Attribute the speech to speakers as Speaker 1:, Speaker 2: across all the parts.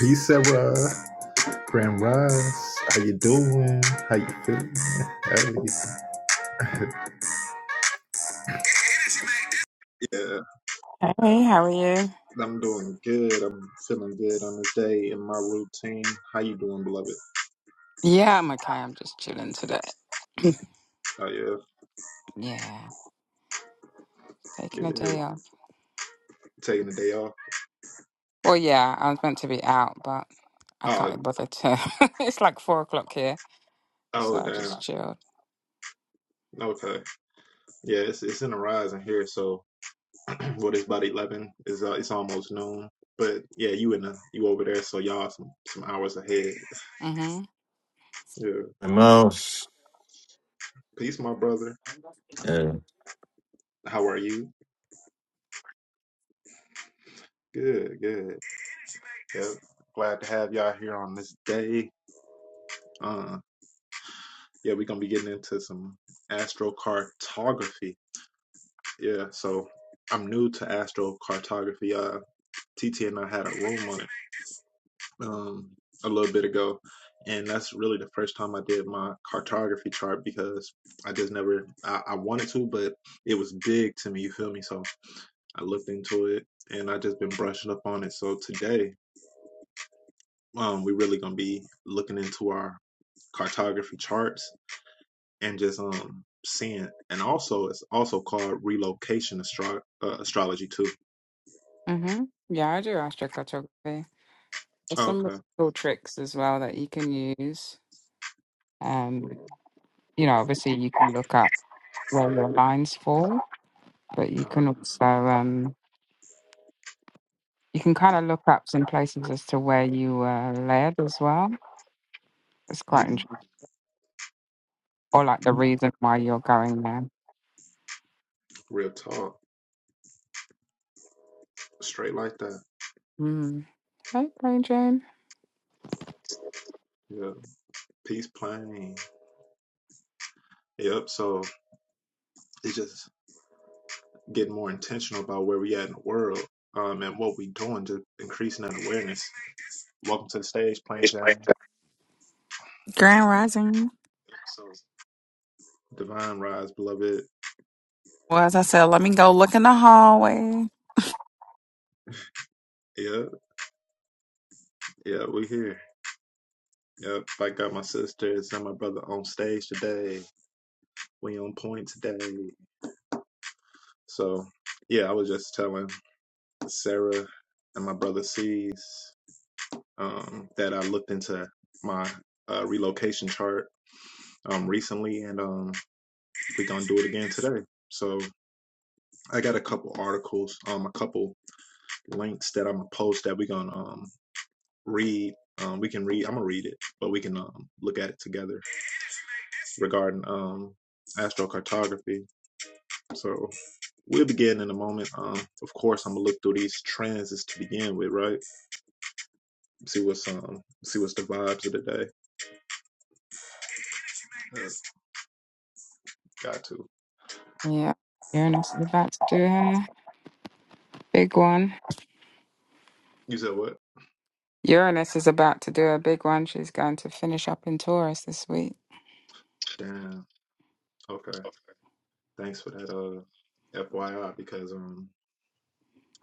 Speaker 1: Peace, Sarah. Grand Rise. How you doing? How you feeling? How you- Yeah,
Speaker 2: Hey, how are you?
Speaker 1: I'm doing good. I'm feeling good on this day in my routine. How you doing, beloved?
Speaker 2: Yeah, I'm okay. I'm just chilling today.
Speaker 1: Oh yeah,
Speaker 2: yeah, taking a
Speaker 1: good.
Speaker 2: day off.
Speaker 1: Taking the day off.
Speaker 2: Well, yeah, I was meant to be out, but I can't
Speaker 1: Oh,
Speaker 2: be bothered to. it's like four o'clock here, so
Speaker 1: oh
Speaker 2: I
Speaker 1: damn.
Speaker 2: just chilled.
Speaker 1: Okay. Yeah, it's it's in the rise in here. So, what is about eleven? Is uh, it's almost noon. But yeah, you in the you over there? So y'all some some hours ahead.
Speaker 2: Mhm.
Speaker 1: Yeah.
Speaker 3: My mouse.
Speaker 1: Peace, my brother.
Speaker 3: Yeah.
Speaker 1: How are you? Good, good. Yeah, Glad to have y'all here on this day. Uh, yeah, we're gonna be getting into some astrocartography. Yeah, so I'm new to astrocartography. Uh, TT and I had a room on it um, a little bit ago, and that's really the first time I did my cartography chart because I just never I, I wanted to, but it was big to me. You feel me? So I looked into it, and I just been brushing up on it. So today, um, we're really gonna be looking into our cartography charts and just um seeing and also it's also called relocation astro- uh, astrology too
Speaker 2: Mhm. Yeah, I do astrocartography. There's some really
Speaker 1: okay
Speaker 2: cool tricks as well that you can use. Um, you know, obviously you can look up where your lines fall, but you
Speaker 1: uh,
Speaker 2: can also um you can kind of look up some places as to where you were led as well. It's quite
Speaker 1: mm,
Speaker 2: interesting. or like the reason why you're going there.
Speaker 1: real talk straight like that
Speaker 2: Mm. Hey, Brain Jane.
Speaker 1: yeah peace plain yep so it's just getting more intentional about where we at in the world um and what we doing just increasing that awareness welcome to the stage plain jane
Speaker 4: Grand Rising.
Speaker 1: divine rise beloved
Speaker 4: Well, as I said, let me go look in the hallway.
Speaker 1: yeah yeah we here yep i got my sisters and my brother on stage today we on point today So yeah, I was just telling Sarah and my brother C's um, that I looked into my uh, relocation chart um, recently, and um, we're gonna do it again today. So I got a couple articles, um, a couple links that I'm gonna post that we're gonna um, read. Um, we can read. I'm gonna read it, but we can um, look at it together regarding um, astrocartography. So we'll begin in a moment. Um, of course, I'm gonna look through these transits to begin with, right? see what's um see what's the vibes of the day. Uh, got to.
Speaker 2: Yeah, Uranus is about to do her big one.
Speaker 1: You said what?
Speaker 2: Uranus is about to do a big one. She's going to finish up in Taurus this week.
Speaker 1: Damn. Okay. Thanks for that uh FYI because um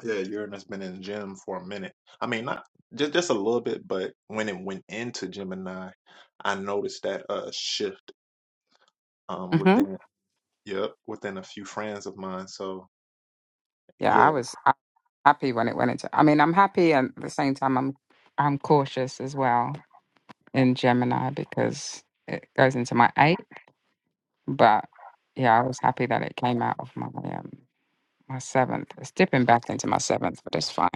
Speaker 1: yeah, Uranus been in the gym for a minute. I mean not just just a little bit, but when it went into Gemini, I noticed that uh shift um
Speaker 2: hmm
Speaker 1: within yep, within a few friends of mine. So
Speaker 2: Yeah, I
Speaker 1: yeah,
Speaker 2: was uh, happy when it went into. I mean, I'm happy and at the same time. I'm I'm cautious as well in Gemini because it goes into my eighth. But yeah, I was happy that it came out of my um, my seventh. It's dipping back into my seventh, but it's fine.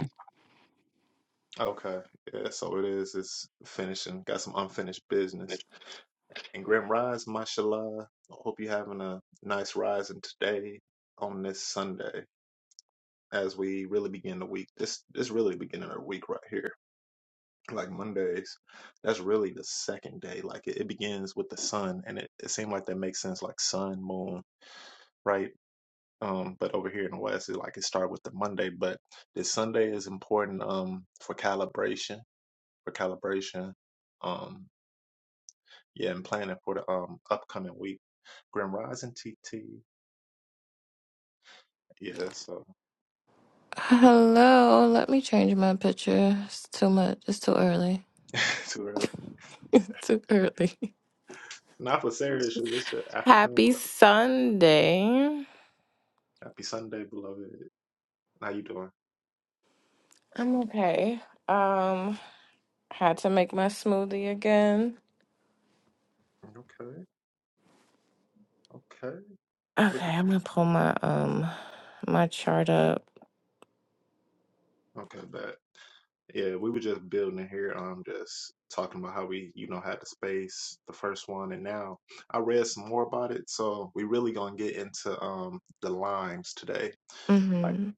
Speaker 1: okay. Yeah, so it is it's finishing. Got some unfinished business. and Grim Rise, mashallah. I hope you're having a nice rise in today on this Sunday as we really begin the week. This this really beginning of the week right here. Like Mondays, that's really the second day. Like it, it begins with the sun and it, it seemed like that makes sense, like sun, moon, right? Um, but over here in the West, it like it started with the Monday. But this Sunday is important um for calibration, for calibration. Um yeah, and planning for the um upcoming week. Grim Rising TT. Yeah, so
Speaker 5: Hello, let me change my picture. It's too much. It's too early.
Speaker 1: too early.
Speaker 5: It's too early.
Speaker 1: Not for Sarah, shoot. It's the afternoon.
Speaker 5: Happy Sunday.
Speaker 1: Happy Sunday, beloved. How you doing?
Speaker 5: I'm okay. Um had to make my smoothie again.
Speaker 1: Okay, okay. Look
Speaker 5: Okay,
Speaker 1: at
Speaker 5: I'm going to pull my um my chart up.
Speaker 1: you. Okay, but yeah, we were just building here. Um, just talking about how we, you know, had the space, the first one, and now I read some more about it. So we really gonna get into um the lines today. Like,
Speaker 5: Mhm.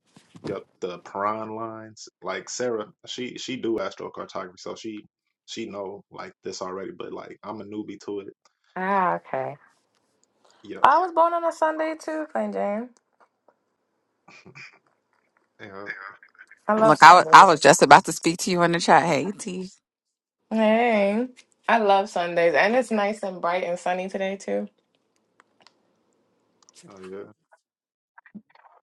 Speaker 1: yep, the Piran lines. Like Sarah, she she do astrocartography, so she she know like this already. But like, I'm a newbie to it.
Speaker 5: Ah, okay.
Speaker 1: Yep.
Speaker 5: Oh, I was born on a Sunday too, Plain Jane.
Speaker 1: Yeah,
Speaker 5: I love
Speaker 4: Look, I wa- I
Speaker 5: Sundays.
Speaker 4: was just about to speak to you in the chat. Hey, T.
Speaker 5: Hey. I love Sundays and it's nice and bright and sunny today too.
Speaker 1: oh yeah,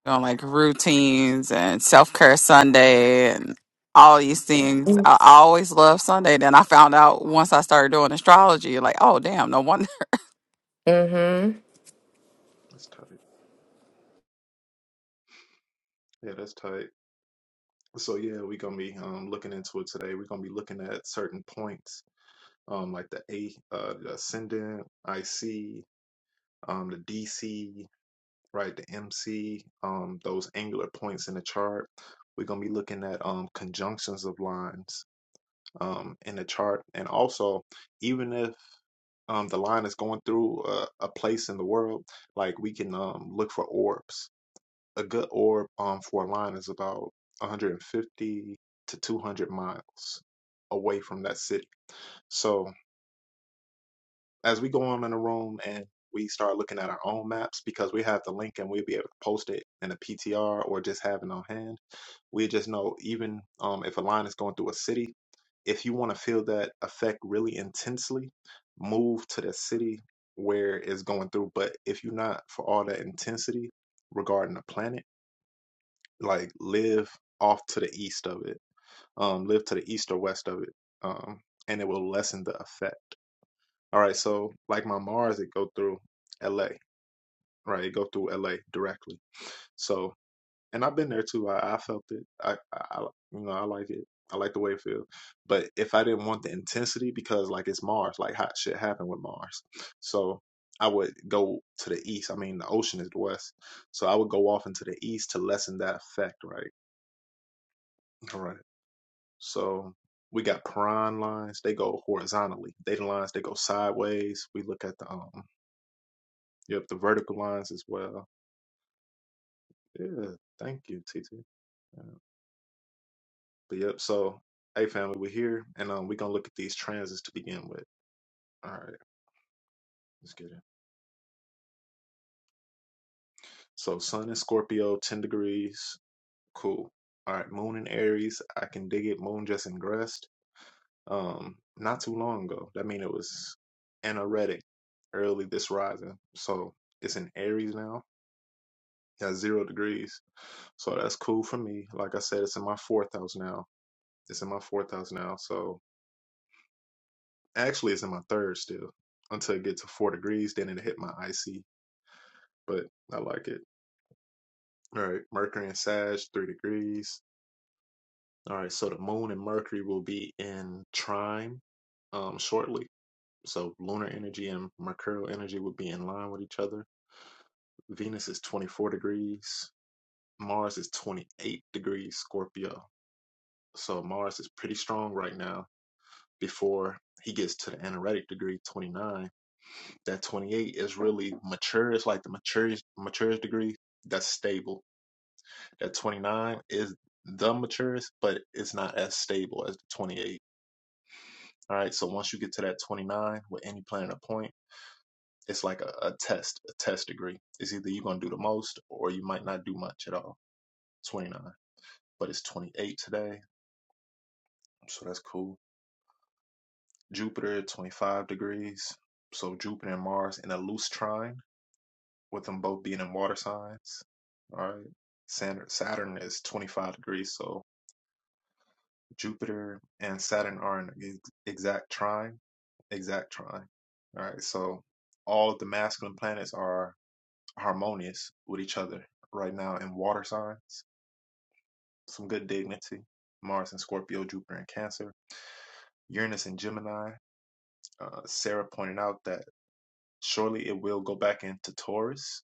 Speaker 4: on like routines and self care Sunday and all these things. I always loved Sunday. Then I found out once I started doing astrology, like, oh, damn, no wonder.
Speaker 5: Mhm.
Speaker 1: that's tight. Yeah, that's tight. So yeah, we're gonna be um looking into it today. We're gonna be looking at certain points, um, like the A, uh, the ascendant, IC, um, the DC, right, the MC, um, those angular points in the chart. We're gonna be looking at um conjunctions of lines, um, in the chart, and also even if um the line is going through a, a place in the world, like we can um look for orbs. a good orb um, for a line is about 150 to 200 miles away from that city. So as we go on in the room and we start looking at our own maps because we have the link and we'll be able to post it in a PTR or just have it on hand. We just know even um, if a line is going through a city, if you want to feel that effect really intensely, move to the city where it's going through. But if you're not for all that intensity regarding the planet, like live off to the east of it um live to the east or west of it um and it will lessen the effect all right so like my mars it go through la right it go through la directly so and i've been there too i, I felt it I, I you know i like it i like the way it feels but if i didn't want the intensity because like it's mars like hot shit happen with mars so i would go to the east i mean the ocean is the west so i would go off into the east to lessen that effect right All Right. So we got prawn lines. They go horizontally. Data lines they go sideways. We look at the um yep the vertical lines as well. Yeah, thank you, T T. Yeah. But yep, so hey family, we're here and um we're gonna look at these transits to begin with. All right, let's get it. So Sun in Scorpio, ten degrees, cool. All right, Moon in Aries, I can dig it. Moon just ingressed um not too long ago. That mean it was anoretic early this rising. So it's in Aries now at zero degrees. So that's cool for me. Like I said, it's in my fourth house now. It's in my fourth house now. So actually, it's in my third still until it gets to four degrees. Then it hit my IC, but I like it. All right, Mercury and Sag, three degrees. All right, so the moon and Mercury will be in trine um, shortly. So lunar energy and mercurial energy would be in line with each other. Venus is 24 degrees. Mars is 28 degrees Scorpio. So Mars is pretty strong right now before he gets to the anoretic degree 29 that 28 is really mature it's like the maturest maturest degree that's stable that 29 is the maturest but it's not as stable as the 28 all right so once you get to that 29 with any planet or point it's like a, a test a test degree it's either you're going to do the most or you might not do much at all 29 but it's 28 today so that's cool jupiter 25 degrees so jupiter and mars in a loose trine with them both being in water signs. All right. Saturn, is 25 degrees, so Jupiter and Saturn are in exact trine. Exact trine. All right. So all of the masculine planets are harmonious with each other right now in water signs. Some good dignity. Mars in Scorpio, Jupiter in Cancer, Uranus in Gemini. Uh, Sarah pointed out that surely it will go back into Taurus.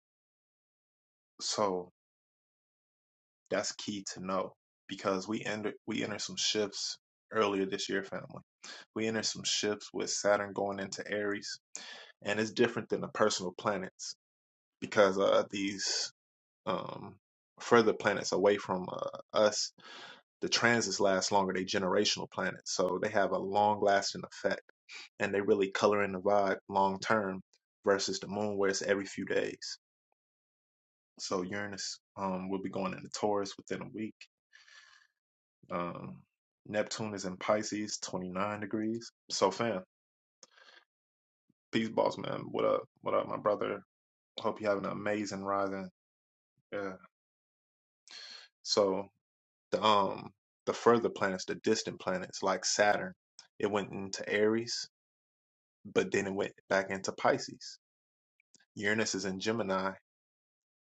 Speaker 1: So That's key to know because we enter we enter some shifts earlier this year, family. We enter some shifts with Saturn going into Aries, and it's different than the personal planets because uh, these um, further planets away from uh, us, the transits last longer. They generational planets, so they have a long lasting effect, and they really color in the vibe long term versus the moon, where it's every few days. So Uranus um, will be going into Taurus within a week Um, Neptune is in Pisces, 29 degrees. So, fam, peace, boss man. What up? What up, my brother? Hope you have an amazing rising. Yeah. So the um the further planets, the distant planets like Saturn, it went into Aries, but then it went back into Pisces. Uranus is in Gemini,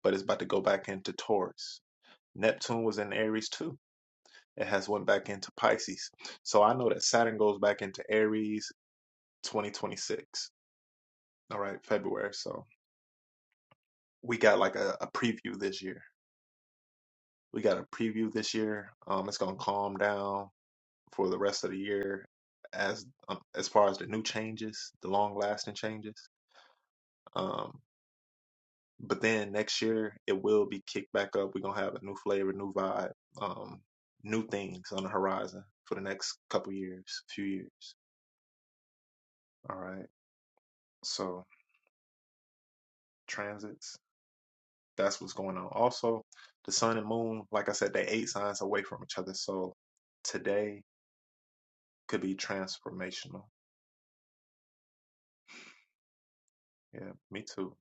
Speaker 1: but it's about to go back into Taurus. Neptune was in Aries too. It has went back into Pisces. So I know that Saturn goes back into Aries 2026. All right, February. So we got like a, a preview this year. We got a preview this year. Um, it's gonna calm down for the rest of the year, as um, as far as the new changes, the long lasting changes. Um, but then next year it will be kicked back up. We're gonna have a new flavor, new vibe, um, new things on the horizon for the next couple years, few years. All right. So transits. That's what's going on. Also, the sun and moon, like I said, they eight signs away from each other. So today could be transformational. Yeah, me too.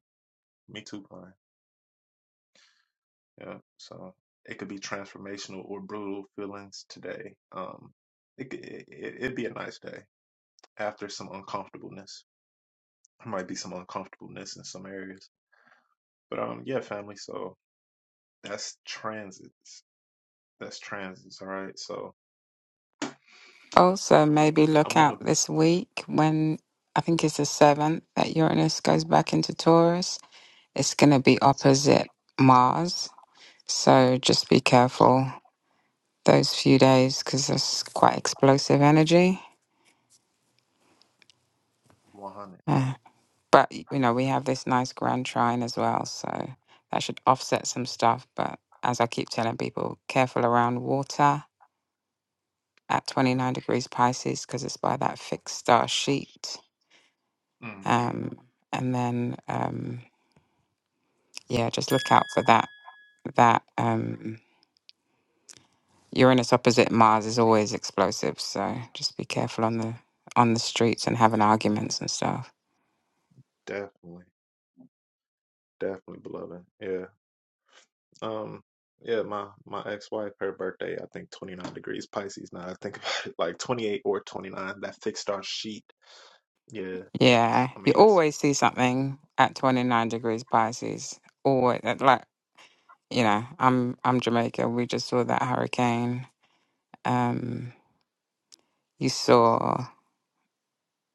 Speaker 1: Me too, Pine. Yeah. So it could be transformational or brutal feelings today. Um, it, could- it it- it'd be a nice day after some uncomfortableness. There might be some uncomfortableness in some areas, but um, yeah, family. So that's transits. That's transits. All right. So
Speaker 2: Also, maybe
Speaker 1: I
Speaker 2: look
Speaker 1: want
Speaker 2: out
Speaker 1: to
Speaker 2: this week when I think it's the seventh that Uranus goes back into Taurus. It's going to be opposite Mars. So just be careful those few days because there's quite explosive energy.
Speaker 1: 100.
Speaker 2: Uh, but, you know, we have this nice grand trine as well. So that should offset some stuff. But as I keep telling people, careful around water at 29 degrees Pisces because it's by that fixed star sheet.
Speaker 1: Mm,
Speaker 2: Um, and then. Um, Yeah, just look out for that. That um, Uranus opposite Mars is always explosive, so just be careful on the on the streets and having arguments and stuff.
Speaker 1: definitely. Definitely beloved. Yeah. Um, yeah, my my ex-wife, her birthday, I think 29 degrees Pisces now. I think about it like 28 or 29, that fixed star sheet. Yeah.
Speaker 2: Yeah,
Speaker 1: I
Speaker 2: you
Speaker 1: mean, it's
Speaker 2: always see something at twenty nine degrees Pisces. Always like you know, I'm I'm Jamaica. We just saw that hurricane. Um, you saw.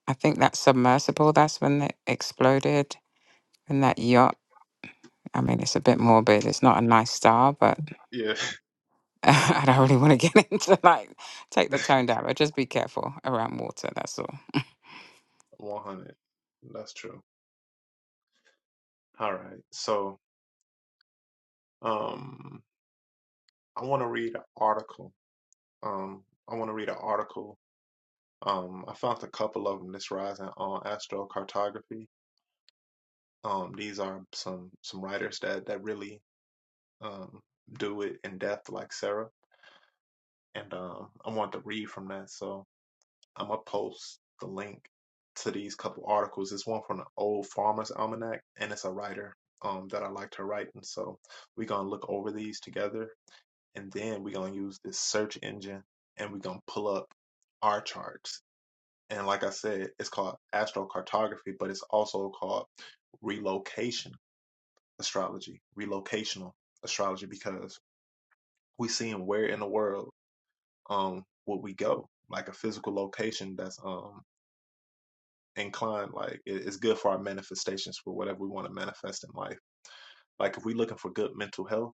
Speaker 2: I think that submersible, that's when it exploded, and that yacht. I mean, it's a bit morbid. It's not a nice star, but
Speaker 1: yeah,
Speaker 2: I don't really want to get into like take the tone down, but just be careful around water. That's all.
Speaker 1: 100. That's true. All right. So, um, I want to read an article. Um, I want to read an article. Um, I found a couple of them this rising on astrocartography. Um, these are some some writers that that really um do it in depth like Sarah and um, I wanted to read from that. So I'm gonna post the link to these couple articles. It's one from the Old Farmer's Almanac, and it's a writer um, that I liked her writing. So we're gonna look over these together, and then we're gonna use this search engine, and we're gonna pull up our charts. And like I said, it's called astrocartography, but it's also called relocation astrology, relocational astrology, because we're seeing where in the world um would we go like a physical location that's um inclined like it, it's good for our manifestations for whatever we want to manifest in life like if we're looking for good mental health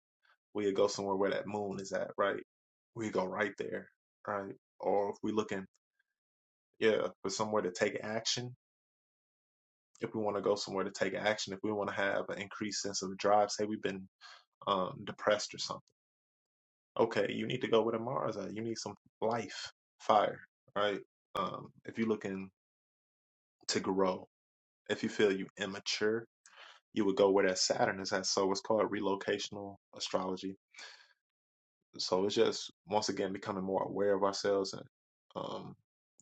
Speaker 1: we'd go somewhere where that moon is at right we go right there right or if we're looking yeah for somewhere to take action if we want to go somewhere to take action if we want to have an increased sense of drive say we've been um depressed or something okay you need to go where a mars at. you need some life fire right um if you're looking to grow If you feel you immature, you would go where that Saturn is at. So it's called relocational astrology. So it's just once again becoming more aware of ourselves and um,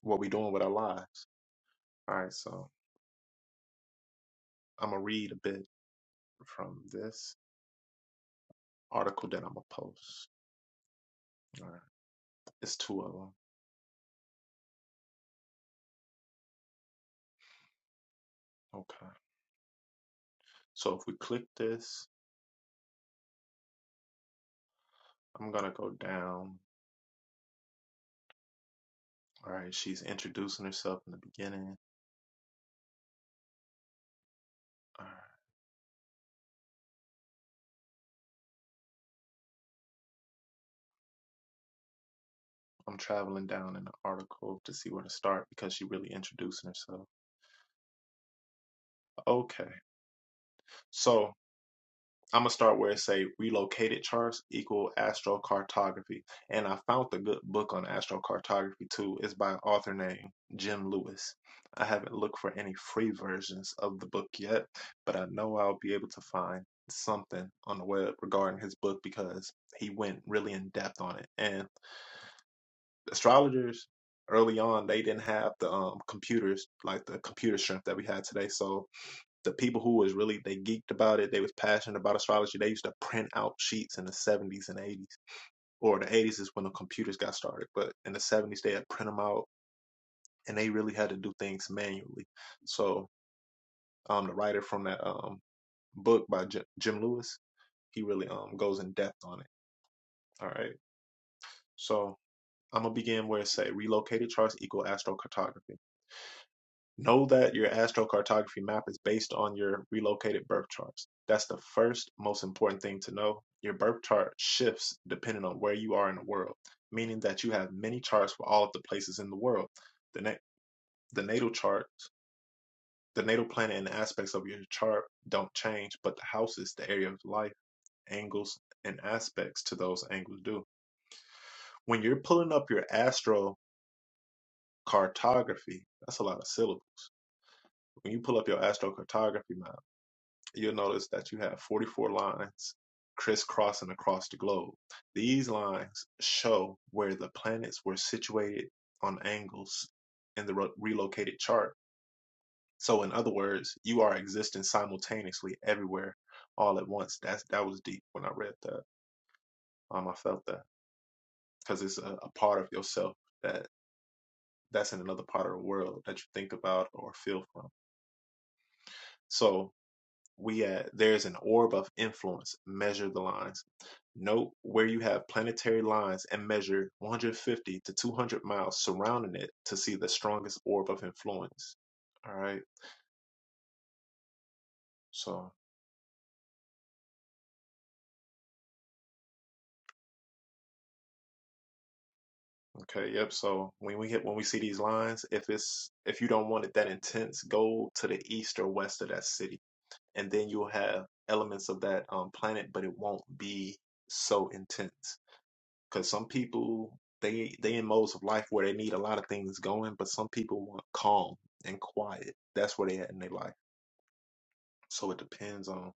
Speaker 1: what we're doing with our lives. All right, so I'm gonna read a bit from this article that I'm gonna post. All right, it's two of them. Okay, so if we click this, I'm gonna go down. All right, she's introducing herself in the beginning. All right. I'm traveling down in the article to see where to start because she really introducing herself. Okay. So I'm gonna start where it say relocated charts equal astrocartography, and I found a good book on astrocartography too. It's by an author named Jim Lewis. I haven't looked for any free versions of the book yet, but I know I'll be able to find something on the web regarding his book because he went really in depth on it. And astrologers early on they didn't have the um, computers like the computer strength that we had today, so the people who was really they geeked about it, they was passionate about astrology. They used to print out sheets in the seventies and eighties, or the eighties is when the computers got started. But in the seventies, they had print them out, and they really had to do things manually. So, um, the writer from that um book by J- Jim Lewis, he really um goes in depth on it. All right, so I'm gonna begin where it say relocated charts equal astrocartography. Know that your astrocartography map is based on your relocated birth charts. That's the first most important thing to know. Your birth chart shifts depending on where you are in the world, meaning that you have many charts for all of the places in the world. The, na- the natal chart, the natal planet, and aspects of your chart don't change, but the houses, the area of life, angles, and aspects to those angles do. When you're pulling up your astrocartography, that's a lot of syllables. When you pull up your astrocartography map, you'll notice that you have 44 lines crisscrossing across the globe. These lines show where the planets were situated on angles in the ro- relocated chart. So, in other words, you are existing simultaneously everywhere all at once. That's that was deep when I read that. Um, I felt that because it's a, a part of yourself that that's in another part of the world that you think about or feel from. So we uh, there's an orb of influence measure the lines note where you have planetary lines and measure 150 to 200 miles surrounding it to see the strongest orb of influence all right so okay yep so when we hit when we see these lines if it's if you don't want it that intense go to the east or west of that city and then you'll have elements of that um, planet but it won't be so intense because some people they they in modes of life where they need a lot of things going, but some people want calm and quiet. That's where they at in their life. So it depends on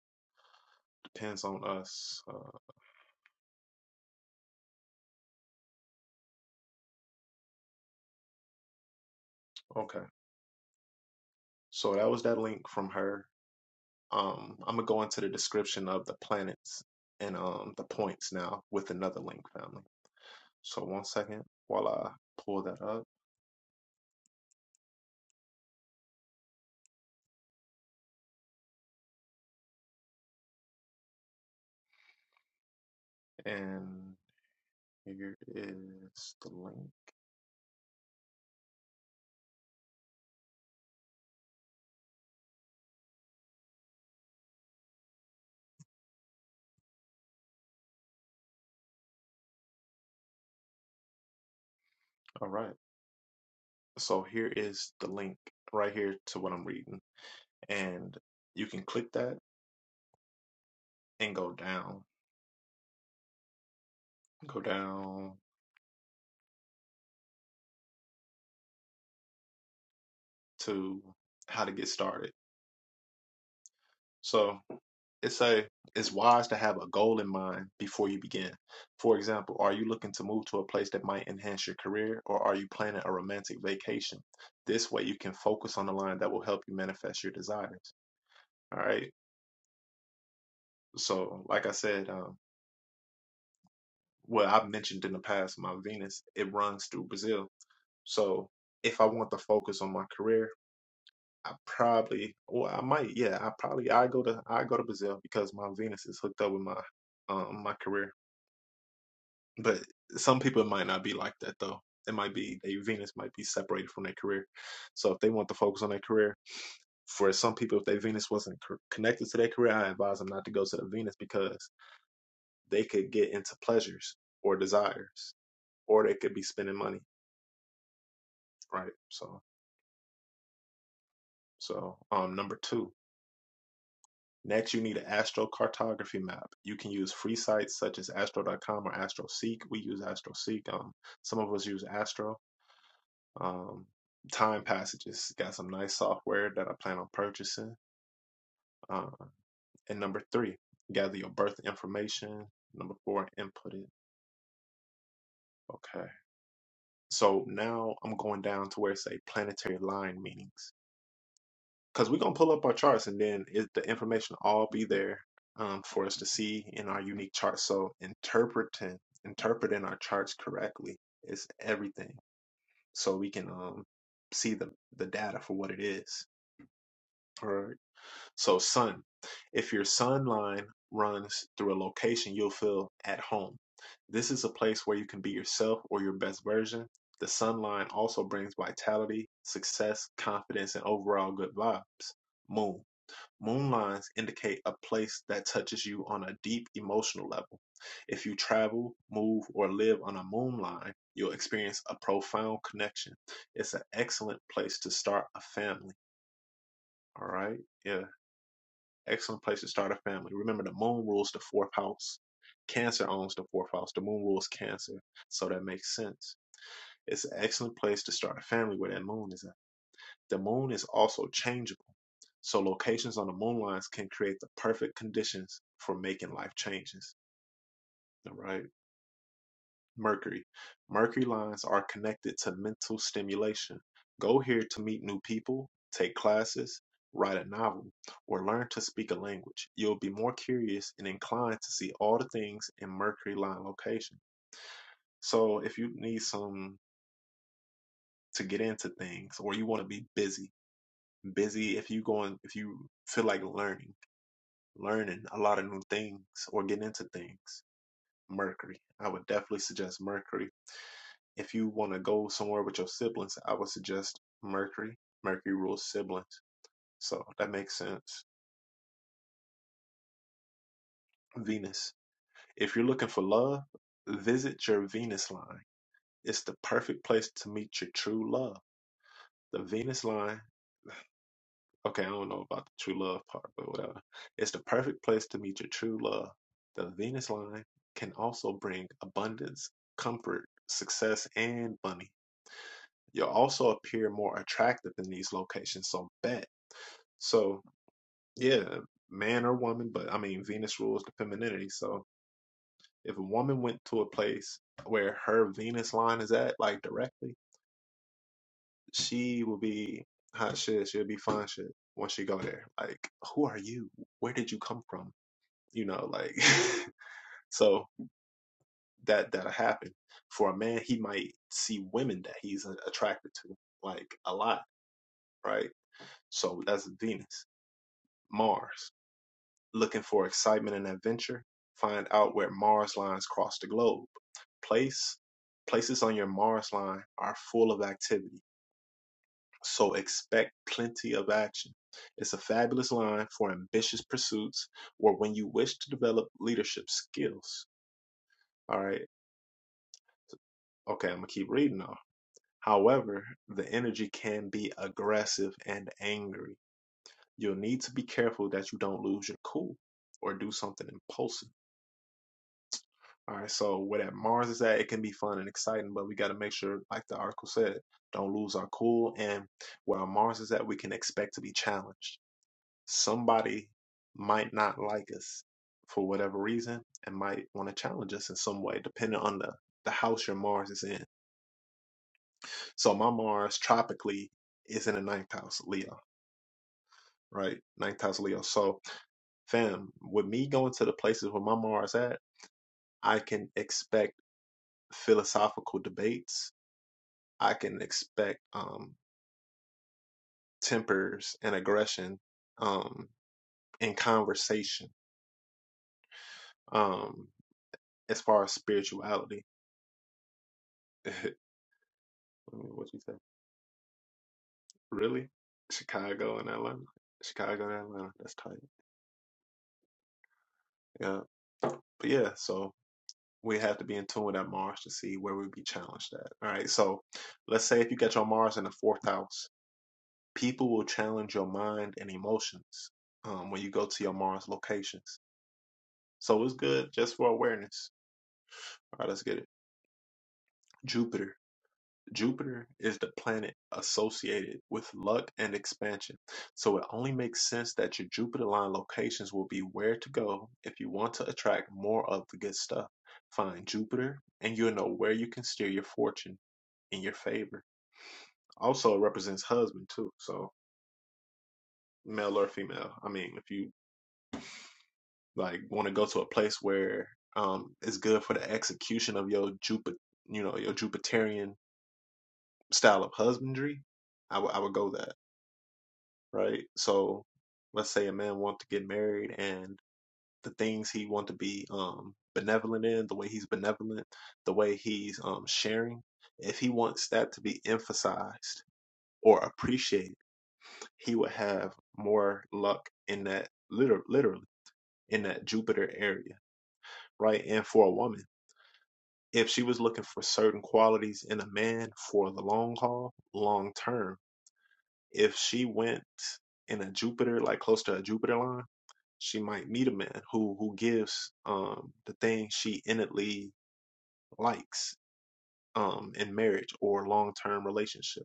Speaker 1: depends on us. Uh, okay, so that was that link from her. Um, I'm gonna go into the description of the planets and um the points now with another link, family. So one second while I pull that up, and here is the link. All right, so here is the link right here to what I'm reading. and you can click that and go down go down to how to get started so it's a it's wise to have a goal in mind before you begin for example are you looking to move to a place that might enhance your career or are you planning a romantic vacation this way you can focus on the line that will help you manifest your desires all right so like i said um well i've mentioned in the past my venus it runs through brazil so if i want to focus on my career I probably, well, I might, yeah, I probably, I go to, I go to Brazil because my Venus is hooked up with my, um, my career. But some people might not be like that though. It might be their Venus might be separated from their career. So if they want to focus on their career, for some people, if their Venus wasn't cor- connected to their career, I advise them not to go to the Venus because they could get into pleasures or desires, or they could be spending money, right? So, so um, number two. Next, you need an astrocartography map. You can use free sites such as Astro. dot com or AstroSeek. We use AstroSeek. Um, some of us use Astro. Um, time passages. Got some nice software that I plan on purchasing. Uh, and number three, gather your birth information. Number four, input it. Okay. So now I'm going down to where it say planetary line meanings. because we're gonna pull up our charts and then it, the information all be there um, for us to see in our unique charts. So interpreting interpreting our charts correctly is everything. So we can um, see the the data for what it is. All right. So sun, if your sun line runs through a location, you'll feel at home. This is a place where you can be yourself or your best version. The sun line also brings vitality, success, confidence, and overall good vibes. Moon. Moonlines indicate a place that touches you on a deep emotional level. If you travel, move, or live on a moonline, you'll experience a profound connection. It's an excellent place to start a family. All right. Yeah. Excellent place to start a family. Remember, the moon rules the fourth house. Cancer owns the fourth house. The moon rules Cancer. So that makes sense. It's an excellent place to start a family where that moon is at. The moon is also changeable, so locations on the moon lines can create the perfect conditions for making life changes. All right. Mercury. Mercury lines are connected to mental stimulation. Go here to meet new people, take classes, write a novel, or learn to speak a language. You'll be more curious and inclined to see all the things in Mercury line location. So if you need some to get into things or you want to be busy, busy if you going if you feel like learning learning a lot of new things or getting into things. Mercury. I would definitely suggest Mercury. If you want to go somewhere with your siblings, I would suggest Mercury. Mercury rules siblings. So that makes sense. Venus. If you're looking for love, visit your Venus line. It's the perfect place to meet your true love. The Venus line Okay, I don't know about the true love part, but whatever. It's the perfect place to meet your true love. The Venus line can also bring abundance, comfort, success, and money. You'll also appear more attractive in these locations, so bet. So, yeah, man or woman, but I mean, Venus rules the femininity. So, if a woman went to a place where her Venus line is at, like directly, she will be hot shit. She'll be fine shit once she go there. Like, who are you? Where did you come from? you know like so that that'll happen for a man he might see women that he's uh, attracted to like a lot right so that's venus mars looking for excitement and adventure find out where mars lines cross the globe place places on your mars line are full of activity so expect plenty of action it's a fabulous line for ambitious pursuits or when you wish to develop leadership skills all right okay i'm gonna keep reading now However, the energy can be aggressive and angry. You'll need to be careful that you don't lose your cool or do something impulsive. All right, so where that Mars is at, it can be fun and exciting, but we got to make sure, like the article said, don't lose our cool. And where our Mars is at, we can expect to be challenged. Somebody might not like us for whatever reason and might want to challenge us in some way, depending on the, the house your Mars is in. So my Mars tropically is in the ninth house, Leo. right? Ninth house Leo. So, fam, with me going to the places where my Mars at, I can expect philosophical debates. I can expect um, tempers and aggression um, in conversation. Um, as far as spirituality, what you say? Really? Chicago and Atlanta. Chicago and Atlanta. That's tight. Yeah. But yeah, so we have to be in tune with that Mars to see where we be challenged at. All right. So let's say if you get your Mars in the fourth house, people will challenge your mind and emotions um, when you go to your Mars locations. So it's good just for awareness. All right, let's get it. Jupiter. Jupiter is the planet associated with luck and expansion, so it only makes sense that your Jupiter line locations will be where to go if you want to attract more of the good stuff. Find Jupiter, and you'll know where you can steer your fortune in your favor. Also, it represents husband too, so male or female. I mean, if you like want to go to a place where um it's good for the execution of your Jupiter, you know, your Jupiterian style of husbandry, I would I would go that. right? So let's say a man wants to get married and the things he wants to be um benevolent in, the way he's benevolent, the way he's um sharing, if he wants that to be emphasized or appreciated, he would have more luck in that liter- literally in that Jupiter area, right? And for a woman, if she was looking for certain qualities in a man for the long haul, long term, if she went in a Jupiter, like close to a Jupiter line, she might meet a man who who gives um the thing she innately likes um in marriage or long term relationship.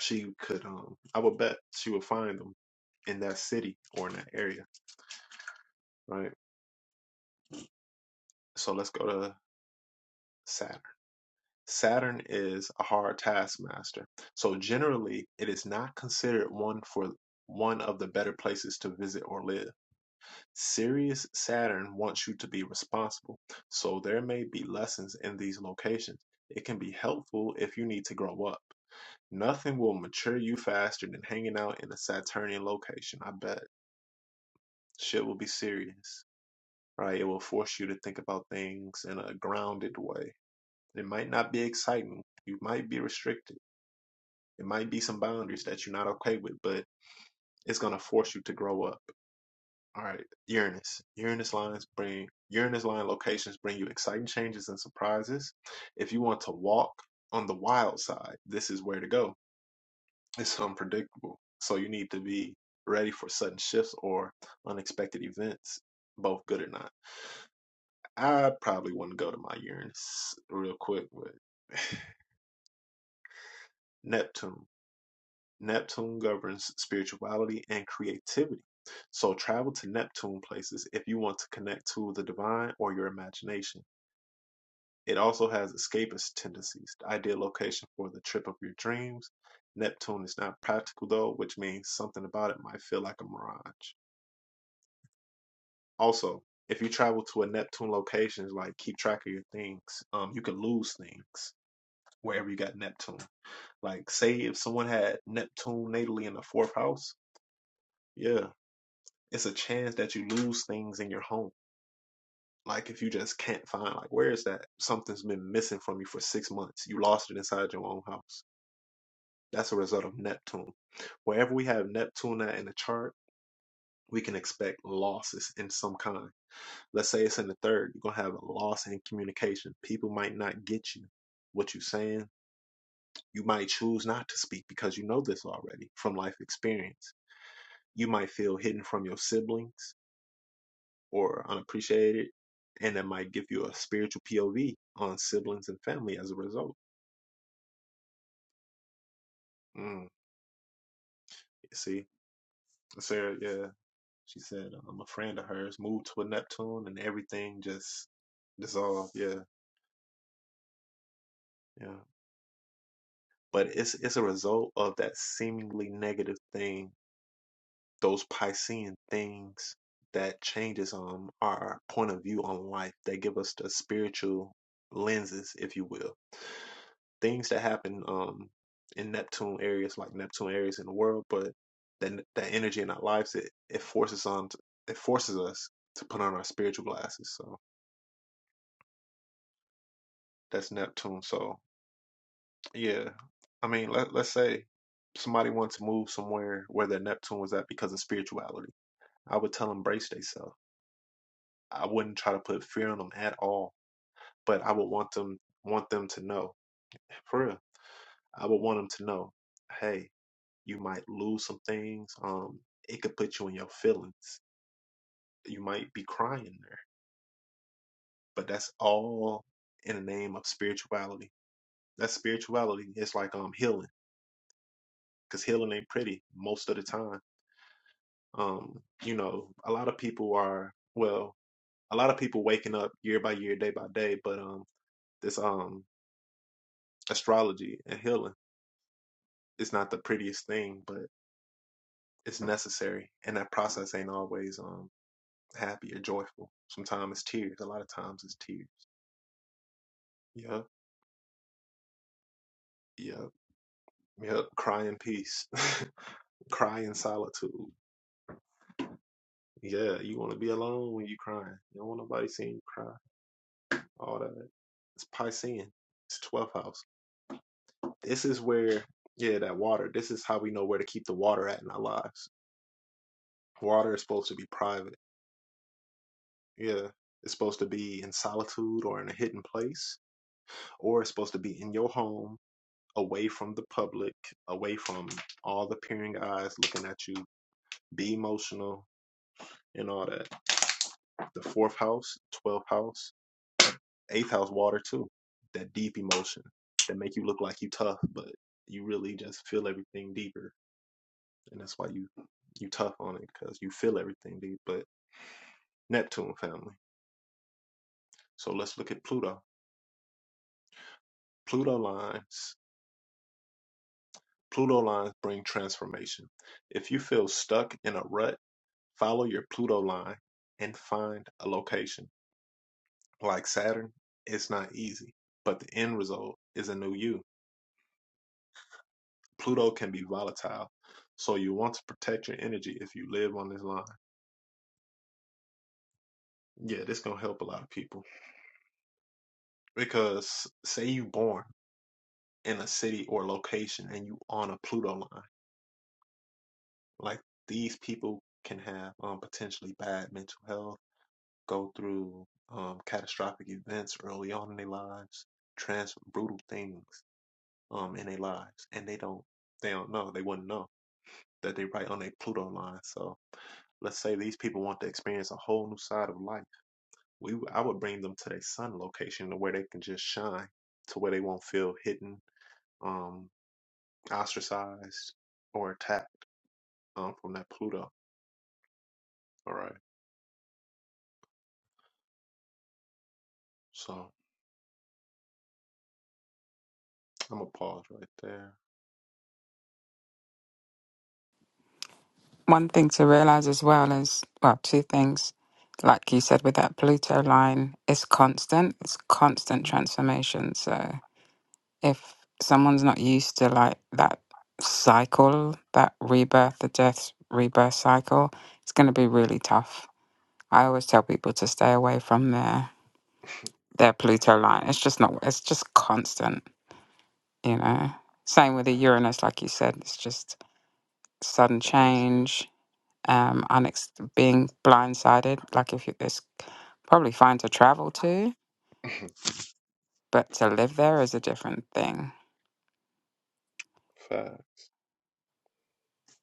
Speaker 1: She could um I would bet she would find them in that city or in that area, right? So let's go to Saturn. Saturn is a hard taskmaster. So generally it is not considered one for one of the better places to visit or live Sirius Saturn wants you to be responsible, so there may be lessons in these locations. It can be helpful if you need to grow up. Nothing will mature you faster than hanging out in a Saturnian location, I bet. Shit will be serious, right? It will force you to think about things in a grounded way. It might not be exciting. You might be restricted. It might be some boundaries that you're not okay with, but it's going to force you to grow up. All right, Uranus. Uranus lines bring Uranus line locations bring you exciting changes and surprises. If you want to walk on the wild side, this is where to go. It's unpredictable, so you need to be ready for sudden shifts or unexpected events, both good or not. I probably wouldn't go to my Uranus real quick, but Neptune. Neptune governs spirituality and creativity. So travel to Neptune places if you want to connect to the divine or your imagination. It also has escapist tendencies, the ideal location for the trip of your dreams. Neptune is not practical though, which means something about it might feel like a mirage. Also, if you travel to a Neptune location, like keep track of your things. Um, you can lose things wherever you got Neptune. Like say if someone had Neptune natally in the fourth house, yeah, it's a chance that you lose things in your home. Like if you just can't find like where is that? Something's been missing from you for six months. You lost it inside your own house That's a result of Neptune. Wherever we have Neptune at in the chart, we can expect losses in some kind. Let's say it's in the third, you're gonna have a loss in communication. People might not get you what you're saying. You might choose not to speak because you know this already from life experience. You might feel hidden from your siblings or unappreciated, and that might give you a spiritual POV on siblings and family as a result. Mm, you see, Sarah, yeah. She said um, a friend of hers moved to a Neptune and everything just dissolved. Yeah, yeah. But it's it's a result of that seemingly negative thing, those Piscean things that changes um our point of view on life. They give us the spiritual lenses, if you will. Things that happen um in Neptune areas, like Neptune areas in the world, but that that energy in our lives, it it forces on it forces us to put on our spiritual glasses. So That's Neptune. So yeah, I mean, let let's say somebody wants to move somewhere where their Neptune was at because of spirituality. I would tell them brace themselves. I wouldn't try to put fear on them at all, but I would want them want them to know for real. I would want them to know, hey, you might lose some things. Um, it could put you in your feelings. You might be crying there, but that's all in the name of spirituality. That's spirituality. It's like um healing, because healing ain't pretty most of the time um, you know, a lot of people are well, a lot of people waking up year by year, day by day, but um, this um astrology and healing is not the prettiest thing, but it's necessary, and that process ain't always um happy or joyful. Sometimes it's tears. A lot of times it's tears. Yep, yep, yep. Cry in peace. cry in solitude. Yeah, you want to be alone when you crying. You don't want nobody seeing you cry. All that. It's Piscean. It's 12th house. This is where, yeah, that water. This is how we know where to keep the water at in our lives. Water is supposed to be private. Yeah. It's supposed to be in solitude or in a hidden place, or it's supposed to be in your home, away from the public, away from all the peering eyes looking at you. Be emotional and all that. The fourth house, 12th house, eighth house, water too. That deep emotion that make you look like you tough, but you really just feel everything deeper. and that's why you you tough on it because you feel everything deep. But Neptune family. So let's look at Pluto. Pluto lines. Pluto lines bring transformation. If you feel stuck in a rut, follow your Pluto line and find a location. Like Saturn, it's not easy, but the end result is a new you. Pluto can be volatile, so you want to protect your energy if you live on this line. Yeah, this gonna help a lot of people because say you born in a city or location and you on a Pluto line. Like these people can have um, potentially bad mental health, go through um, catastrophic events early on in their lives, trans brutal things um, in their lives, and they don't they don't know they wouldn't know that they are right on a Pluto line. So let's say these people want to experience a whole new side of life. We I would bring them to their sun location to where they can just shine, to where they won't feel hidden, um, ostracized, or attacked um, from that Pluto. All right. So I'm gonna pause right there.
Speaker 2: one thing to realize as well is well two things like you said with that pluto line it's constant it's constant transformation so if someone's not used to like that cycle that rebirth the death rebirth cycle it's going to be really tough i always tell people to stay away from their their pluto line it's just not it's just constant you know same with the uranus like you said it's just sudden change um, unex- being blindsided. Like if you, it's probably fine to travel to, but to live there is a different thing.
Speaker 1: Five.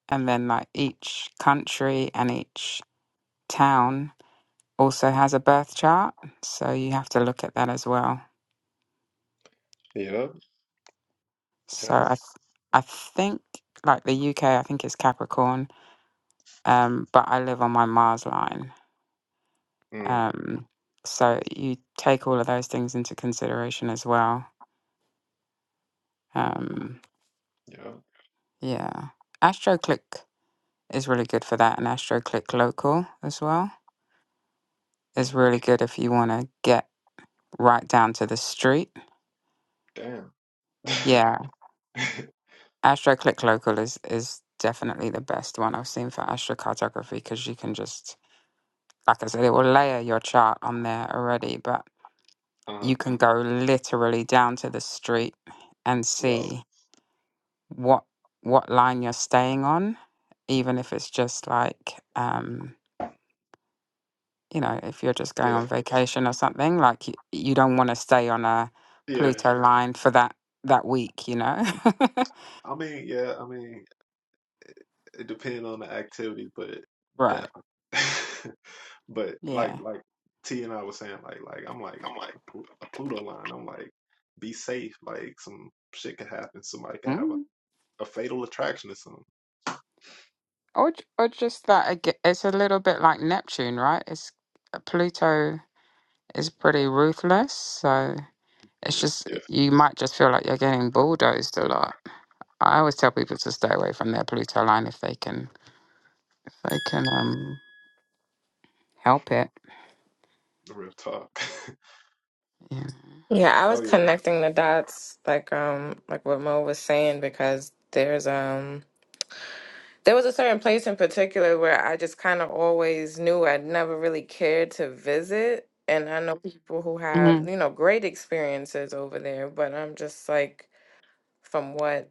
Speaker 2: And then like each country and each town also has a birth chart, so you have to look at that as well.
Speaker 1: Yep.
Speaker 2: So I,
Speaker 1: Yeah.
Speaker 2: th- I think like the UK, I think it's Capricorn, um, but I live on my Mars line.
Speaker 1: Mm.
Speaker 2: Um, so you take all of those things into consideration as well. Um,
Speaker 1: Yep.
Speaker 2: yeah. AstroClick is really good for that. And AstroClick Local as well is
Speaker 1: Mm.
Speaker 2: really good if you want to get right down to the street.
Speaker 1: Damn.
Speaker 2: Yeah, AstroClick Local is is definitely the best one I've seen for astrocartography because you can just, like I said, it will layer your chart on there already, but
Speaker 1: uh,
Speaker 2: you can go literally down to the street and
Speaker 1: yo.
Speaker 2: see what what line you're staying on, even if it's just like. Um, you know, if you're just going
Speaker 1: Yeah.
Speaker 2: on vacation or something, like you, you don't want to stay on a
Speaker 1: Yeah.
Speaker 2: Pluto line for that that week, you know?
Speaker 1: I mean, yeah. I mean, it depends on the activity, but
Speaker 2: right.
Speaker 1: definitely. but like,
Speaker 2: Yeah.
Speaker 1: like T and I was saying, like, like I'm like
Speaker 2: I'm like,
Speaker 1: a, Plu- a Pluto line. I'm like, be safe. Like, some shit could happen. Somebody could have
Speaker 2: Mm.
Speaker 1: a, a fatal attraction or something.
Speaker 2: Or j- or just that aga- it's a little bit like Neptune, right? It's uh, Pluto is pretty ruthless, so
Speaker 1: Yeah.
Speaker 2: it's just yeah, you might just feel like you're getting bulldozed a lot. I always tell people to stay away from their Pluto line if they can, if they can um help it.
Speaker 1: the Real talk.
Speaker 2: Yeah.
Speaker 5: Yeah, I was
Speaker 1: oh yeah.
Speaker 5: connecting the dots like um like what Mo was saying because there's um there was a certain place in particular where I just kind of always knew I'd never really cared to visit and I know people who have,
Speaker 2: hmm
Speaker 5: you know, great experiences over there, but I'm just like from what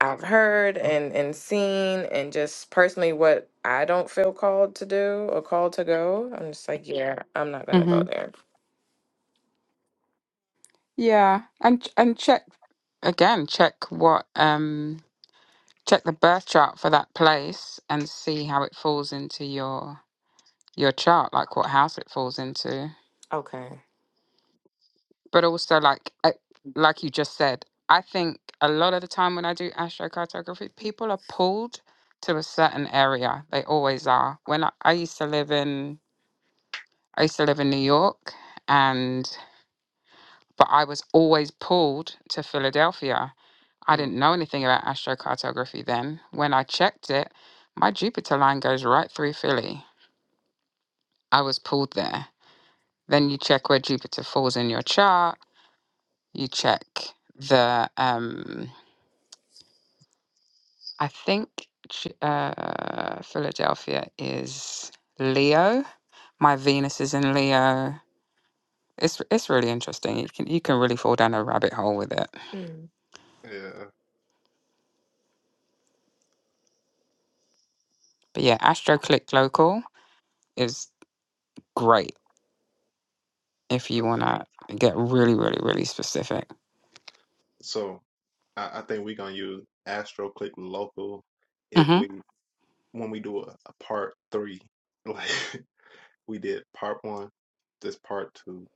Speaker 5: I've heard and and seen and just personally what I don't feel called to do or called to go, I'm just like, yeah, I'm not gonna go there.
Speaker 2: Yeah, and and check again. Check what um check the birth chart for that place and see how it falls into your your chart, like what house it falls into.
Speaker 5: Okay.
Speaker 2: But also, like uh, like you just said, I think a lot of the time when I do astrocartography, people are pulled to a certain area. They always are. When I, I used to live in I used to live in New York, and but I was always pulled to Philadelphia I
Speaker 1: Mm,
Speaker 2: didn't know anything about astrocartography then. When I checked it, my Jupiter line goes right through Philly. I was pulled there. Then you check where Jupiter falls in your chart. You check the, um, I think Ju- uh, Philadelphia is Leo. My Venus is in Leo. It's it's really interesting. You can you can really fall down a rabbit hole with it.
Speaker 5: Mm.
Speaker 1: yeah.
Speaker 2: But yeah, AstroClick Local is great if you
Speaker 1: Okay.
Speaker 2: wanna get really really really specific.
Speaker 1: So I, I think we're gonna use AstroClick Local if
Speaker 2: Mhm.
Speaker 1: we when we do a, a part three, like we did part one, this part two,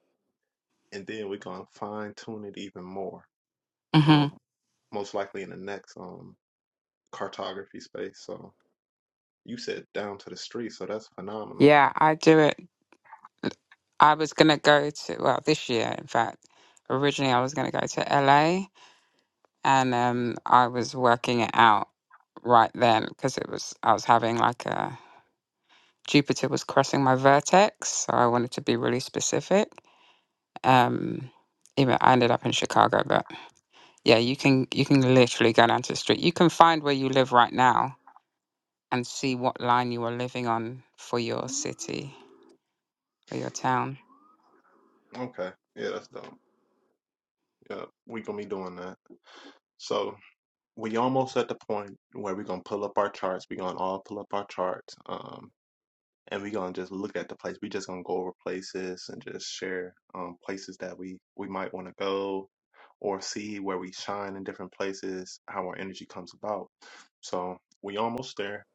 Speaker 1: and then we're gonna fine tune it even more. Um,
Speaker 2: Mhm.
Speaker 1: most likely in the next um cartography space. So you said down to the street, so that's phenomenal.
Speaker 2: Yeah, I do it. I was gonna go to well this year, in fact. Originally, I was gonna go to LA, and um, I was working it out right then because it was I was having like a Jupiter was crossing my vertex, so I wanted to be really specific. Um, even I ended up in Chicago, but yeah, you can you can literally go down to the street. You can find where you live right now and see what line you are living on for your city or your town.
Speaker 1: Okay. Yeah, that's dope. Yeah, we're gonna be doing that. So. we almost at the point where we're gonna pull up our charts. We're gonna all pull up our charts, um, and we're gonna just look at the place. We're just gonna go over places and just share um, places that we we might want to go or see where we shine in different places, how our energy comes about. So we almost there,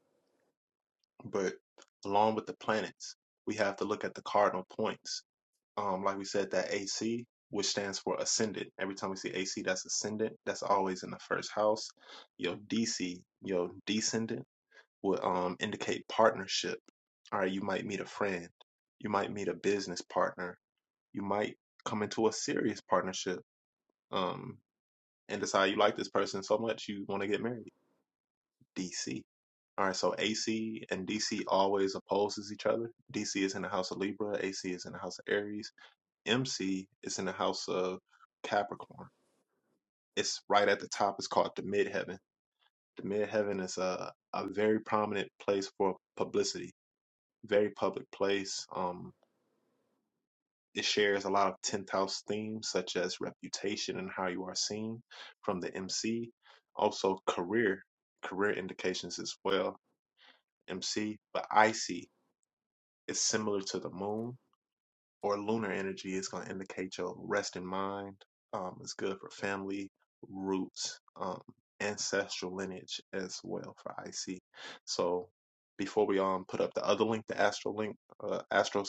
Speaker 1: but along with the planets, we have to look at the cardinal points um, like we said, that AC, which stands for ascendant. Every time we see AC, that's ascendant. That's always in the first house. Your DC, your descendant, would um, indicate partnership. All right, you might meet a friend. You might meet a business partner. You might come into a serious partnership um, and decide you like this person so much you want to get married. DC. All right, so AC and DC always opposes each other. DC is in the house of Libra, AC is in the house of Aries MC is in the house of Capricorn. It's right at the top. It's called the midheaven. The midheaven is a, a very prominent place for publicity, very public place. Um, it shares a lot of 10th house themes, such as reputation and how you are seen from the MC. Also, career, career indications as well. MC, but IC is similar to the moon or lunar energy is going to indicate your rest in mind. Um, it's good for family, roots, um, ancestral lineage as well for IC. So before we um put up the other link, the astro link, uh, astral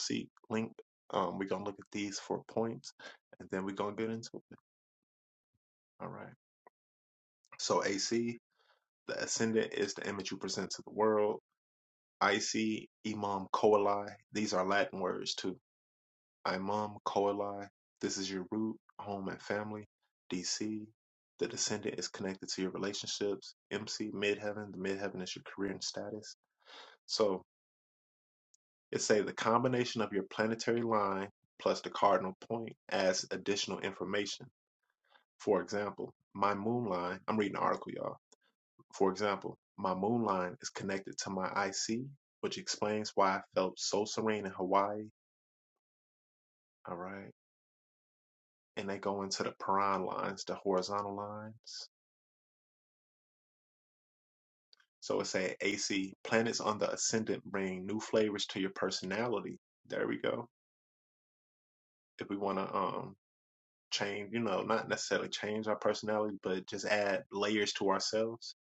Speaker 1: link, um, we're gonna look at these four points, and then we're gonna get into it. All right. So AC, the ascendant is the image you present to the world. IC, Imam Coeli. These are Latin words too Imam Koali, this is your root, home, and family. DC, the descendant is connected to your relationships. MC, midheaven, the midheaven is your career and status. So it say the combination of your planetary line plus the cardinal point adds additional information. For example, my moon line, I'm reading an article, y'all. For example, my moon line is connected to my IC, which explains why I felt so serene in Hawaii. All right. and they go into the Paran lines, the horizontal lines. So it's saying AC planets on the ascendant bring new flavors to your personality. There we go. If we want to um change, you know, not necessarily change our personality, but just add layers to ourselves,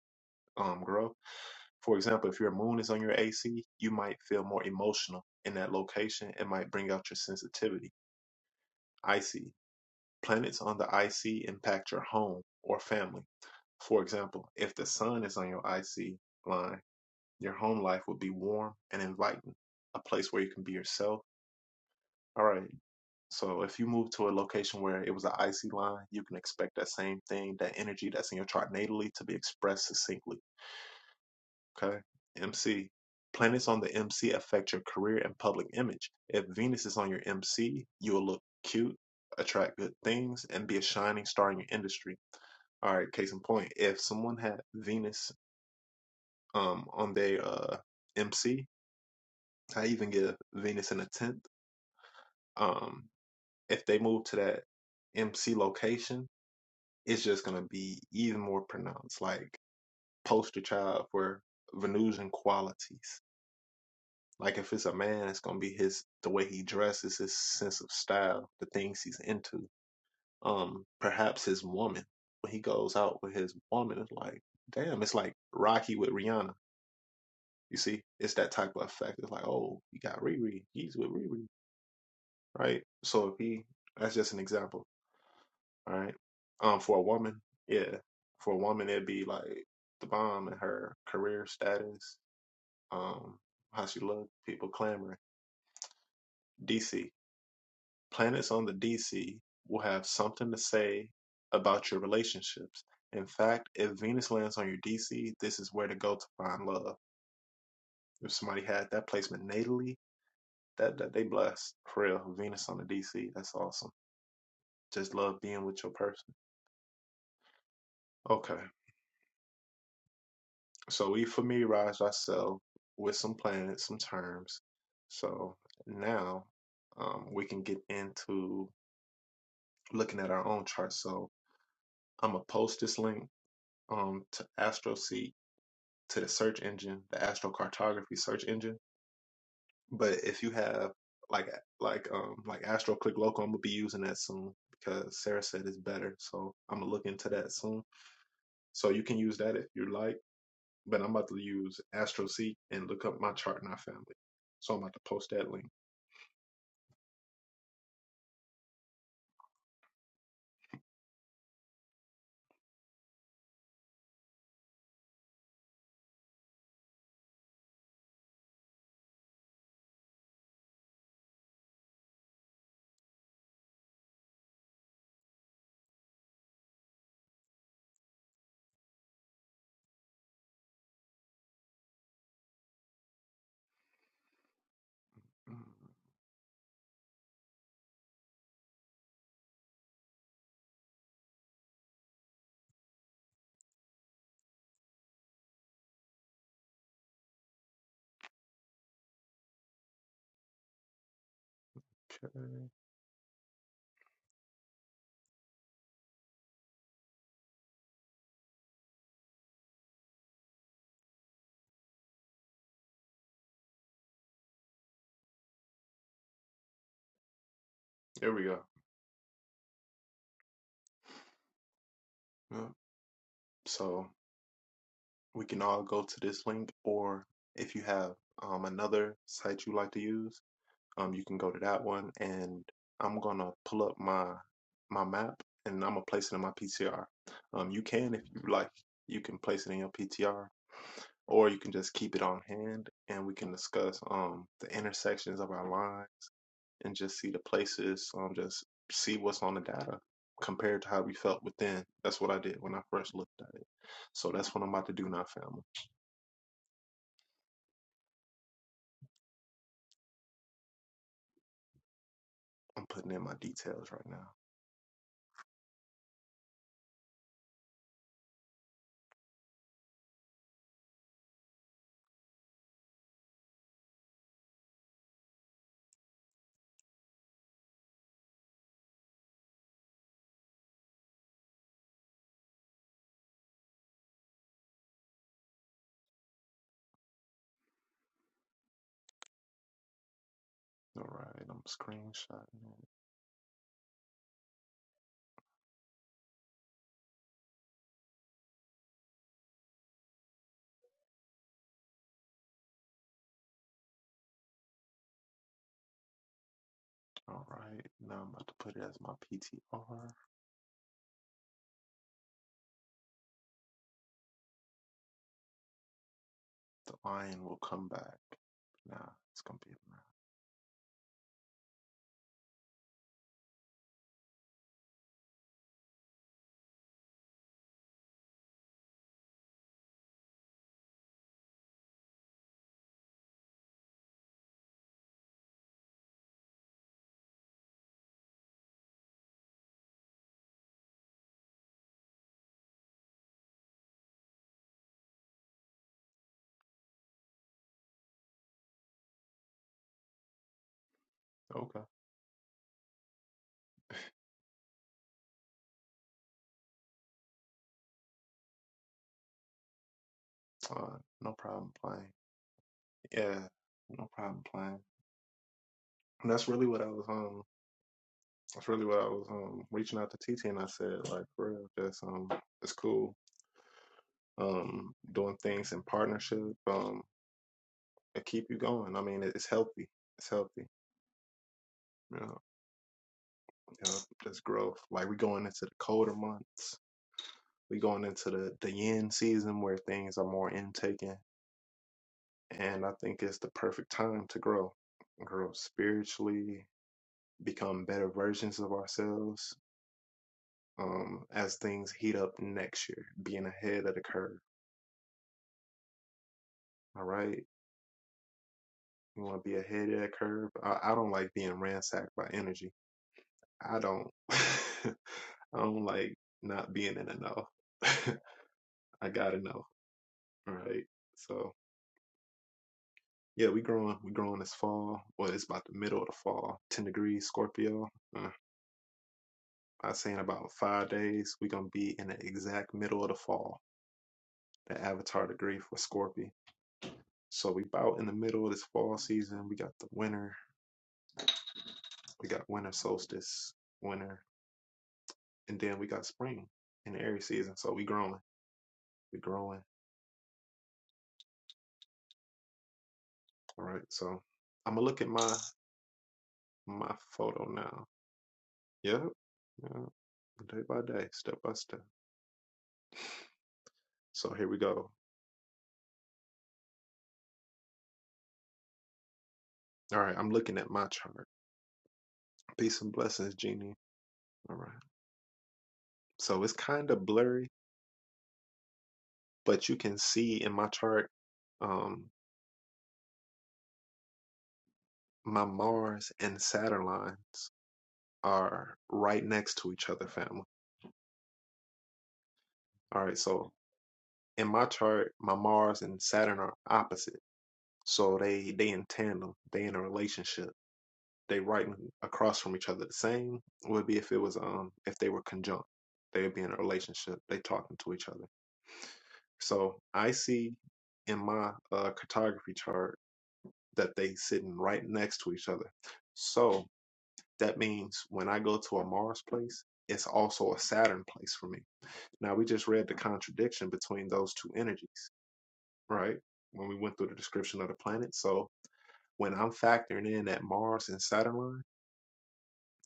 Speaker 1: um, grow. For example, if your moon is on your AC, you might feel more emotional in that location. It might bring out your sensitivity. I see. Planets on the IC impact your home or family. For example, if the sun is on your IC line, your home life will be warm and inviting, a place where you can be yourself. All right. So if you move to a location where it was an IC line, you can expect that same thing, that energy that's in your chart natally to be expressed succinctly. Okay. MC. Planets on the MC affect your career and public image. If Venus is on your MC, you will look cute, attract good things, and be a shining star in your industry. All right, case in point, if someone had Venus um on their uh MC, I even give Venus in a tenth. Um, if they move to that MC location, it's just gonna be even more pronounced, like poster child for Venusian qualities. Like if it's a man, it's gonna be his the way he dresses, his sense of style, the things he's into. Um, perhaps his woman. When he goes out with his woman, it's like, damn, it's like Rocky with Rihanna. You see, it's that type of effect. It's like, oh, he got Riri, he's with Riri, right? So if he, that's just an example, all right. Um, for a woman, yeah, for a woman, it'd be like the bomb and her career status, um, how she look, people clamoring. DC. Planets on the Dc will have something to say about your relationships. In fact, if Venus lands on your DC, this is where to go to find love. If somebody had that placement natally, that, that they blessed. For real, Venus on the DC, that's awesome. Just love being with your person. Okay, so we familiarized ourselves with some planets, some terms. So now um, we can get into looking at our own chart. So I'm gonna post this link um to AstroSeek to the search engine, the astrocartography search engine. But if you have like like um like Astro Local, I'm gonna be using that soon because Sarah said it's better. So I'm gonna look into that soon. So you can use that if you like. But I'm about to use AstroSeek and look up my chart in our family. So I'm about to post that link. Okay. There we go. Yep. So we can all go to this link or if you have um another site you like to use um, you can go to that one, and I'm gonna pull up my my map, and I'm gonna place it in my PTR. Um, you can, if you like, you can place it in your PTR, or you can just keep it on hand, and we can discuss um the intersections of our lines and just see the places, um, just see what's on the data compared to how we felt within. That's what I did when I first looked at it. So that's what I'm about to do now, family. I'm putting in my details right now. All right, I'm screenshotting. it. All right, now I'm about to put it as my PTR. The lion will come back. Nah, it's gonna be a man. Okay. Uh, no problem playing. Yeah, no problem playing. And that's really what I was um. That's really what I was um reaching out to TT and I said like for real, just um, it's cool. Um, doing things in partnership. Um, it keep you going. I mean, it's healthy. It's healthy. Yeah, yeah, just growth. Like we going into the colder months. we going into the the yin season where things are more intaking, and I think it's the perfect time to grow, grow spiritually, become better versions of ourselves. Um, as things heat up next year, being ahead of the curve. All right, you want to be ahead of that curve. I, I don't like being ransacked by energy. I don't. I don't like not being in the know. I gotta know. All right. So. Yeah, we growing. We growing this fall. Well, it's about the middle of the fall. Ten degrees, Scorpio. Uh, I say in about five days, we gonna be in the exact middle of the fall. The avatar degree for Scorpio. So we about in the middle of this fall season. We got the winter. We got winter solstice, winter, and then we got spring in the Aries season. So we growing. We growing. All right. So I'm gonna look at my my photo now. Yep. Yep. Day by day, step by step. So here we go. All right, I'm looking at my chart. Peace and blessings, Genie. All right. So it's kind of blurry, but you can see in my chart, um, my Mars and Saturn lines are right next to each other, family. All right, so in my chart, my Mars and Saturn are opposite. So they they in tandem, they in a relationship. They right across from each other. The same would be if it was um if they were conjunct. They would be in a relationship. They talking to each other. So I see in my uh, cartography chart that they sitting right next to each other. So that means when I go to a Mars place, it's also a Saturn place for me. Now we just read the contradiction between those two energies, right? When we went through the description of the planet. So when I'm factoring in that Mars and Saturn line,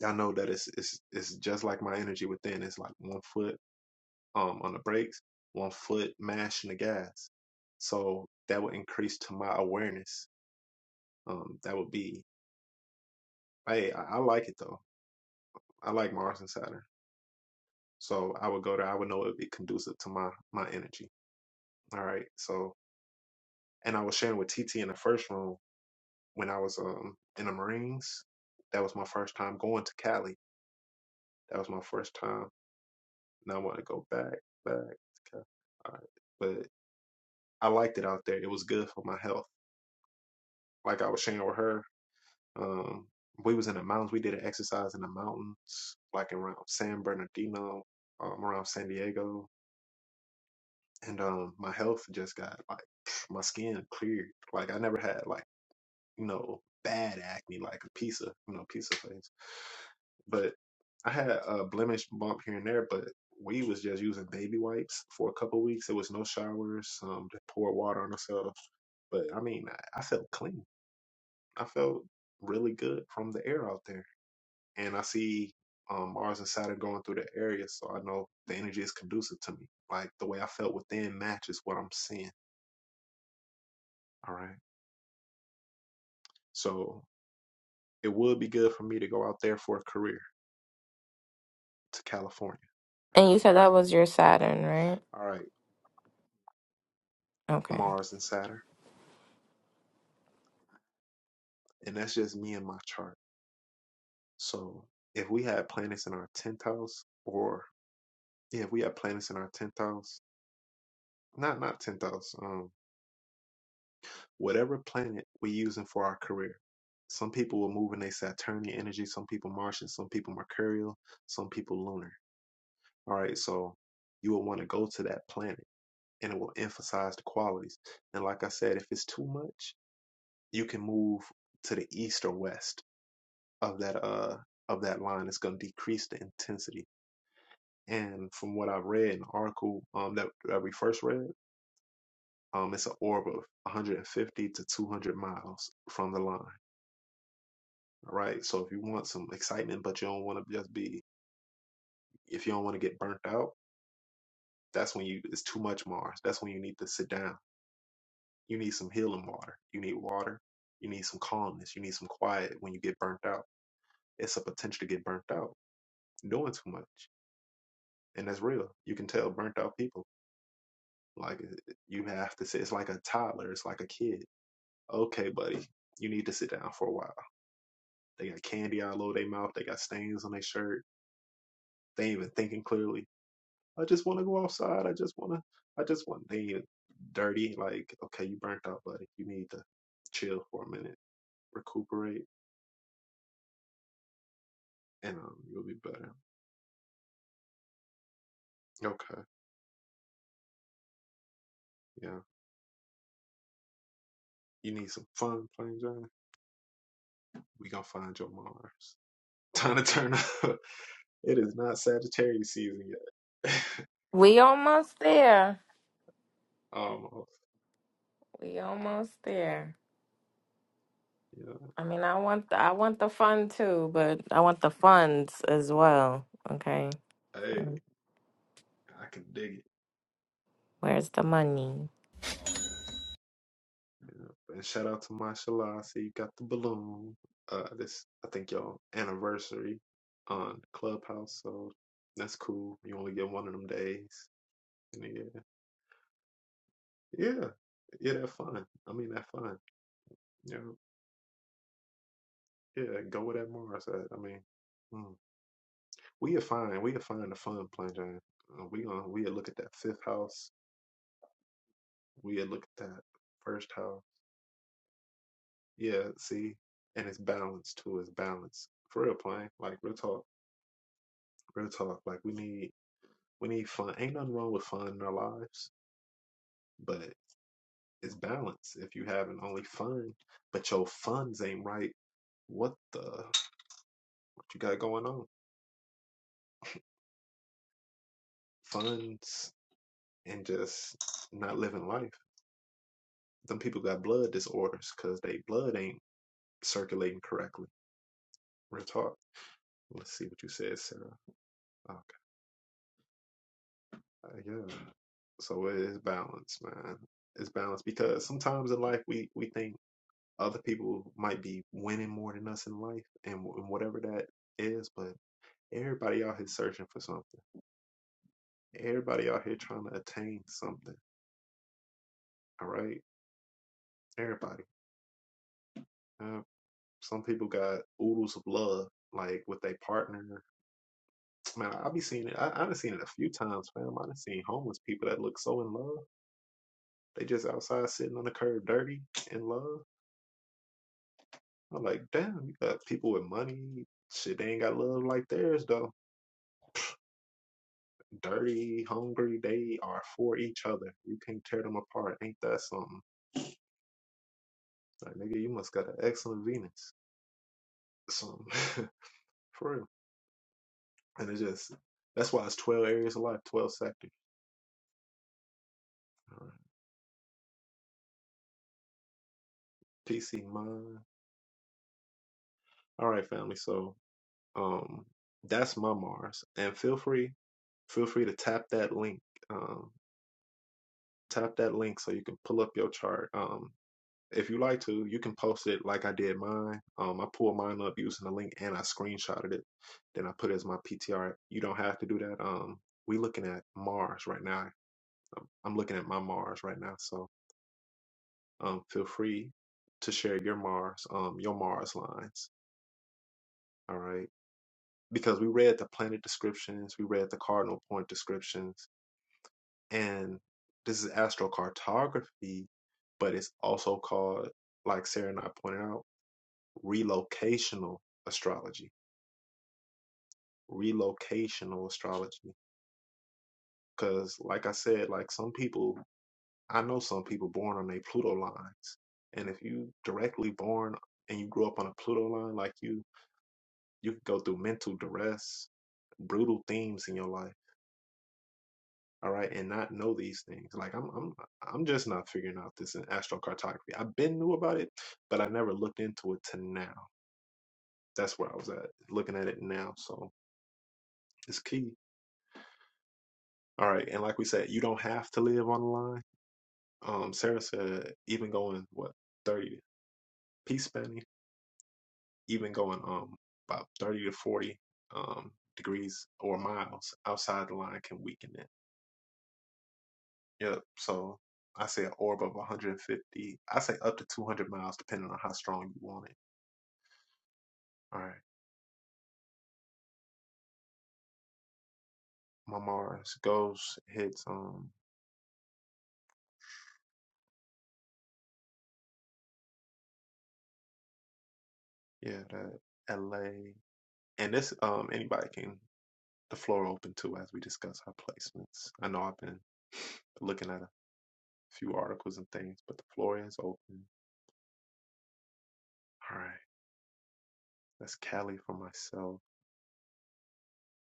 Speaker 1: I know that it's it's it's just like my energy within. It's like one foot um, on the brakes, one foot mashing the gas. So that would increase to my awareness. Um, that would be, hey, I, I like it though. I like Mars and Saturn. So I would go there. I would know it would be conducive to my my energy. All right. So and I was sharing with TT in the first room when I was um in the Marines. That was my first time going to Cali. That was my first time, and I want to go back, back to Cali. All right. But I liked it out there. It was good for my health. Like I was sharing with her, Um, we was in the mountains. We did an exercise in the mountains, like around San Bernardino, um, around San Diego, and um, my health just got like my skin cleared. Like I never had like you know bad acne, like a piece of you know piece of face, but I had a blemish bump here and there, but. We was just using baby wipes for a couple weeks. It was no showers. Um, just poured water on ourselves. But I mean, I, I felt clean. I felt really good from the air out there and I see um, Mars and Saturn going through the area, so I know the energy is conducive to me. Like the way I felt within matches what I'm seeing. All right, so it would be good for me to go out there for a career to California.
Speaker 5: And you said that was your Saturn, right?
Speaker 1: All right,
Speaker 5: Okay.
Speaker 1: Mars and Saturn, and that's just me and my chart. So if we had planets in our tenth house, or yeah, if we had planets in our tenth house, not not tenth house. um, whatever planet we're using for our career. Some people will move in a Saturnian energy, some people Martian, some people Mercurial, some people lunar. All right, so you will want to go to that planet and it will emphasize the qualities. And like I said, if it's too much, you can move to the east or west of that uh of that line. It's gonna decrease the intensity. And from what I've read in the article um that, that we first read, um it's an orb of 150 to 200 miles from the line. All right. So if you want some excitement, but you don't want to just be, if you don't want to get burnt out, that's when you, it's too much Mars. That's when you need to sit down. You need some healing water. You need water. You need some calmness. You need some quiet when you get burnt out. It's a potential to get burnt out doing too much. And that's real. You can tell burnt out people. Like it- you have to sit, it's like a toddler. It's like a kid. Okay, buddy, you need to sit down for a while. They got candy all over their mouth. They got stains on their shirt. They ain't even thinking clearly I just want to go outside. I just want to. I just want they dirty. Like, okay, you burnt out, buddy. You need to chill for a minute, recuperate, and um, you'll be better. Okay, yeah. You need some fun, Flame Johnny. We gonna find your Mars. Time to turn up. It is not Sagittarius season yet.
Speaker 5: We almost there.
Speaker 1: Almost.
Speaker 5: We almost there.
Speaker 1: Yeah.
Speaker 5: I mean, I want the, I want the fun too, but I want the funds as well. Okay.
Speaker 1: Hey,
Speaker 5: And
Speaker 1: I can dig it.
Speaker 5: where's the money?
Speaker 1: And shout out to Mashallah. I see you got the balloon. Uh, this I think y'all anniversary on Clubhouse, so that's cool. You only get one of them days. And yeah, yeah, yeah, that fun. I mean, that fun. Yeah, yeah. Go with that Mars. I, I mean, mm. we are fine. We are fine. The fun plunging. Uh, we gonna we look at that fifth house. We look at that first house. Yeah, see, and it's balance too. It's balance for real, playing like real talk. Real talk. Like we need. We need fun. Ain't nothing wrong with fun in our lives, but it's balance. If you having only fun, but your funds ain't right, what the what you got going on? Funds and just not living life. Them people got blood disorders because they blood ain't circulating correctly. Real talk. Let's see what you said, Sarah. Okay, yeah. So it is balance, man. It's balance because sometimes in life we we think Other people might be winning more than us in life and, and whatever that is, but everybody out here searching for something. Everybody out here trying to attain something. All right? Everybody. Uh, some people got oodles of love, like with their partner. Man, I, I be seeing it. I, I done seen it a few times, fam. I done seen homeless people that look so in love. They just outside sitting on the curb, dirty in love. I'm like, damn, you got people with money. Shit, they ain't got love like theirs though. dirty, hungry. They are for each other. You can't tear them apart. Ain't that something? Like, nigga, you must got an excellent Venus. Something. for real. And it's just, that's why it's 12 areas of life, 12 sectors. All right. PC mine. All right, family. So, um, that's my Mars. And feel free, feel free to tap that link. Um, tap that link so you can pull up your chart. Um, If you like to, you can post it like I did mine. Um, I pulled mine up using the link and I screenshotted it. Then I put it as my PTR. You don't have to do that. Um, we looking at Mars right now. Um, I'm looking at my Mars right now. So um, feel free to share your Mars, um, your Mars lines. All right. Because we read the planet descriptions, we read the cardinal point descriptions, and this is astrocartography, but it's also called, like Sarah and I pointed out relocational astrology. Relocational astrology. Because, like I said, like some people, I know some people born on their Pluto lines. And if you directly born and you grew up on a Pluto line, like you, you could go through mental duress, brutal themes in your life. All right, and not know these things. Like I'm, I'm, I'm just not figuring out this in astrocartography. I've been knew about it, but I never looked into it to now. That's where I was at, looking at it now. So it's key All right, and like we said, you don't have to live on the line. Um, Sarah said even going what thirty peace spanning, even going um about thirty to forty um degrees or miles outside the line can weaken it. Yep. So I say an orb of 150. I say up to 200 miles, depending on how strong you want it. All right, my Mars goes hits um yeah that L.A. and this um anybody can the floor open to as we discuss our placements. I know I've been looking at a few articles and things, but the floor is open. All right, that's Cali for myself.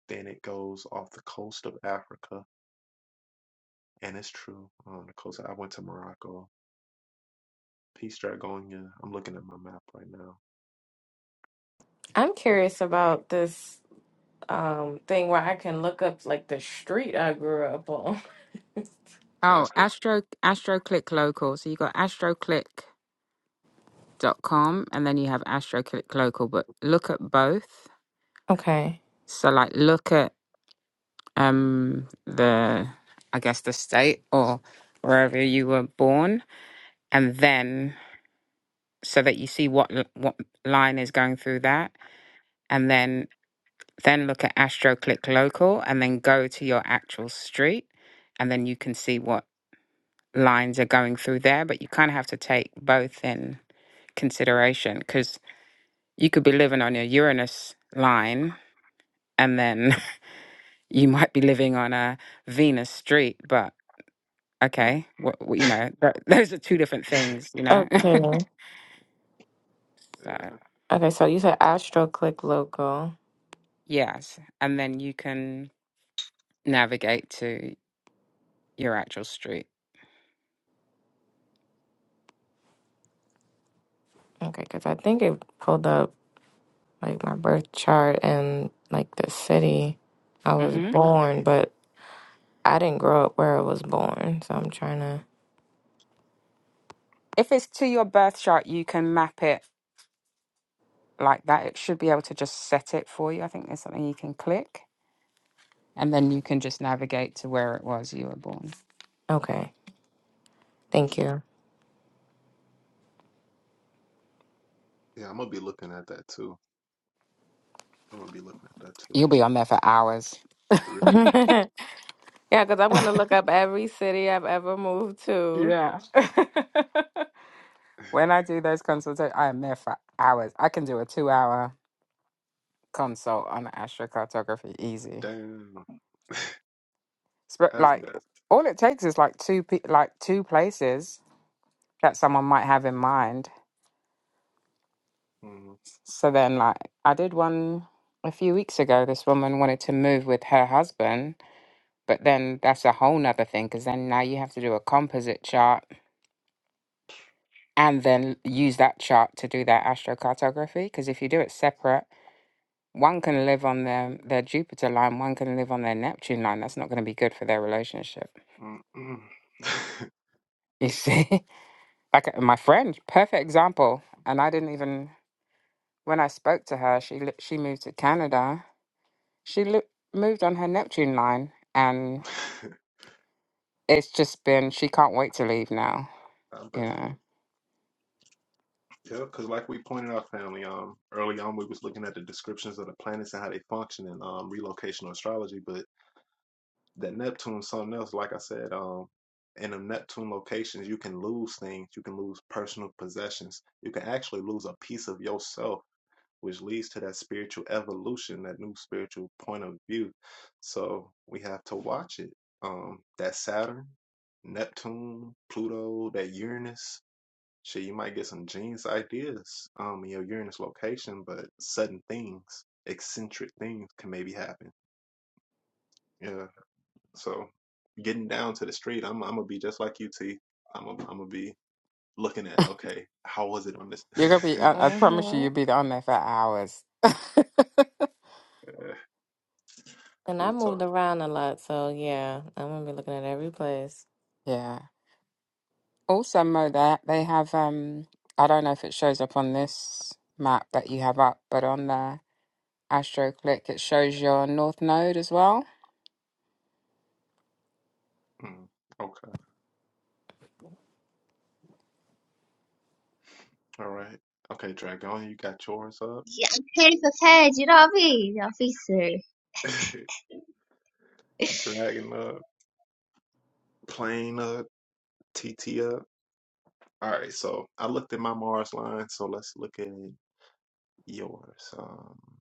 Speaker 1: Then it goes off the coast of Africa, and it's true. On the coast, I went to Morocco. Peace Dragonia. I'm looking at my map right now.
Speaker 5: I'm curious about this um thing where I can look up like the street I grew up on.
Speaker 2: Oh,
Speaker 1: That's what.
Speaker 2: Astro AstroClick Local. So you got astroclick.com and then you have AstroClick Local, but look at both.
Speaker 5: Okay.
Speaker 2: So like look at um the I guess the state or wherever you were born and then so that you see what l- what line is going through that and then then look at AstroClick Local and then go to your actual street and then you can see what lines are going through there, but you kind of have to take both in consideration because you could be living on your Uranus line and then you might be living on a Venus street, but
Speaker 1: Mm.
Speaker 2: okay, what, what- you know, that, those are two different things, you know?
Speaker 5: Okay.
Speaker 2: so,
Speaker 1: yeah.
Speaker 5: Okay, so you said Astro Click Local.
Speaker 2: yes. And then you can navigate to your actual street.
Speaker 5: Okay, cuz I think it pulled up like my birth chart and like the city I was
Speaker 2: hmm
Speaker 5: born, but I didn't grow up where I was born, so I'm trying to.
Speaker 2: If it's to your birth chart, you can map it like that. It should be able to just set it for you. I think there's something you can click and then you can just navigate to where it was you were born.
Speaker 5: Okay, thank you.
Speaker 1: yeah, I'm gonna be looking at that too. I'm gonna be looking at that too.
Speaker 2: You'll be on there for hours.
Speaker 1: The real-
Speaker 5: yeah, because I'm gonna look up every city I've ever moved to.
Speaker 2: Yeah. when I do those consultations, I am there for hours. I can do a two hour consult on astrocartography easy.
Speaker 1: Damn,
Speaker 2: Sp-
Speaker 1: that's
Speaker 2: Like
Speaker 1: dope.
Speaker 2: all it takes is like two pe- like two places that someone might have in mind.
Speaker 1: Mm,
Speaker 2: So then like I did one a few weeks ago. This woman wanted to move with her husband, but then that's a whole nother thing because then now you have to do a composite chart and then use that chart to do that astrocartography. Because if you do it separate One can live on their, their Jupiter line, one can live on their Neptune line. That's not going to be good for their relationship.
Speaker 1: mm, mm.
Speaker 2: You see? like uh, my friend, perfect example. And I didn't even, when I spoke to her, she, li- she moved to Canada. She li- moved on her Neptune line. And it's just been, she can't wait to leave now.
Speaker 1: I
Speaker 2: You
Speaker 1: bet.
Speaker 2: know,
Speaker 1: Yeah, because like we pointed out, family, um, early on we was looking at the descriptions of the planets and how they function in um relocational astrology, but that Neptune is something else. Like I said, um, in the Neptune locations, you can lose things, you can lose personal possessions, you can actually lose a piece of yourself, which leads to that spiritual evolution, that new spiritual point of view. So we have to watch it. Um, that Saturn, Neptune, Pluto, that Uranus. Shit, you might get some genius ideas um in your Uranus location, but sudden things, eccentric things can maybe happen. Yeah. So getting down to the street, I'm I'm gonna be just like you, T. I'm a, I'm gonna be looking at okay, how was it on this?
Speaker 2: you're going to be, I, I promise you,
Speaker 5: hmm
Speaker 2: you'll be on there for hours.
Speaker 1: Yeah,
Speaker 5: And I
Speaker 1: Real
Speaker 5: moved
Speaker 1: talk.
Speaker 5: around a lot, so yeah, I'm gonna be looking at every place.
Speaker 2: yeah. Also, Mo, that they have um I don't know if it shows up on this map that you have up, but on the AstroClick, it shows your north node as well.
Speaker 1: Mm, okay. All right. Okay, Dragon, you got yours up.
Speaker 6: يا كيف فاجر أبي يا فيسر
Speaker 1: Dragon up, plane up, T T up. All right, so I looked at my Mars line, so let's look at yours. Um,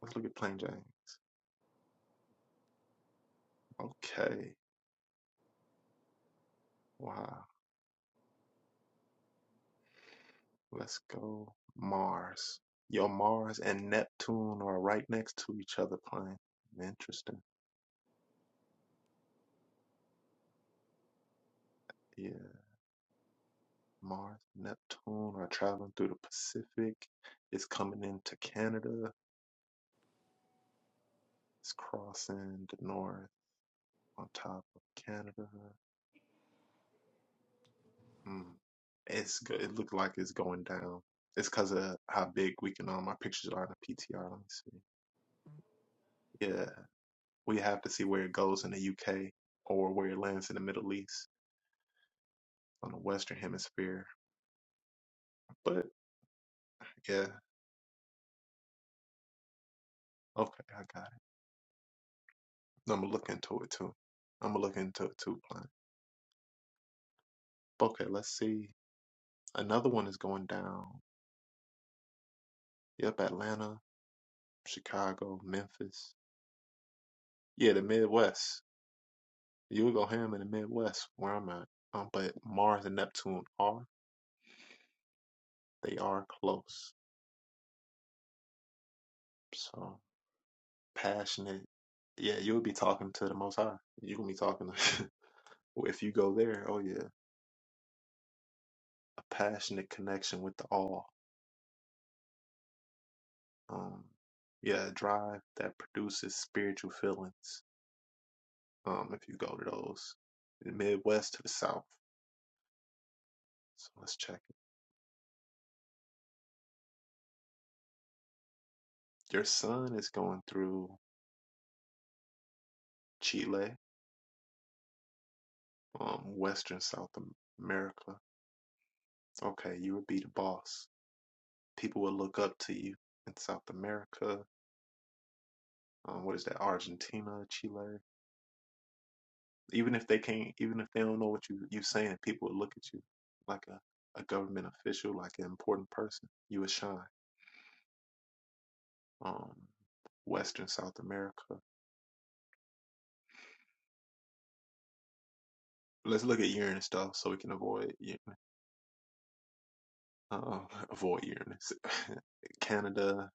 Speaker 1: Let's look at Plain James. Okay. Wow. Let's go Mars. Your Mars and Neptune are right next to each other, Plain. Interesting. Yeah. Mars, Neptune are traveling through the Pacific. It's coming into Canada. It's crossing the north on top of Canada. Mm. It's good. It looked like it's going down. It's because of how big we can. Um, our pictures are in the PTR. Let me see. Yeah. We have to see where it goes in the UK or where it lands in the Middle East on the Western Hemisphere. But yeah, okay, I got it. I'm gonna look into it too. I'm gonna look into it too, plan. Okay, let's see. Another one is going down. Yep, Atlanta, Chicago, Memphis. Yeah, the Midwest. You would go ham in the Midwest where I'm at. Um, but Mars and Neptune are they are close. So passionate. Yeah, you'll be talking to the Most High. You're gonna be talking to Well, if you go there, oh yeah, a passionate connection with the all. Um, yeah, a drive that produces spiritual feelings. Um, if you go to those, the Midwest to the South. So let's check it. Your son is going through Chile, um, Western South America. Okay, you would be the boss. People would look up to you in South America. Um, what is that? Argentina, Chile. even if they can't, even if they don't know what you you are saying, people will look at you like a, a government official, like an important person. You would shine. Um, Western South America. Let's look at Uranus stuff so we can avoid Uh, avoid Uranus. Canada.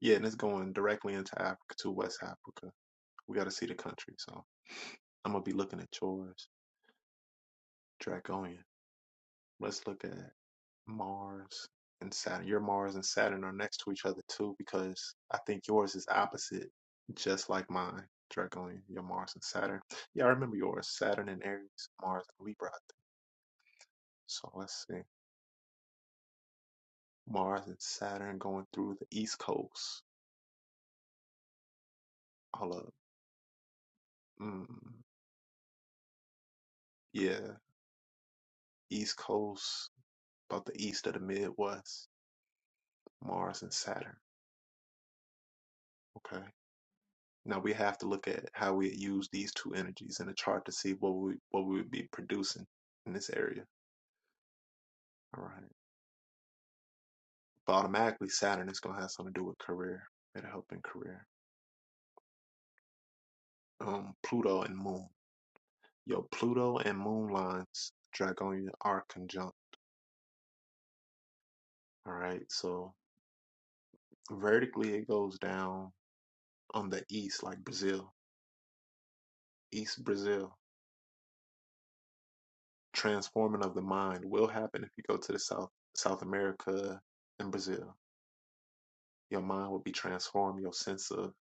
Speaker 1: Yeah, and it's going directly into Africa to West Africa. We got to see the country. So I'm gonna be looking at yours, Draconian. Let's look at Mars and Saturn. Your Mars and Saturn are next to each other too, because I think yours is opposite, just like mine. Directly, your Mars and Saturn. Yeah, I remember yours. Saturn and Aries, Mars and Libra. So let's see. Mars and Saturn going through the East Coast. All up. Mm, yeah, East Coast, about the east of the Midwest. Mars and Saturn. Okay. Now we have to look at how we use these two energies in the chart to see what we what we would be producing in this area. All right. But automatically Saturn is gonna have something to do with career. It'll help in career. Um, Pluto and Moon. Yo, Pluto and Moon lines Dragonian are conjunct. All right. So vertically it goes down on the east, like Brazil, East Brazil. Transforming of the mind will happen if you go to the South, South America and Brazil. Your mind will be transformed. Your sense of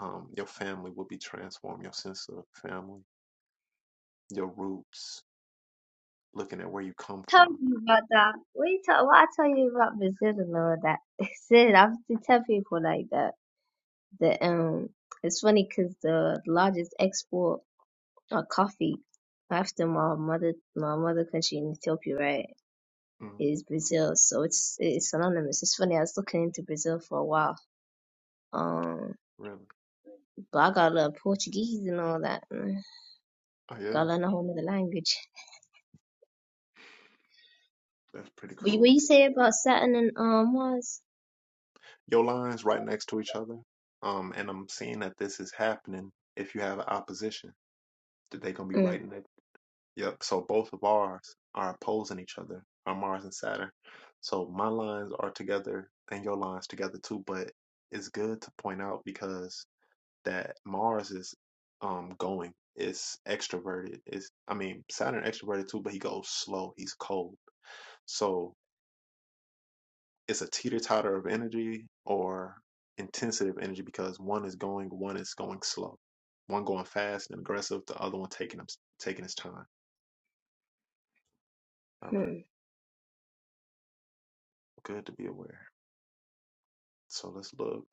Speaker 1: um, your family will be transformed. Your sense of family, your roots, looking at where you come
Speaker 6: Tell
Speaker 1: from
Speaker 6: me about that. What you talk? What I tell you about Brazil and all that? Sid, I have to tell people like that. The um, it's funny 'cause the largest export of coffee after my mother, my mother country in Ethiopia, right?
Speaker 1: Mm,
Speaker 6: is Brazil. So it's it's synonymous. It's funny. I was looking into Brazil for a while. Um,
Speaker 1: really?
Speaker 6: but I gotta learn Portuguese and all that. Mm,
Speaker 1: Oh
Speaker 6: Gotta
Speaker 1: yeah,
Speaker 6: learn a whole nother language.
Speaker 1: that's pretty
Speaker 6: But you- what
Speaker 1: cool.
Speaker 6: you say about Saturn and um Mars?
Speaker 1: Your line's right next to each other. Um, and I'm seeing that this is happening if you have opposition, that they're gonna be right next. Yep. So both of ours are opposing each other, are Mars and Saturn. So my lines are together and your lines together too, but it's good to point out because that Mars is um going. is extroverted. Is I mean Saturn extroverted too, but he goes slow. He's cold. So it's a teeter totter of energy or intensity of energy because one is going, one is going slow. One going fast and aggressive, the other one taking him taking his time. All right.
Speaker 6: Mm-hmm.
Speaker 1: Good to be aware. So let's look.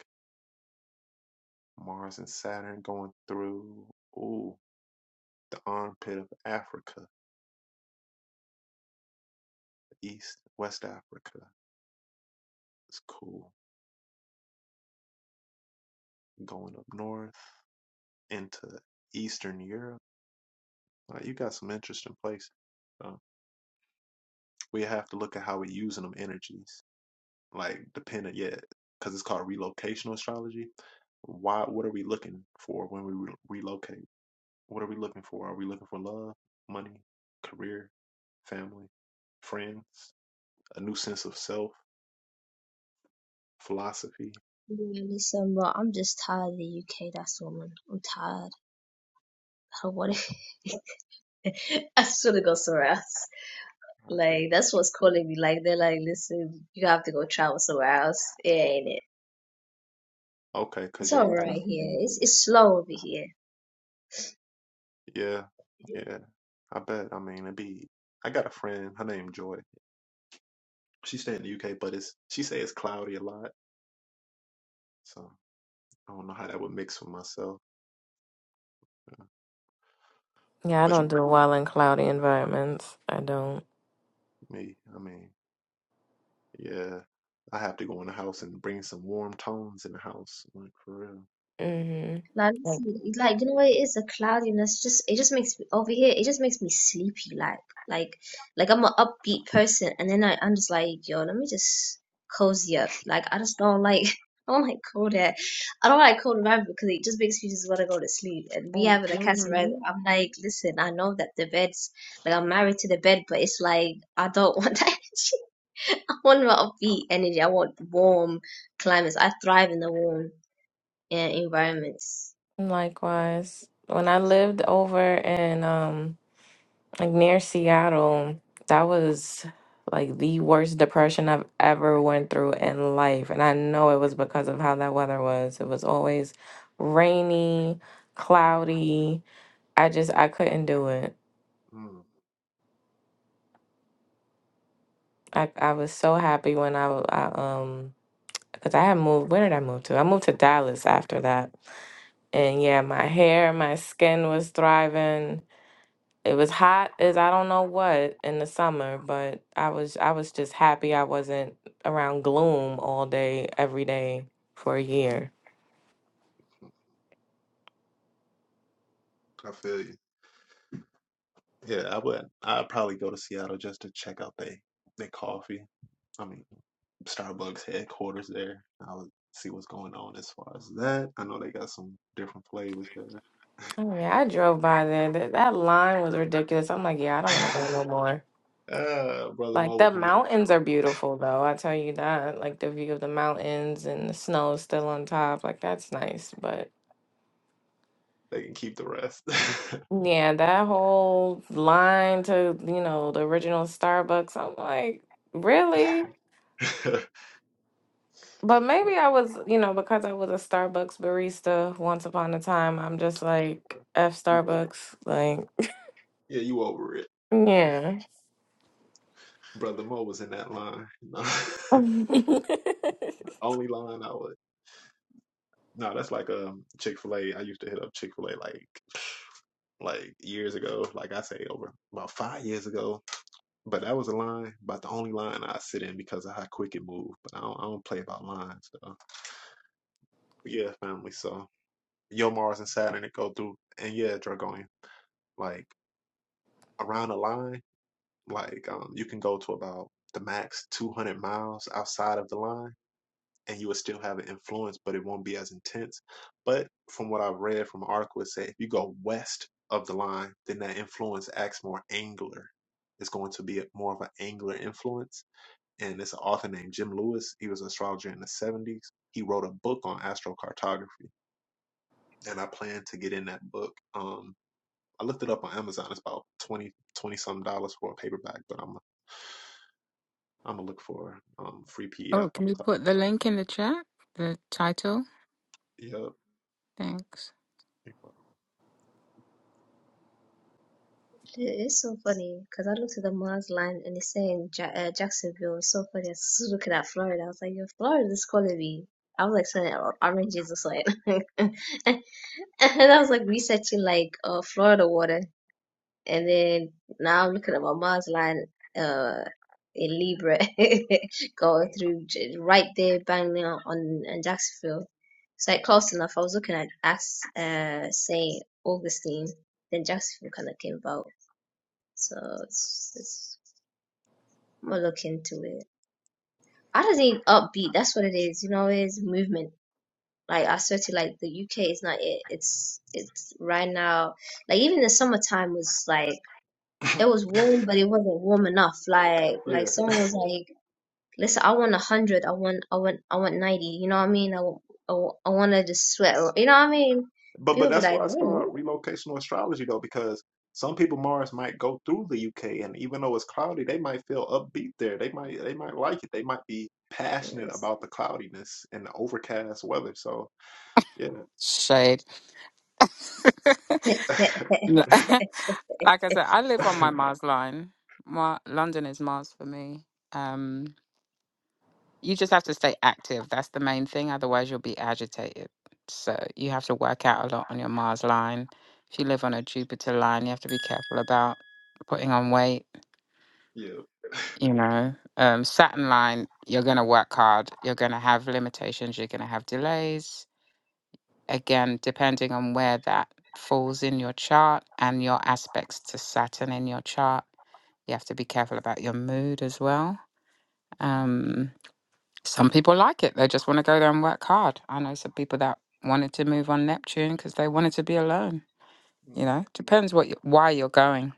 Speaker 1: Mars and Saturn going through ooh, the armpit of Africa, East, West Africa. It's cool. Going up north. into Eastern Europe. Like you got some interesting places. So we have to look at how we're using them energies, like dependent, yeah, because it's called relocational astrology. Why? What are we looking for when we re- relocate? What are we looking for? Are we looking for love, money, career, family, friends, a new sense of self, philosophy?
Speaker 6: Yeah, listen, bro. I'm just tired of the UK. That's all, man. I'm tired. I don't want it. I just want to go somewhere else. Like that's what's calling me. Like they're like, listen, you have to go travel somewhere else. It ain't it.
Speaker 1: Okay, because
Speaker 6: It's all
Speaker 1: your ice,
Speaker 6: right here. It's it's slow over here
Speaker 1: yeah, yeah. I bet. I mean, it'd be. I got a friend. Her name Joy. She stay in the UK, but it's she say it's cloudy a lot. So I don't know how that would mix with myself.
Speaker 5: Yeah, I
Speaker 1: But
Speaker 5: don't
Speaker 1: you,
Speaker 5: do well in cloudy environments. I don't.
Speaker 1: me, I mean, yeah, I have to go in the house and bring some warm tones in the house. Like for real.
Speaker 5: hmm
Speaker 6: Like,
Speaker 5: Like,
Speaker 6: it's like you know what it is the cloudiness just it just makes me over here it just makes me sleepy like like like I'm an upbeat person and then I, I'm just like yo let me just cozy up like I just don't like I don't like cold air I don't like cold weather because it just makes me just want to go to sleep and we having a cancer right
Speaker 5: hmm
Speaker 6: I'm like listen I know that the bed's like I'm married to the bed but it's like I don't want that energy I want my upbeat energy I want warm climates I thrive in the warm yeah, environments
Speaker 5: likewise, when I lived over in um like near Seattle, that was like the worst depression I've ever went through in life. And I know it was because of how that weather was. It was always rainy, cloudy. I just I couldn't do it.
Speaker 1: Mm,
Speaker 5: I, I was so happy when I, w- I um because I had moved where did I move to? I moved to Dallas after that. And yeah, my hair, my skin was thriving. It was hot as I don't know what in the summer, but I was I was just happy I wasn't around gloom all day every day for a year.
Speaker 1: I feel you. Yeah, I would. I'd probably go to Seattle just to check out they they coffee. I mean, Starbucks headquarters there. I would see what's going on as far as that. I know they got some different flavors there.
Speaker 5: I mean, I drove by there. That, that line was ridiculous. I'm like, yeah, I don't want to go no more.
Speaker 1: uh, brother
Speaker 5: Like
Speaker 1: Mo
Speaker 5: the
Speaker 1: would in there.
Speaker 5: mountains are beautiful though. I tell you that. Like the view of the mountains and the snow still on top. Like that's nice, but
Speaker 1: They can keep the rest.
Speaker 5: yeah, that whole line to, you know, the original Starbucks. I'm like, really? But maybe I was, you know, because I was a Starbucks barista once upon a time, I'm just like, F
Speaker 1: You over,
Speaker 5: Starbucks. Like,
Speaker 1: yeah, you over it.
Speaker 5: yeah.
Speaker 1: Brother Mo was in that line. No. The Only line I would. No, that's like um Chick Fil A. I used to hit up Chick Fil A like like years ago. Like I say, over about five years ago. But that was a line, about the only line I sit in because of how quick it moved. But I don't, I don't play about lines. So. But yeah, family. So Yo Mars and Saturn it go through, and yeah, Dragonian. Like around the line, like um you can go to about the max 200 miles outside of the line and you will still have an influence, but it won't be as intense. But from what I've read from an article, it say if you go west of the line, then that influence acts more angular. It's going to be a- more of an angular influence. And it's an author named Jim Lewis. He was an astrologer in the 70s. He wrote a book on astrocartography, and I plan to get in that book. Um, I looked it up on Amazon. It's about 20 20 some dollars for a paperback, but I'm I'm gonna look for um free PDF.
Speaker 2: Oh, can you put the link in the chat? The title?
Speaker 1: Yeah.
Speaker 2: Thanks.
Speaker 6: It is so funny because I looked at the Mars line and it's saying ja- uh, Jacksonville. It's so funny. I was just looking at Florida. I was like, yo, Florida's is calling me. I was like, saying or- oranges or something. and I was like researching like uh, Florida water. And then now I'm looking at my Mars line uh, in Libra going through j- right there, bang now on, on Jacksonville. It's like close enough. I was looking at, Ax- uh, St. Augustine. Then Jacksonville kind of came about. So it's, it's we'll look into it. I just need upbeat. That's what it is. You know, it's movement. Like I swear to you, like the UK is not it. It's it's right now. Like even the summertime was like it was warm, but it wasn't warm enough. Like
Speaker 1: Yeah.
Speaker 6: like someone was like, listen, I want a hundred. I want I want I want ninety. You know what I mean? I want- I, want to just sweat. You know what I mean?
Speaker 1: But but
Speaker 6: People be
Speaker 1: that's
Speaker 6: like,
Speaker 1: why it's called relocational astrology though, because some people Mars might go through the UK and even though it's cloudy, they might feel upbeat there. They might they might like it. They might be passionate
Speaker 6: damn,
Speaker 1: about the cloudiness and the overcast weather. So yeah.
Speaker 2: Shade. Like I said, I
Speaker 6: You
Speaker 2: live on my Mars line. Mar- London is Mars for me. Um You just have to stay active. That's the main thing. Otherwise, you'll be agitated. So you have to work out a lot on your Mars line. If you live on a Jupiter line, you have to be careful about putting on weight.
Speaker 1: yeah.
Speaker 2: You know, um, Saturn line, you're going to work hard. You're going to have limitations. You're going to have delays. Again, depending on where that falls in your chart and your aspects to Saturn in your chart, you have to be careful about your mood as well. Um, Some people like it. They just want to go there and work hard. I know some people that wanted to move on Neptune because they wanted to be alone. You
Speaker 1: Mm,
Speaker 2: know, depends what you, why you're going.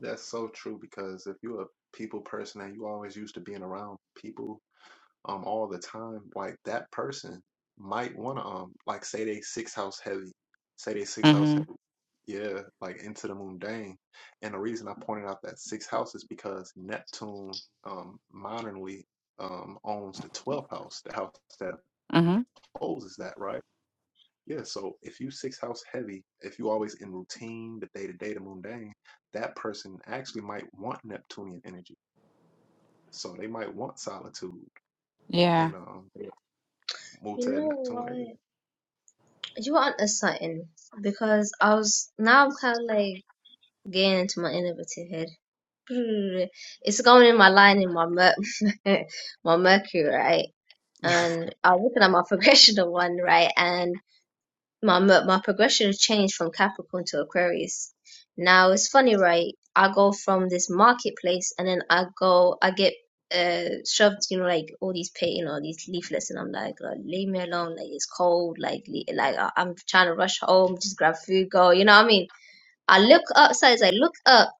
Speaker 1: That's so true because if you're a people person and you always used to being around people um all the time, like that person might wanna um like say they six house heavy. Say they six house
Speaker 2: Mm-hmm.
Speaker 1: heavy. Yeah, like into the mundane. And the reason I pointed out that sixth house is because Neptune um modernly um owns the twelfth house, the house that
Speaker 2: Mm-hmm.
Speaker 1: opposes that, right? Yeah, so if you six house heavy, if you always in routine, the day to day, the mundane, that person actually might want Neptunian energy. So they might want solitude
Speaker 2: Yeah.
Speaker 1: and um move to that
Speaker 6: know
Speaker 1: Neptune area.
Speaker 6: what? You want a something because I was now I'm kind of like getting into my innovative head. It's going in my line in my mer- my Mercury, right? And I'm looking at my progression of one, right? and. my my, my progression changed from Capricorn to Aquarius. Now it's funny, right? I go from this marketplace, and then I go, I get uh shoved, you know, like all these pay, you know, these leaflets, and I'm like, "Girl, leave me alone, like it's cold, like le- like I- I'm trying to rush home, just grab food, go, you know what I mean? I look upside, I look up,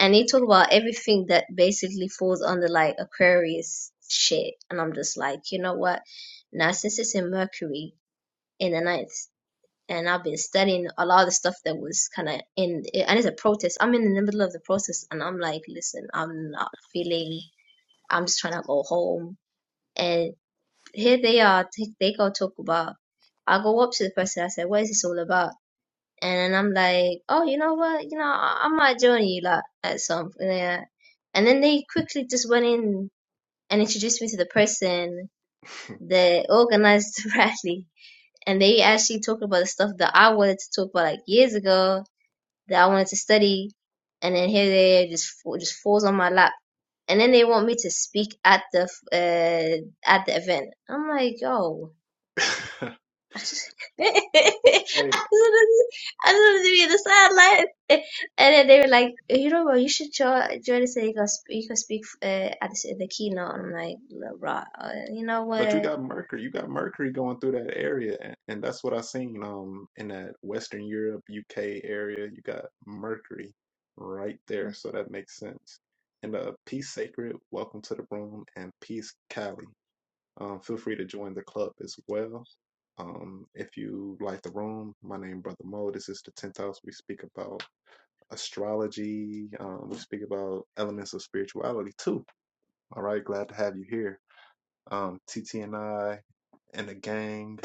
Speaker 6: and they talk about everything that basically falls under like Aquarius shit, and I'm just like, you know what? Now since it's in Mercury in the ninth and I've been studying a lot of the stuff that was kind of in, and it's a protest. I'm in the middle of the process, and I'm like, listen, I'm not feeling. I'm just trying to go home. And here they are. They, go talk about. I go up to the person. I said, what is this all about? And I'm like, oh, you know what? You know, I, I might join you like at some. Yeah. And then they quickly just went in and introduced me to the person that organized the rally. And they actually talked about the stuff that I wanted to talk about like years ago that I wanted to study, and then here they just just falls on my lap, and then they want me to speak at the uh, at the event. I'm like, yo, I just
Speaker 1: hey,
Speaker 6: wanted to be in the sideline, and then they were like, you know what, you should join join us and you can speak, you can speak uh, at the, the keynote. I'm like, "Bruh, uh, you know
Speaker 1: but you
Speaker 6: what.
Speaker 1: got Mercury. You got Mercury going through that area, and, and that's what I seen. Um, in that Western Europe, UK area, you got Mercury right there, so that makes sense. And uh, peace sacred. Welcome to the room, and peace Cali. Um, feel free to join the club as well. Um, if you like the room, my name Brother Mo. This is the tenth house. We speak about astrology. Um, we speak about elements of spirituality too. All right, glad to have you here. Um, TT and I and the gang,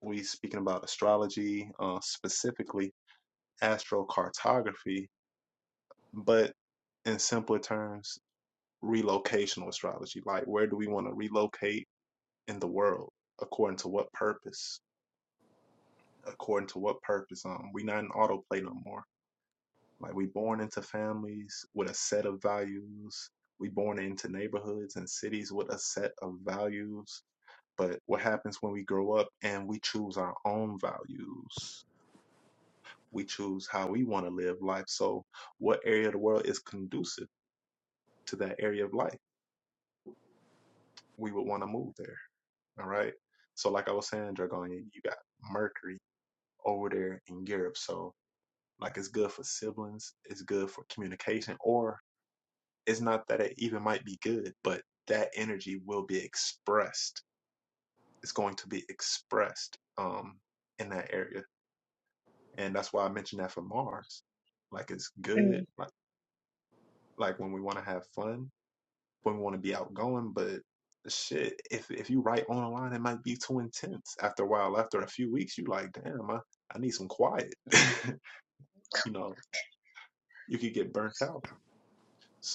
Speaker 1: we speaking about astrology, uh, specifically astrocartography, but in simpler terms, relocational astrology. Like, where do we want to relocate in the world? According to what purpose? According to what purpose? Um, we not in autoplay no more. Like, we born into families with a set of values. We born into neighborhoods and cities with a set of values But what happens when we grow up and we choose our own values? We choose how we want to live life. So, what area of the world is conducive to that area of life? We would want to move there. All right. So, like I was saying, Dragonia, you got Mercury over there in Europe. So, like, it's good for siblings, it's good for communication, or it's not that it even might be good, but that energy will be expressed. It's going to be expressed um, in that area. and that's why I mentioned that for Mars. Like it's
Speaker 6: Mm.
Speaker 1: good, like like when we want to have fun, when we want to be outgoing, but shit, if if you write on a line, it might be too intense. After a while, after a few weeks, you like, damn, I, I need some quiet. you know, you could get burnt out.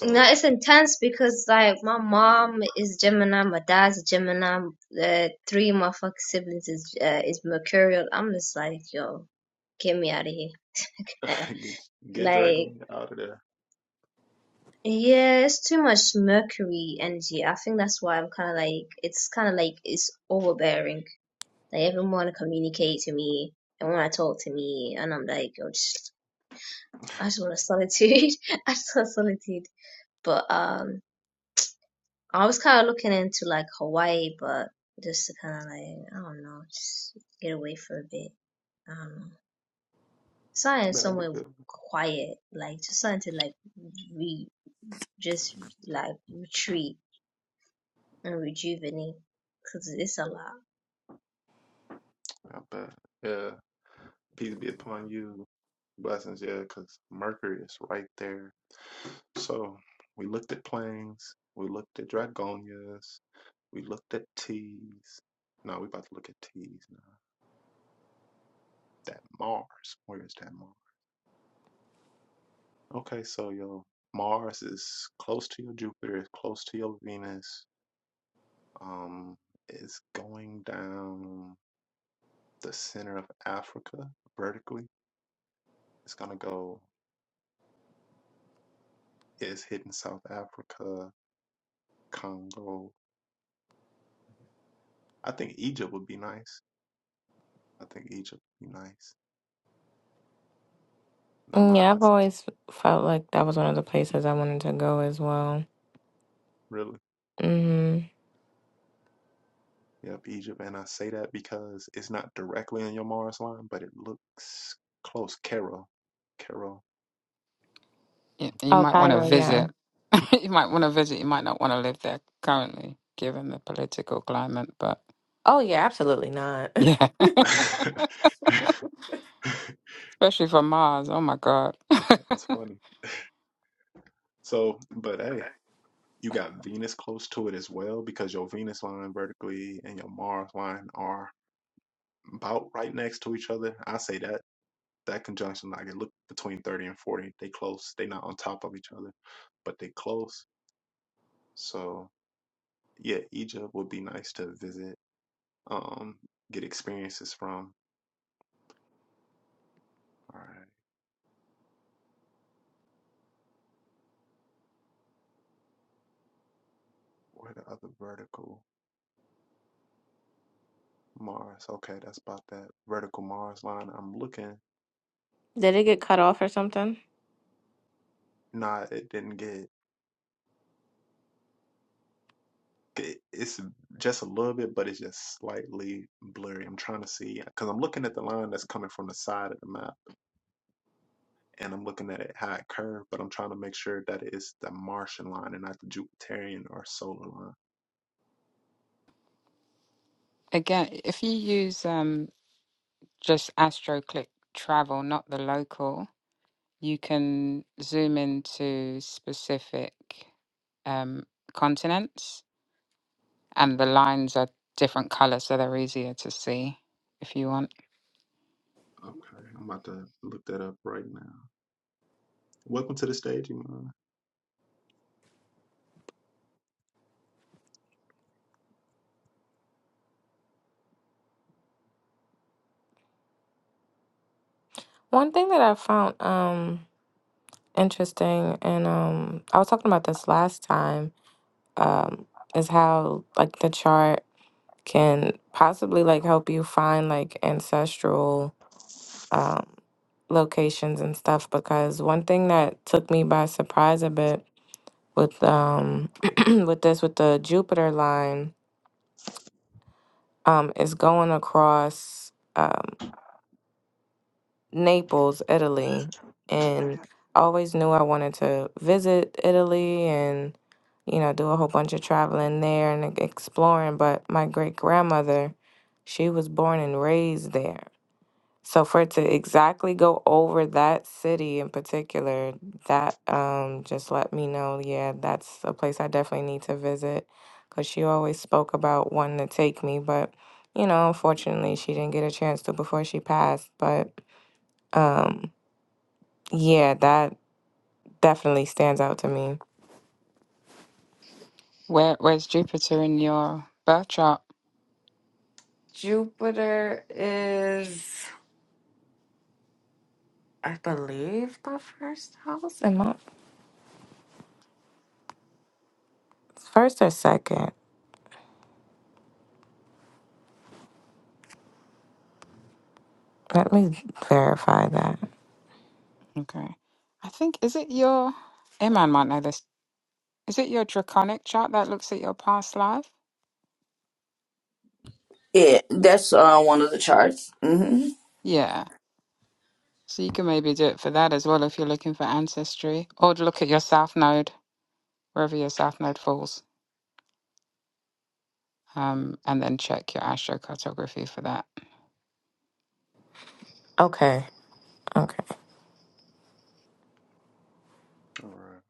Speaker 6: No, it's intense because like my mom is Gemini, my dad's a Gemini, uh, three of my fucking siblings is uh, is Mercurial. I'm just like, yo, get me out of here. Uh,
Speaker 1: get get
Speaker 6: like,
Speaker 1: Dragon out of there.
Speaker 6: yeah, it's too much Mercury energy. I think that's why I'm kind of like, it's kind of like it's overbearing. Like, everyone want to communicate to me and want to talk to me, and I'm like, yo, just, I just want solitude. I just want solitude. But um. I was kind of looking into like Hawaii, but just to kind of like, I don't know, just get away for a bit. I don't know. Something
Speaker 1: That'd be
Speaker 6: somewhere
Speaker 1: good.
Speaker 6: quiet, like just something to like re, just like retreat and rejuvenate, cause it's a lot.
Speaker 1: Not bad. Yeah. Peace be upon you. Blessings, yeah, because Mercury is right there. So we looked at planes, we looked at dragonias, we looked at T's. No, we about to look at T's now. That Mars. Where is that Mars? Okay, so yo Mars is close to your Jupiter, it's close to your Venus. Um, it's going down the center of Africa vertically. It's gonna go. It's hitting South Africa, Congo, I think Egypt would be nice. I think Egypt would be nice. No, my
Speaker 5: yeah, I've always felt like that was one of the places I wanted to go as well.
Speaker 1: really,
Speaker 5: hmm
Speaker 1: yep, Egypt. And I say that because it's not directly on your Mars line, but it looks close. Cairo, Cairo.
Speaker 2: You, you
Speaker 5: Oh,
Speaker 2: might want to
Speaker 5: Cairo, yeah.
Speaker 2: visit. you might want to visit. You might not want to live there currently, given the political climate. But
Speaker 5: Oh, yeah, absolutely not.
Speaker 2: yeah, especially for Mars. Oh my God.
Speaker 1: That's funny. So, but hey, you got Venus close to it as well because your Venus line vertically and your Mars line are about right next to each other. I say that that conjunction, like it look between 30 and 40. They close. They not on top of each other, but they close. So yeah, Egypt would be nice to visit, um, get experiences from. All right, where the other vertical Mars? Okay, that's about that vertical Mars line. I'm looking.
Speaker 5: Did it get cut off or something?
Speaker 1: Nah, it didn't get. it- It's just a little bit, but it's just slightly blurry. I'm trying to see because I'm looking at the line that's coming from the side of the map, and I'm looking at it how it curved, but I'm trying to make sure that it's the Martian line and not the Jupiterian or solar line.
Speaker 2: Again, if you use um just AstroClick travel, not the local. you can zoom into specific um, continents, and
Speaker 1: Mm,
Speaker 2: the lines are different colors, so they're easier to see if you want.
Speaker 1: Okay, I'm about to look that up right now. Welcome to the stage, Iman.
Speaker 5: One thing that I found um interesting, and um, I was talking about this last time, um, is how, like, the chart. can possibly like help you find like ancestral um, locations and stuff because one thing that took me by surprise a bit with um with this with the Jupiter line um is going across um Naples, Italy and I always knew I wanted to visit Italy and you know do a whole bunch of traveling there and like, exploring but my great grandmother she was born and raised there So for it to exactly go over that city in particular, that um just let me know, yeah, that's a place I definitely need to visit cuz she always spoke about wanting to take me, but you know, unfortunately, she didn't get a chance to before she passed, but um yeah, that definitely stands out to me.
Speaker 2: Where where's Jupiter in your birth chart?
Speaker 5: Jupiter is, I believe, the first house. Am I? First or second? Let me verify that.
Speaker 2: Okay, I think is it your Iman might know this. Is it your draconic chart that looks at your past life?
Speaker 7: Yeah, that's uh, one of the charts. hmm
Speaker 2: Yeah, so you can maybe do it for that as well if you're looking for ancestry, or look at your south node wherever your south node falls, um, and then check your astrocartography for that.
Speaker 5: Okay. Okay.
Speaker 1: All right.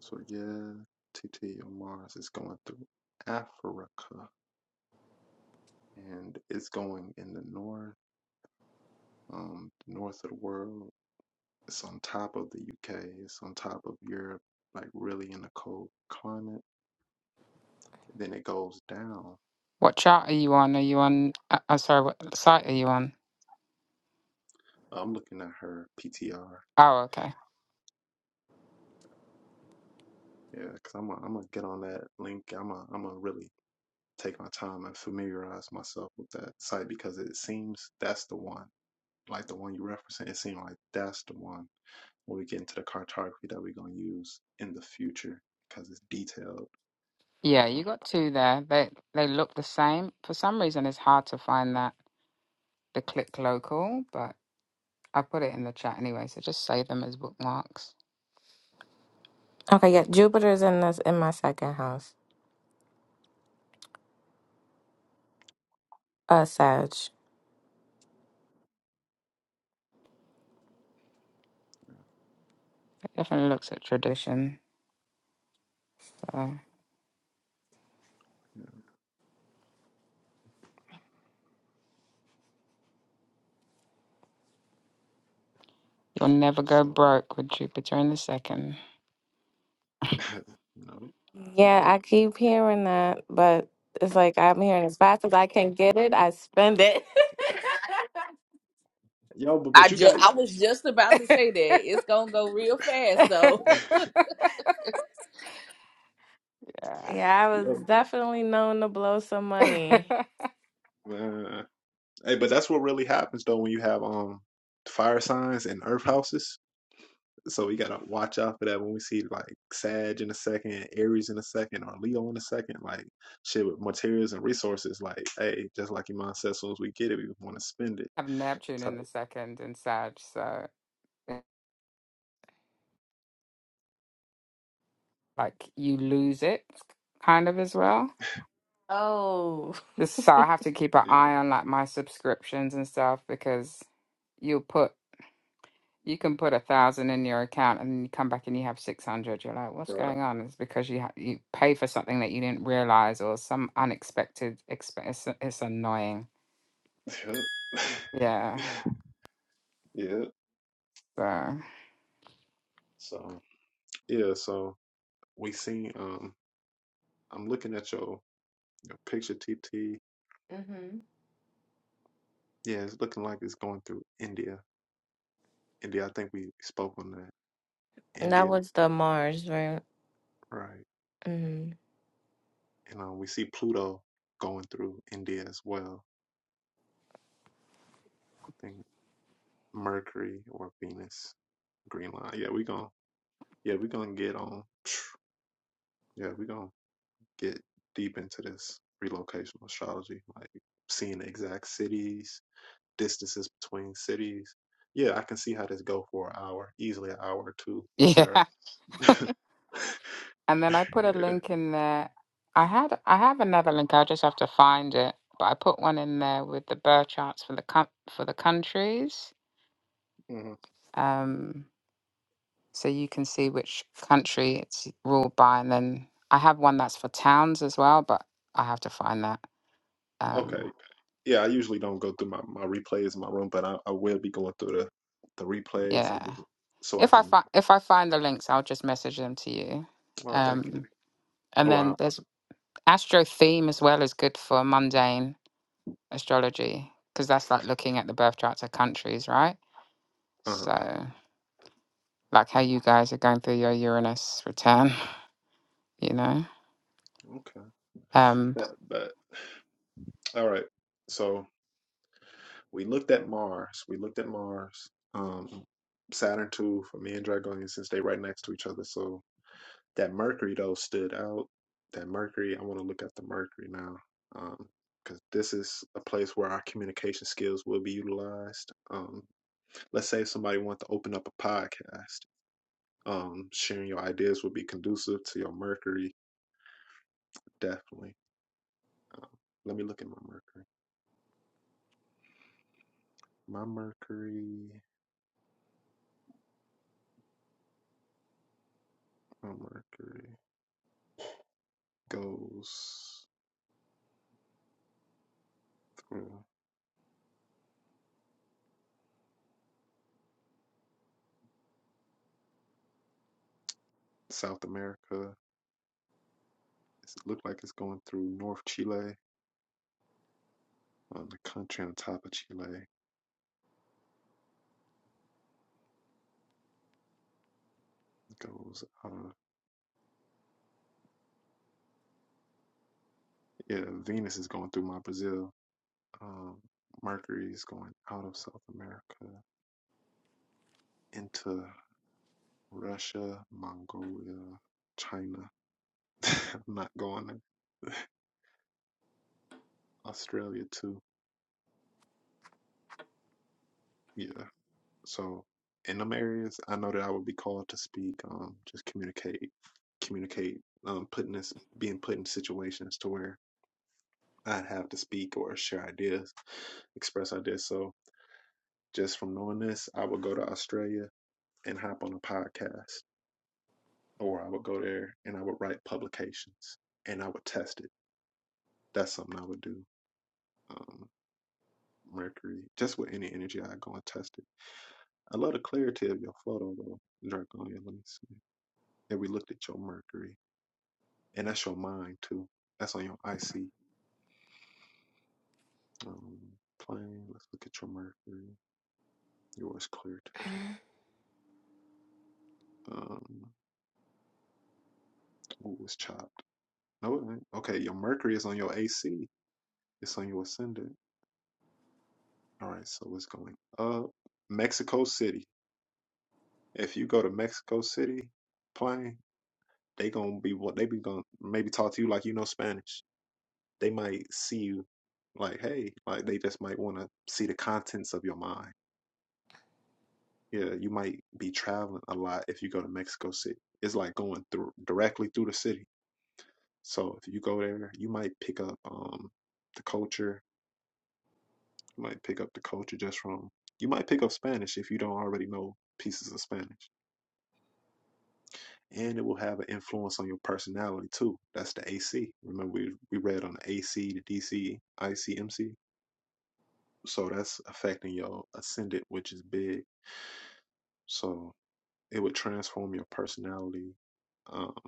Speaker 1: So yeah, T T on Mars is going through Africa and it's going in the north, um, the north of the world. It's on top of the UK. It's on top of Europe, like really in the cold climate. Then it goes down.
Speaker 2: What chart are you on? Are you on? Uh, I'm sorry, what site are you on?
Speaker 1: I'm looking at her PTR.
Speaker 2: Oh, okay.
Speaker 1: Yeah, because I'm gonna I'm gonna get on that link. I'm gonna I'm gonna really take my time and familiarize myself with that site because it seems that's the one like the one you referencing, it seemed like that's the one when we get into the cartography that we're going to use in the future because it's detailed.
Speaker 2: Yeah, you
Speaker 1: Um,
Speaker 2: got two there. They they look the same. For some reason, it's hard to find that the click local, but I put it in the chat anyway. So just save them as bookmarks.
Speaker 5: Okay, yeah,
Speaker 1: okay.
Speaker 5: Jupiter's in this in my second house. Uh Sag.
Speaker 1: Yeah.
Speaker 2: It definitely looks at tradition. So
Speaker 1: yeah.
Speaker 2: you'll never go
Speaker 1: So,
Speaker 2: broke with Jupiter in the second.
Speaker 1: no,
Speaker 5: Yeah,
Speaker 1: no.
Speaker 5: I keep hearing that, but it's like I'm hearing as fast as I can get it, I spend it.
Speaker 1: Yo, but,
Speaker 7: I
Speaker 1: but you
Speaker 7: just
Speaker 1: got,
Speaker 7: I was just about to say that it's gonna go real fast though.
Speaker 2: Yeah,
Speaker 5: yeah, I was
Speaker 1: yo,
Speaker 5: definitely known to blow some money.
Speaker 2: I
Speaker 1: man. Hey, but that's what really happens though when you have um fire signs and earth houses. So we gotta watch out for that when we see like Sag in a second, Aries in a second, or Leo in a second. Like shit with materials and resources. Like, hey, just like Iman said, as soon as we get it, we want to spend it.
Speaker 2: have Neptune
Speaker 1: Type,
Speaker 2: in the second and Sag. So like you lose it kind of as well.
Speaker 5: Oh.
Speaker 2: Just so I have to keep an
Speaker 1: yeah,
Speaker 2: eye on like my subscriptions and stuff because you'll put you can put a thousand in your account and then you come back and you have 600 you're like what's
Speaker 1: bruh.
Speaker 2: going on it's because you ha- you pay for something that you didn't realize or some unexpected expense it's, it's annoying yeah
Speaker 1: yeah.
Speaker 2: so
Speaker 1: So yeah, so we seen. Um, I'm looking at your, your picture, TT.
Speaker 5: hmm
Speaker 1: Yeah, it's looking like it's going through India. India. I think we spoke on that.
Speaker 5: That
Speaker 1: India,
Speaker 5: was the Mars, right?
Speaker 1: right?
Speaker 5: hmm
Speaker 1: And um, we see Pluto going through India as well I Think. Mercury or Venus. Green line. Yeah, we gonna. yeah, we gonna get on. Yeah, we gonna get deep into this relocational astrology, like seeing the exact cities, distances between cities. Yeah, I can see how this go for an hour, easily an hour or two, Sarah.
Speaker 2: yeah and then i put a
Speaker 1: Yeah.
Speaker 2: link in there i had i have another link i'll just have to find it but i put one in there with the birth charts for the com- for the countries
Speaker 1: hmm
Speaker 2: um so you can see which country it's ruled by. And then I have one that's for towns as well, but I have to find that.
Speaker 1: Okay.
Speaker 2: Um,
Speaker 1: Yeah, I usually don't go through my, my replays in my room, but I, I will be going through the, the replays of this
Speaker 2: yeah,
Speaker 1: so I
Speaker 2: if I
Speaker 1: can.
Speaker 2: find if I find the links, I'll just message them to you.
Speaker 1: Oh, thank you.
Speaker 2: Um, and
Speaker 1: Oh,
Speaker 2: then
Speaker 1: wow.
Speaker 2: there's astro theme as well is good for mundane astrology because that's like looking at the birth charts of countries, right?
Speaker 1: Uh huh.
Speaker 2: So like how you guys are going through your Uranus return, you know.
Speaker 1: Okay.
Speaker 2: Um,
Speaker 1: That, but All right. So we looked at Mars. We looked at Mars. Um, Saturn too for me and Dragonian since they right next to each other. So that Mercury though stood out. That Mercury, I want to look at the Mercury now. Um, because this is a place where our communication skills will be utilized. Um, let's say somebody wants to open up a podcast. Um, sharing your ideas will be conducive to your Mercury, definitely. Um, let me look at my Mercury. My Mercury, my Mercury. goes through South America. it looked like it's going through North Chile, on the country on top of Chile. It goes, uh, yeah, Venus is going through my Brazil. Um, Mercury is going out of South America into Russia, Mongolia, China. I'm not going there. Australia too. Yeah, So in them areas, I know that I would be called to speak, um, just communicate, communicate, um, putting this, being put in situations to where I'd have to speak or share ideas, express ideas. So just from knowing this, I would go to Australia and hop on a podcast, or I would go there and I would write publications and I would test it. That's something I would do. Um, Mercury, just with any energy, I go and test it. I love the clarity of your photo though, Draconia. Let me see. Yeah, we looked at your Mercury. and that's your mind too. That's on your IC um, plane. Let's look at your Mercury. Yours cleared. Um, ooh, it's chopped. No, it ain't. okay. Your Mercury is on your AC. It's on your ascendant. All right, so it's going up. Mexico City. If you go to Mexico City, plane, they gonna be what they be gonna maybe talk to you like you know Spanish. They might see you like, hey, like they just might want to see the contents of your mind Yeah, you might be traveling a lot if you go to Mexico City. It's like going through directly through the city. So if you go there, you might pick up um the culture. You might pick up the culture just from you might pick up Spanish if you don't already know pieces of Spanish. And it will have an influence on your personality too. That's the AC. Remember we we read on the AC, the DC, IC, So that's affecting your ascendant, which is big. So it would transform your personality um.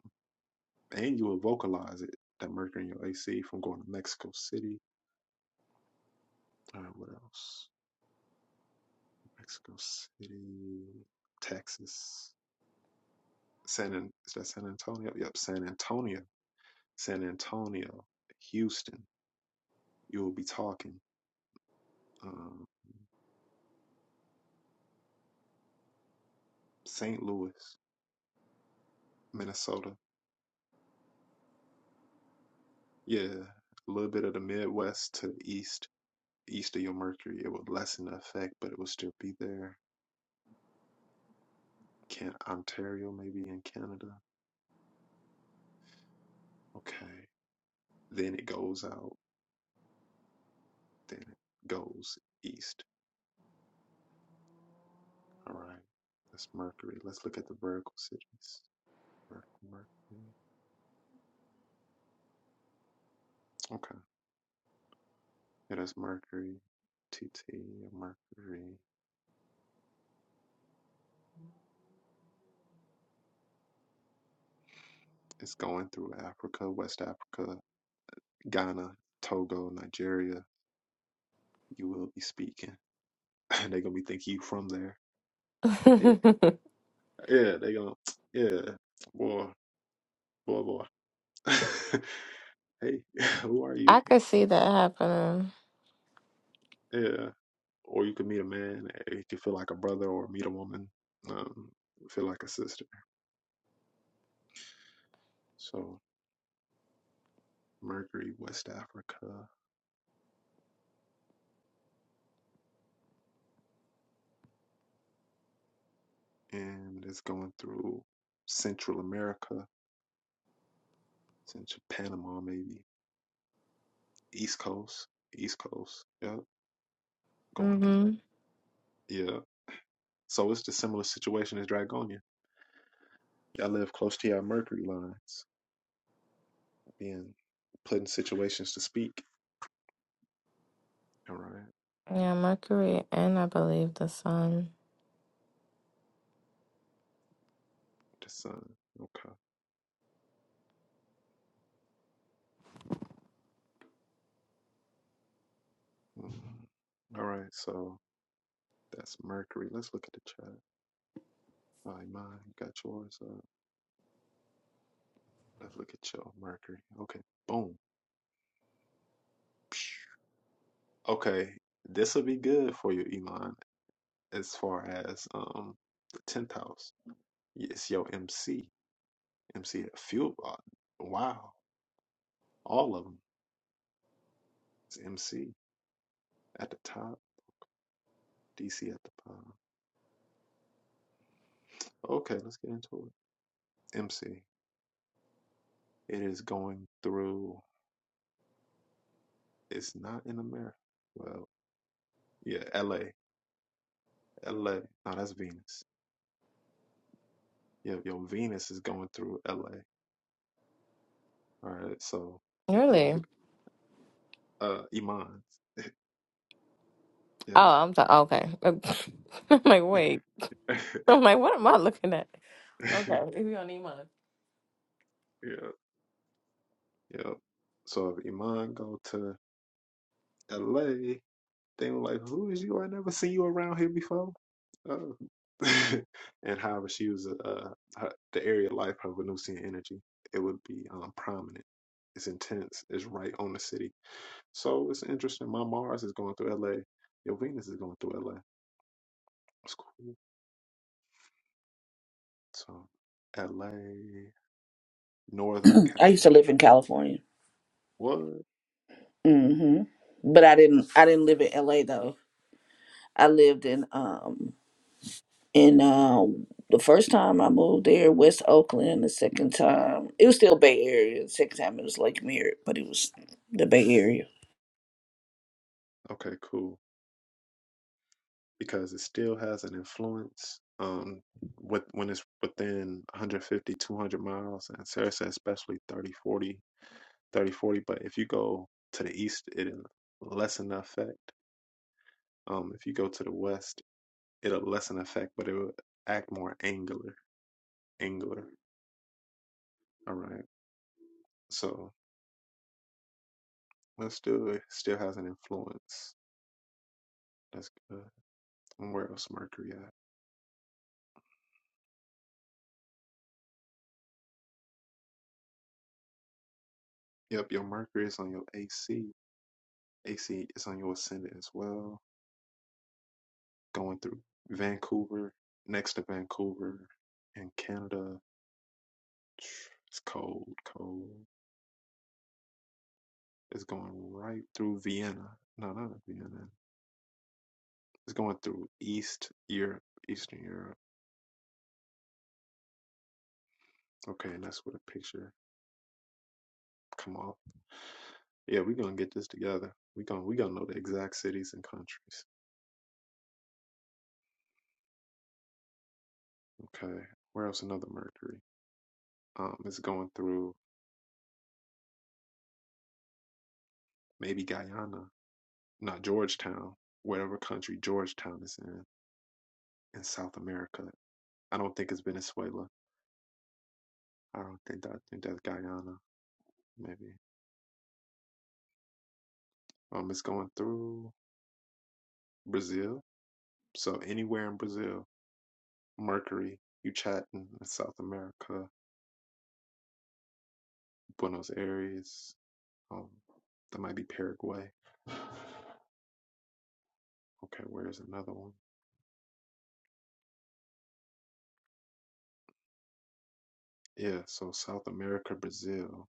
Speaker 1: and you will vocalize it. That mercury in your AC from going to Mexico City. Uh, what else? Mexico City, Texas, San. Is that San Antonio? Yep, San Antonio, San Antonio, Houston. You will be talking. Um, St. Louis, Minnesota. Yeah, a little bit of the Midwest to the east. East of your mercury, it will lessen the effect, but it will still be there. Can Ontario, maybe in Canada. Okay, then it goes out. Then it goes east. All right. That's Mercury. Let's look at the vertical cities. Mer- Mercury. Okay. It is Mercury. T T, Mercury. It's going through Africa, West Africa, Ghana, Togo, Nigeria. You will be speaking. they going to be thinking you from there. Hey,
Speaker 5: I
Speaker 1: yeah, they going to, yeah, boy, boy, boy. hey, who are you?
Speaker 5: could see that happening.
Speaker 1: Yeah, or you could meet a man if you feel like a brother, or meet a woman, um, feel like a sister. So Mercury, West Africa, and it's going through Central America, Central Panama, maybe East Coast, East Coast. Yep, going
Speaker 5: hmm
Speaker 1: direct. Yeah. So it's the similar situation as Dragonia. I live close to your Mercury lines, being put in situations to speak. All right,
Speaker 5: Yeah, Mercury and I believe the Sun.
Speaker 1: the sun. Okay. Mhm. All right, so that's Mercury. Let's look at the chart. My mind got yours up. Let's look at your Mercury. Okay, boom. Psh. Okay, this will be good for you, Elon, as far as um the tenth house. It's your MC, MC at fuel. uh, Wow, all of them. It's MC at the top, DC at the bottom. Okay, let's get into it. MC. It is going through. It's not in America. Well, yeah, LA, LA. No, that's Venus. Yeah, your Venus is going through LA. All right. So if you
Speaker 5: Really?
Speaker 1: ever uh Iman.
Speaker 5: Oh,
Speaker 1: Yeah.
Speaker 5: I'm the okay. I'm like, wait. I'm like, what am I looking at? Okay, if you don't need mine.
Speaker 1: yeah. Yeah. So if Iman go to LA, they were like, Who is you? I never seen you around here before. Oh. and however she was uh her, the area of life, her Venusian energy, it would be um prominent. It's intense, it's right on the city. So it's interesting. My Mars is going through LA, your Venus is going through LA. It's cool. So LA, Northern
Speaker 7: I
Speaker 1: California.
Speaker 7: used to live in California.
Speaker 1: What?
Speaker 7: hmm But I didn't. I didn't live in LA though. I lived in um in uh, the first time I moved there, West Oakland. The second time, it was still Bay Area. The second time, it was Lake Merritt, but it was the Bay Area.
Speaker 1: Okay, cool. Because it still has an influence um with when it's within 150, 200 miles, and Sarah said especially 30, 40, 30, 40. But if you go to the east, it'll lessen the effect. Um, if you go to the west, it'll lessen the effect, but it'll act more angular, angular. All right. So let's do it. Still has an influence. That's good. And where else Mercury at? Yep, your Mercury is on your AC. AC is on your ascendant as well. going through Vancouver, next to Vancouver, in Canada. It's cold, cold. It's going right through Vienna. No, not Vienna. It's going through East Europe, Eastern Europe. Okay, and that's where the picture come off. Yeah, we're gonna get this together. We gonna we gonna know the exact cities and countries. Okay. Where else another Mercury? Um, it's going through maybe Guyana, not Georgetown, whatever country Georgetown is in in South America I don't think it's Venezuela. I don't think that. I think that's Guyana, maybe. Um, it's going through Brazil. So anywhere in Brazil, Mercury, Yucatan, in South America, Buenos Aires. Um, that might be Paraguay. Okay, where's another one? Yeah, so South America, Brazil,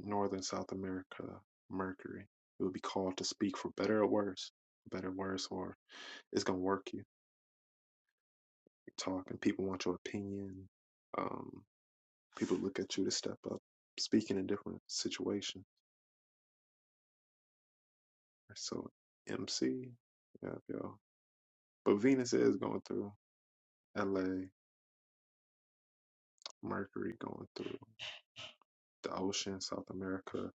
Speaker 1: Northern South America, Mercury. It would be called to speak for better or worse. Better, or worse, or it's gonna work you. You talk, and people want your opinion. Um. people look at you to step up, speaking in different situations. So MC, yeah, y'all. But Venus is going through LA, Mercury going through the ocean, South America.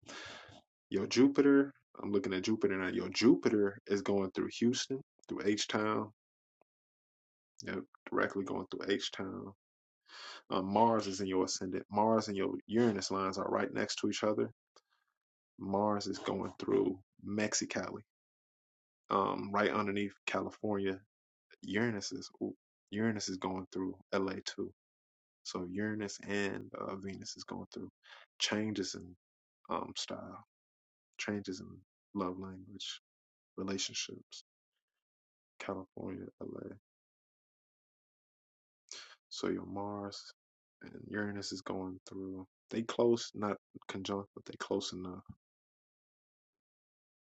Speaker 1: Yo, Jupiter, I'm looking at Jupiter now. Yo, Jupiter is going through Houston, through H Town. Yep, directly going through H Town. Um, Mars is in your ascendant. Mars and your Uranus lines are right next to each other. Mars is going through Mexicali, um, right underneath California Uranus is ooh, Uranus is going through LA too. So Uranus and uh, Venus is going through changes in um, style, changes in love language, relationships. California, LA. So your Mars and Uranus is going through. They close, not conjunct, but they close enough.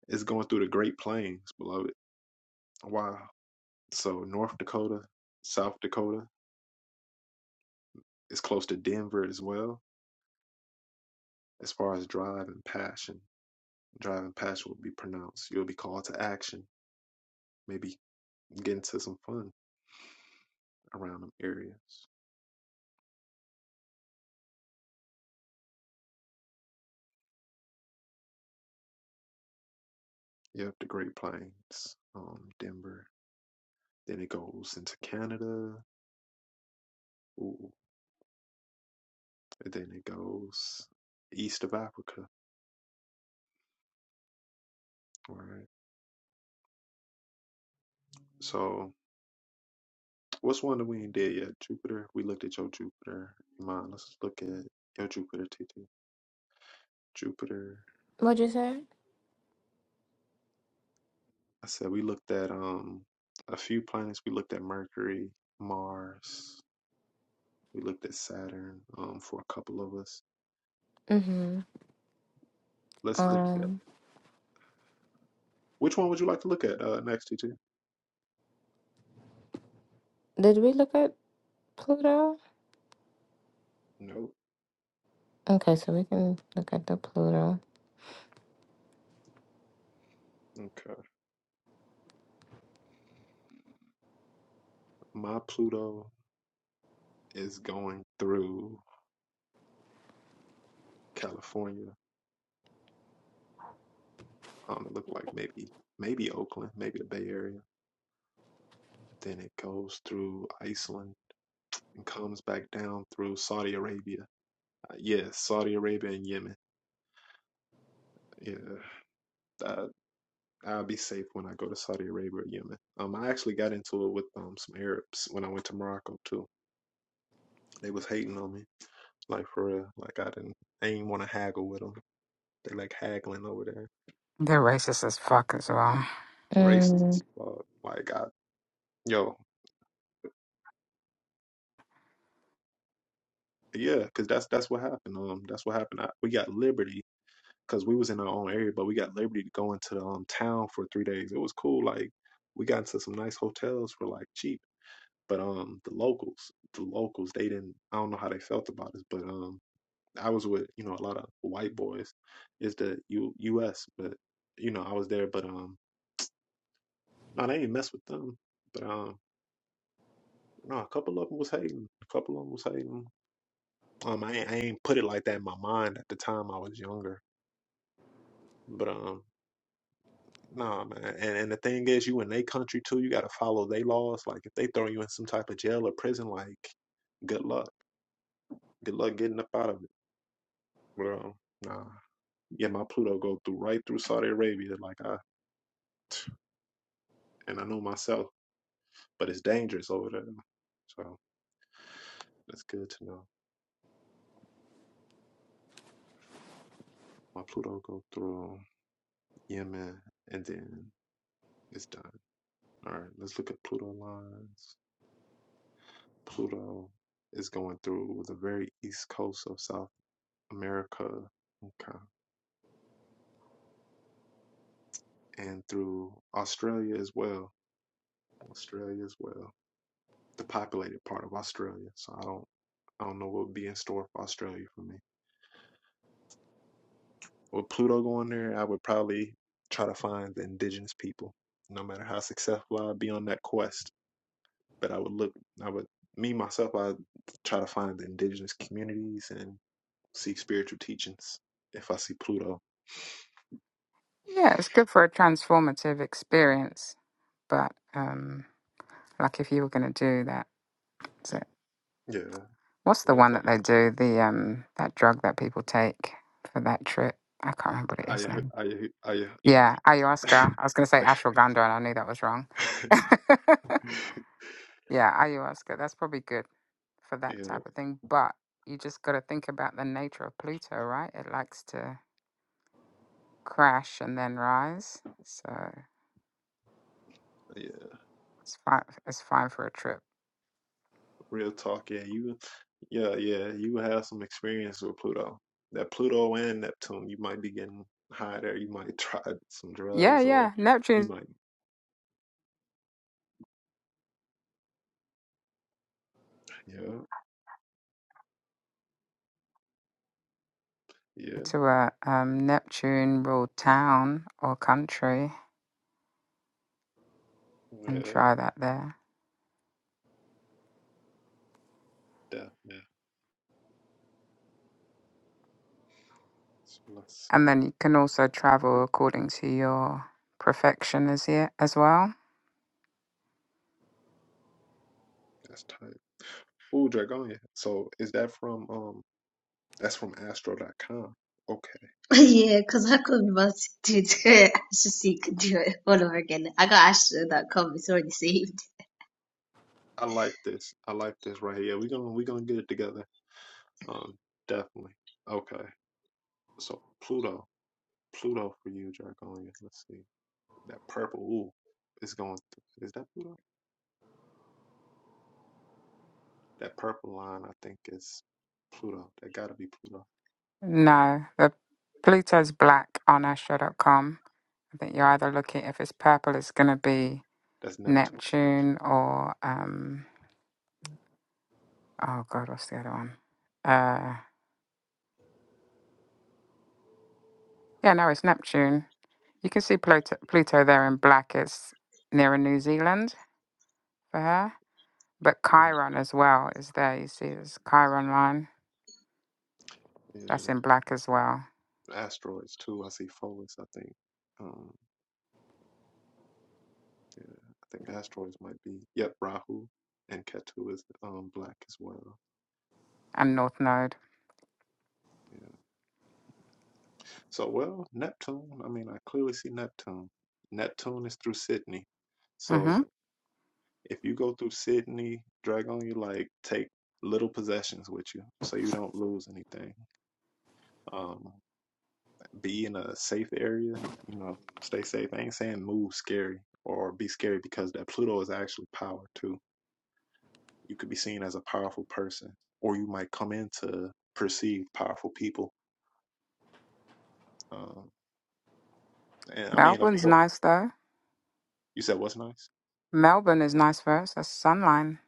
Speaker 1: It's going through the Great Plains, beloved. Wow. So North Dakota, South Dakota. It's close to Denver as well, as far as drive and passion. Driving past will be pronounced. You'll be called to action. Maybe get into some fun around them areas. Yep, the Great Plains, um, Denver. Then it goes into Canada. Ooh, and then it goes east of Africa. All right. So, what's one that we ain't did yet? Jupiter. We looked at your Jupiter. Mine. Let's look at your Jupiter, TT. Jupiter.
Speaker 5: What'd you say?
Speaker 1: I said we looked at um a few planets. We looked at Mercury, Mars. We looked at Saturn um, for a couple of us.
Speaker 5: Mm-hmm.
Speaker 1: Let's look at
Speaker 5: Um,
Speaker 1: which one would you like to look at uh, next, TT?
Speaker 5: did we look at Pluto?
Speaker 1: No.
Speaker 5: Okay, so we can look at the Pluto.
Speaker 1: Okay. My Pluto is going through California. Um, it looked like maybe maybe Oakland, maybe the Bay Area. Then it goes through Iceland and comes back down through Saudi Arabia. Uh, yes, yeah, Saudi Arabia and Yemen. Yeah, I, I'll be safe when I go to Saudi Arabia or Yemen. Um, I actually got into it with um some Arabs when I went to Morocco too. They was hating on me Like for real. Like I didn't. I didn't want to haggle with them. They like haggling over there.
Speaker 2: they're racist as fuck as well.
Speaker 1: Racist
Speaker 5: Mm.
Speaker 1: as fuck. Like I, yo, yeah, cause that's that's what happened. Um, that's what happened. I, we got liberty because we was in our own area, but we got liberty to go into the um town for three days. It was cool. Like we got into some nice hotels for like cheap. But um, the locals, the locals, they didn't. I don't know how they felt about us, but um, I was with you know a lot of white boys. It's the U U S. But you know I was there, but um. No, they didn't mess with them. But um, no, a couple of them was hating. A couple of them was hating. Um, I ain't, I ain't put it like that in my mind at the time. I was younger. But um, nah, man. And and the thing is, you in they country too. You gotta follow they laws. Like if they throw you in some type of jail or prison, like good luck. Good luck getting up out of it. But um, nah. Yeah, my Pluto go through right through Saudi Arabia. Like I and I know myself, but it's dangerous over there. So that's good to know. My Pluto go through Yemen and then It's done. All right, let's look at Pluto lines. Pluto is going through the very east coast of South America, okay, and through Australia as well. Australia as well, the populated part of Australia. So I don't, I don't know what would be in store for Australia for me. With Pluto going there, I would probably try to find the indigenous people. No matter how successful I'd be on that quest, but I would look, I would, me myself, I try to find the indigenous communities and seek spiritual teachings. If I see Pluto,
Speaker 2: Yeah, it's good for a transformative experience, but um, like if you were going to do that, so
Speaker 1: yeah,
Speaker 2: what's the
Speaker 1: real
Speaker 2: one
Speaker 1: talk.
Speaker 2: that they do? The um, that drug that people take for that trip. I can't remember what it
Speaker 1: I
Speaker 2: is now.
Speaker 1: I I uh,
Speaker 2: Yeah, ayahuasca. I was going to say ashwagandha, and I knew that was wrong. yeah, ayahuasca. That's probably good for that
Speaker 1: yeah
Speaker 2: type of thing. But you just got to think about the nature of Pluto, right? It likes to crash and then rise, so
Speaker 1: yeah
Speaker 2: it's fine. It's fine for a trip
Speaker 1: real talk. Yeah, you yeah yeah you have some experience with Pluto. That Pluto and Neptune, you might be getting high there. You might try some
Speaker 2: Yeah,
Speaker 1: drugs, or
Speaker 2: yeah.
Speaker 1: you
Speaker 2: Neptune's
Speaker 1: might yeah yeah
Speaker 2: to a um, Neptune ruled town or country and
Speaker 1: yeah
Speaker 2: try that there.
Speaker 1: definitely. So let's see.
Speaker 2: And then you can also travel according to your perfection as here as well.
Speaker 1: That's tight. Ooh, Dragonia. So is that from um? That's from Astro.com.
Speaker 6: yeah, cause I could not to I should see could do it all over again. I got Ashley.com. It's already saved.
Speaker 1: I like this. I like this right here. We're gonna we're gonna get it together. Um, definitely. Okay. So Pluto, Pluto for you, Jargonia. Let's see that purple. Ooh, it's going. Th- is that Pluto? That purple line, I think, is Pluto. That gotta be Pluto.
Speaker 2: No, the Pluto's black on astro.com. I think you're either looking if it's purple, it's gonna be
Speaker 1: That's Neptune.
Speaker 2: Neptune or um oh god, what's the other one? Uh yeah, no, it's Neptune. You can see Pluto Pluto there in black. It's nearer New Zealand for her. But
Speaker 1: Mm,
Speaker 2: Chiron as well is there. You see, there's Chiron line
Speaker 1: Yeah,
Speaker 2: that's
Speaker 1: that
Speaker 2: in black as well,
Speaker 1: asteroids too. I see Pholus. I think. Um, yeah, I think asteroids might be. Yep, Rahu and Ketu is um black as well.
Speaker 2: and North Node.
Speaker 1: yeah, So, well, Neptune, I mean, I clearly see Neptune. Neptune is through Sydney.
Speaker 2: hmm
Speaker 1: So, if you go through Sydney, Dragon, you like take little possessions with you so you don't lose anything. Um, be in a safe area, you know, stay safe. I ain't saying move scary or be scary because that Pluto is actually power too. You could be seen as a powerful person, or you might come in to perceive powerful people. Um, and I mean, of
Speaker 2: Melbourne's
Speaker 1: course,
Speaker 2: nice though.
Speaker 1: you said what's nice?
Speaker 2: Melbourne is nice for us. That's Sun line.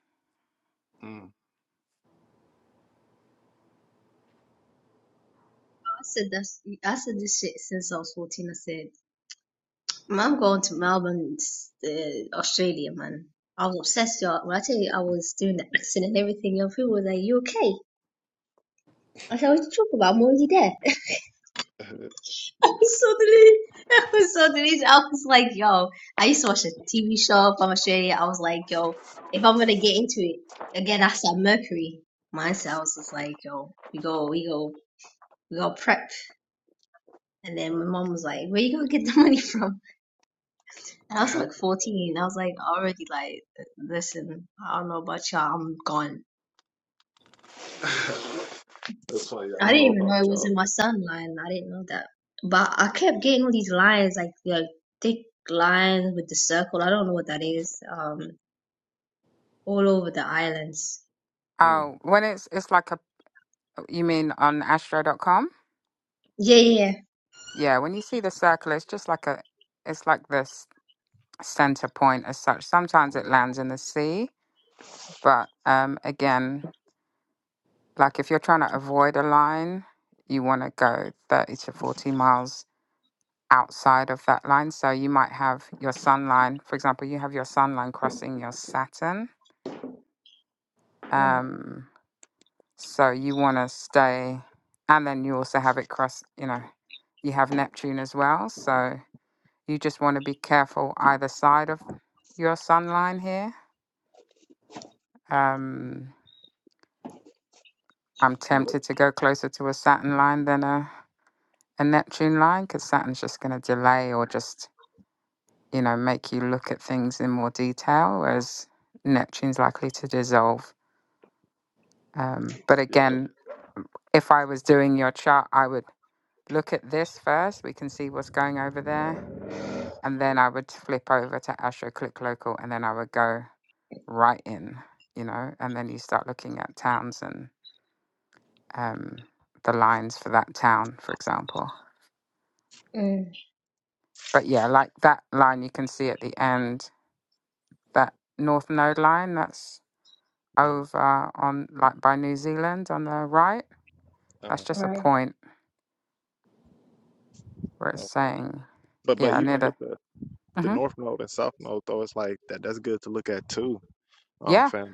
Speaker 6: I said that. I said this shit since I was fourteen. I said. Man, I'm going to Melbourne, s- uh, Australia, man. I was obsessed, y'all. When I tell you I was doing the accent and everything, your people was like, you okay? I said, what you talking about? I'm already there.
Speaker 1: Mm.
Speaker 6: I was so delirious. I was so delirious. I was like, yo, I used to watch a TV show from Australia. I was like, yo, if I'm going to get into it, again, that's that Mercury mindset. I was just like, yo, we go, we go, we go prep. And then my mom was like, where you going to get the money from? And I was like 14. I was like already like, listen, I don't know about y'all. I'm gone.
Speaker 1: That's funny. I
Speaker 6: I
Speaker 1: don't
Speaker 6: didn't
Speaker 1: know
Speaker 6: even
Speaker 1: about
Speaker 6: know it was
Speaker 1: y'all.
Speaker 6: in my son line. I didn't know that. But I kept getting all these lines, like like thick lines with the circle. I don't know what that is. Um, all over the islands.
Speaker 1: Mm,
Speaker 2: Oh, when it's it's like a you mean on Astro.com?
Speaker 6: Yeah, yeah, yeah.
Speaker 2: Yeah, when you see the circle, it's just like a it's like this center point as such. Sometimes it
Speaker 1: Yep.
Speaker 2: lands in the sea, but um again, like if you're trying to avoid a line, you want to go 30 to 40 miles outside of that line. So you might have your sun line, for example, you have your sun line crossing your Saturn.
Speaker 6: right.
Speaker 2: Um, so you want to stay, and then you also have it cross, you know, you have Neptune as well. So you just want to be careful either side of your sun line here. Um, I'm
Speaker 1: Yep.
Speaker 2: tempted to go closer to a Saturn line than a, a Neptune line because Saturn's just going to delay or just you know, make you look at things in more detail, whereas Neptune's likely to dissolve. Um, but
Speaker 1: Yep.
Speaker 2: again, if I was doing your chart, I would look at this first. We can see what's going over there. And then I would flip over to Astro Click Local and then I would go right in, you know, and then you start looking at towns and um, the lines for that town, for example.
Speaker 6: Mm,
Speaker 2: But yeah, like that line you can see at the end, that north node line, that's
Speaker 1: mm,
Speaker 2: over on like by New Zealand on the right. That's
Speaker 1: uh,
Speaker 2: just a
Speaker 6: right.
Speaker 2: point where it's
Speaker 1: okay.
Speaker 2: saying,
Speaker 1: But but
Speaker 2: yeah, near
Speaker 1: even
Speaker 2: the,
Speaker 1: with the the
Speaker 2: hmm
Speaker 1: North Node and South Node though, it's like that that's good to look at too. Um,
Speaker 2: yeah,
Speaker 1: fam,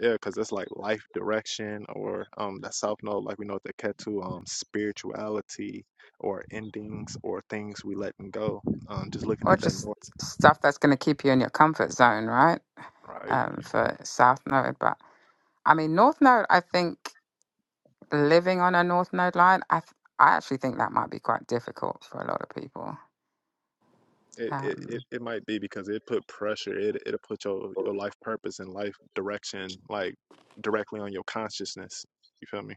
Speaker 1: yeah, because that's like life direction or um that South Node, like we know the Ketu, um, spirituality or endings or things we letting go. Um, just looking
Speaker 2: or
Speaker 1: at that
Speaker 2: just
Speaker 1: North,
Speaker 2: stuff that's going to keep you in your comfort zone, right?
Speaker 1: right?
Speaker 2: Um, for South Node, but I mean North Node. I think living on a North Node line, I th- I actually think that might be quite difficult for a lot of people.
Speaker 1: It, it it
Speaker 2: Um,
Speaker 1: it might be because it put pressure. It it'll put your your life purpose and life direction like directly on your consciousness. You feel me?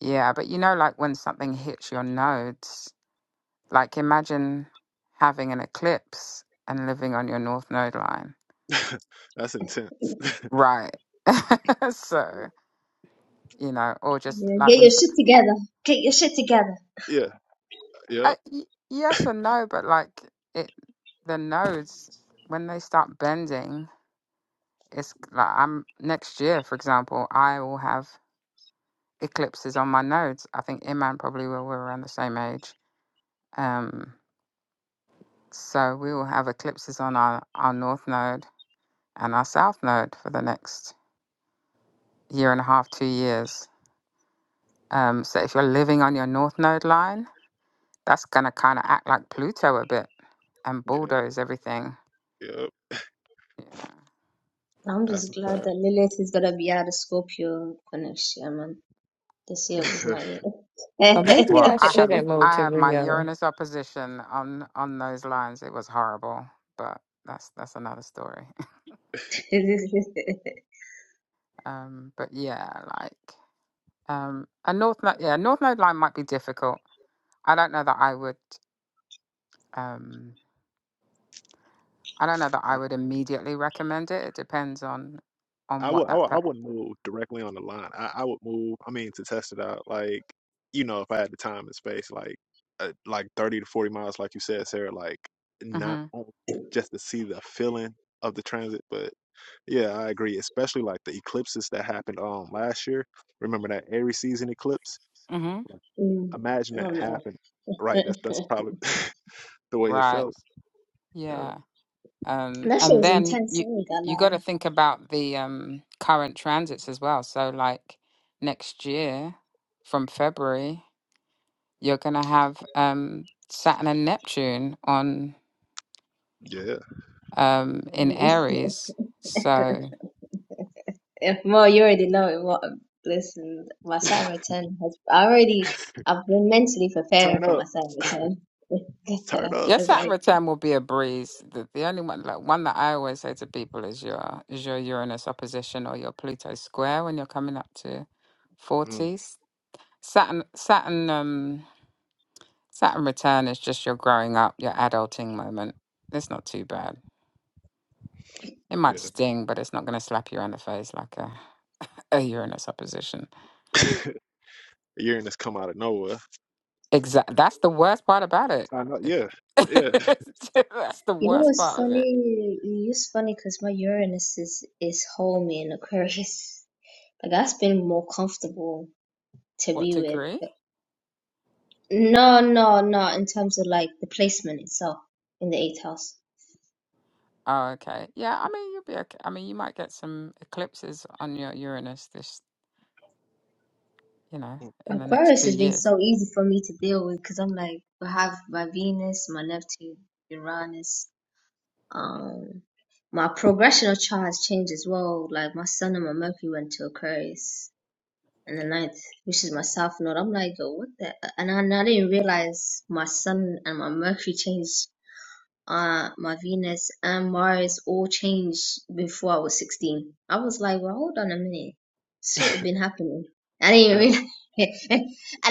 Speaker 2: yeah, but you know, like when something hits your nodes, like imagine having an eclipse and living on your North Node line
Speaker 1: That's intense.
Speaker 2: Right. so, you know, or just
Speaker 6: Yeah,
Speaker 2: like
Speaker 6: get
Speaker 2: when,
Speaker 6: your
Speaker 2: some-
Speaker 6: shit together. Get your shit together.
Speaker 1: Yeah.
Speaker 2: uh,
Speaker 1: Yep.
Speaker 2: y- yes and no, but like it, the nodes, when they start bending, it's like I'm next year, for example, I will have eclipses on my nodes. I think Iman probably will, we're around the same age. Um, so we will have eclipses on our, our north node and our south node for the next year and a half, two years. Um, so if you're living on your north node line, that's going to kind of act like Pluto a bit and
Speaker 1: Yeah.
Speaker 2: bulldoze everything.
Speaker 1: Yep.
Speaker 2: Yeah.
Speaker 6: I'm
Speaker 1: That's
Speaker 6: just
Speaker 1: a
Speaker 6: glad that Lilith is gonna be out of Scorpio for next year, man. This year was
Speaker 1: fact.
Speaker 6: not
Speaker 5: Or maybe
Speaker 2: Well,
Speaker 6: it.
Speaker 5: I
Speaker 2: I had
Speaker 5: shouldn't move
Speaker 2: I
Speaker 5: to
Speaker 2: had my
Speaker 5: Rio.
Speaker 2: Uranus opposition on on those lines. It was horrible, but that's that's another story. um, but yeah, like um, a north node, yeah, north node line might be difficult. I don't know that I would. Um, I don't know that I
Speaker 1: I,
Speaker 2: would immediately recommend it. It depends on on
Speaker 1: I
Speaker 2: what
Speaker 1: would I
Speaker 2: that.
Speaker 1: would
Speaker 2: Pre-
Speaker 1: I wouldn't move directly on the line. I, I would move. I mean to test it out. Like you know, if I had the time and space, like uh, like thirty to forty miles, like you said, Sarah. Like not
Speaker 2: mm-hmm.
Speaker 1: on, just to see the feeling of the transit, but Yeah, I agree. Especially like the eclipses that happened um last year. Remember that Aries season eclipse?
Speaker 2: Mm-hmm.
Speaker 1: Like,
Speaker 6: Mm.
Speaker 1: imagine that
Speaker 6: Oh no.
Speaker 1: happened. Right. That's that's probably the way it
Speaker 2: Right.
Speaker 1: felt. Yeah.
Speaker 2: Yeah. Um,
Speaker 6: That shit
Speaker 2: and
Speaker 6: was
Speaker 2: then
Speaker 6: intense. I
Speaker 2: you
Speaker 6: ain't gonna
Speaker 2: you got
Speaker 6: lie.
Speaker 2: to think about the um, current transits as well. So like next year from February, you're going to have um, Saturn and Neptune on um, in
Speaker 6: Mm.
Speaker 2: Aries. So
Speaker 6: If well, you already know it. Well, listen, my
Speaker 1: Yeah.
Speaker 6: Saturn return has I already. I've been mentally preparing
Speaker 1: Turn
Speaker 6: for my
Speaker 1: up.
Speaker 6: Saturn return.
Speaker 1: Turn
Speaker 6: I
Speaker 1: up.
Speaker 2: your
Speaker 6: was
Speaker 2: Saturn
Speaker 6: like,
Speaker 2: return will be a breeze. The, the only one like one that I always say to people is your is your Uranus opposition or your Pluto square when you're coming up to
Speaker 1: Mm,
Speaker 2: forties. Saturn Saturn um Saturn return is just your growing up, your adulting moment. It's not too bad. It might
Speaker 1: yeah.
Speaker 2: sting, but it's not going to slap you in the face like a, a Uranus opposition.
Speaker 1: Uranus come out of nowhere.
Speaker 2: Exact. That's the worst part about it.
Speaker 1: I know.
Speaker 2: it
Speaker 1: Yeah. Yeah.
Speaker 2: that's the
Speaker 6: you know
Speaker 2: worst
Speaker 6: what's
Speaker 2: part of it.
Speaker 6: funny? It's funny because my Uranus is is homey in Aquarius. Like that's been more comfortable to
Speaker 2: What
Speaker 6: be
Speaker 2: degree?
Speaker 6: with. No, no, no. In terms of like the placement itself in the eighth house.
Speaker 2: Oh, okay. Yeah, I mean you'll be okay. I mean you might get some eclipses on your Uranus this, you know,
Speaker 1: Mm.
Speaker 2: in the next
Speaker 6: Aquarius
Speaker 2: two
Speaker 6: has been
Speaker 2: years.
Speaker 6: so easy for me to deal with because I'm like, I have my Venus, my Neptune, Uranus. Um, my progressional chart has changed as well. Like my Sun and my Mercury went to Aquarius in the ninth, which is my South Node. I'm like, yo, what the? And I, and I didn't realize my Sun and my Mercury changed uh my Venus and Mars all changed before I was 16. I was like, well, hold on a minute. Shit had been happening. I didn't even realize. and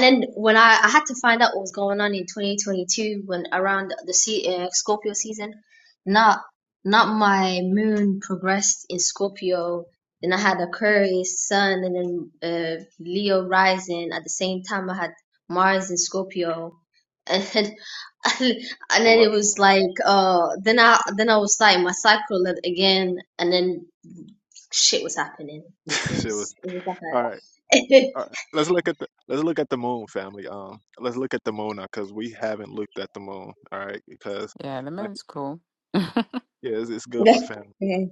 Speaker 6: then when I, I had to find out what was going on in 2022 when around the se uh, Scorpio season, not not my moon progressed in Scorpio. Then I had Aquarius, Sun, and then uh, Leo rising. At the same time, I had Mars in Scorpio and and
Speaker 1: A
Speaker 6: then it
Speaker 1: lot
Speaker 6: was
Speaker 1: going on.
Speaker 6: like uh then I then I was starting my cycle lab again and then shit was happening. It
Speaker 1: Shit was
Speaker 6: was it was like
Speaker 1: all right.
Speaker 6: a
Speaker 1: All right. Let's look at the let's look at the moon, family. Um, let's look at the moon now because we haven't looked at the moon. All right, because
Speaker 2: Yeah, the
Speaker 1: like
Speaker 2: moon's cool. I'm
Speaker 1: yeah, it's, it's good for
Speaker 6: the,
Speaker 1: family.
Speaker 6: yeah.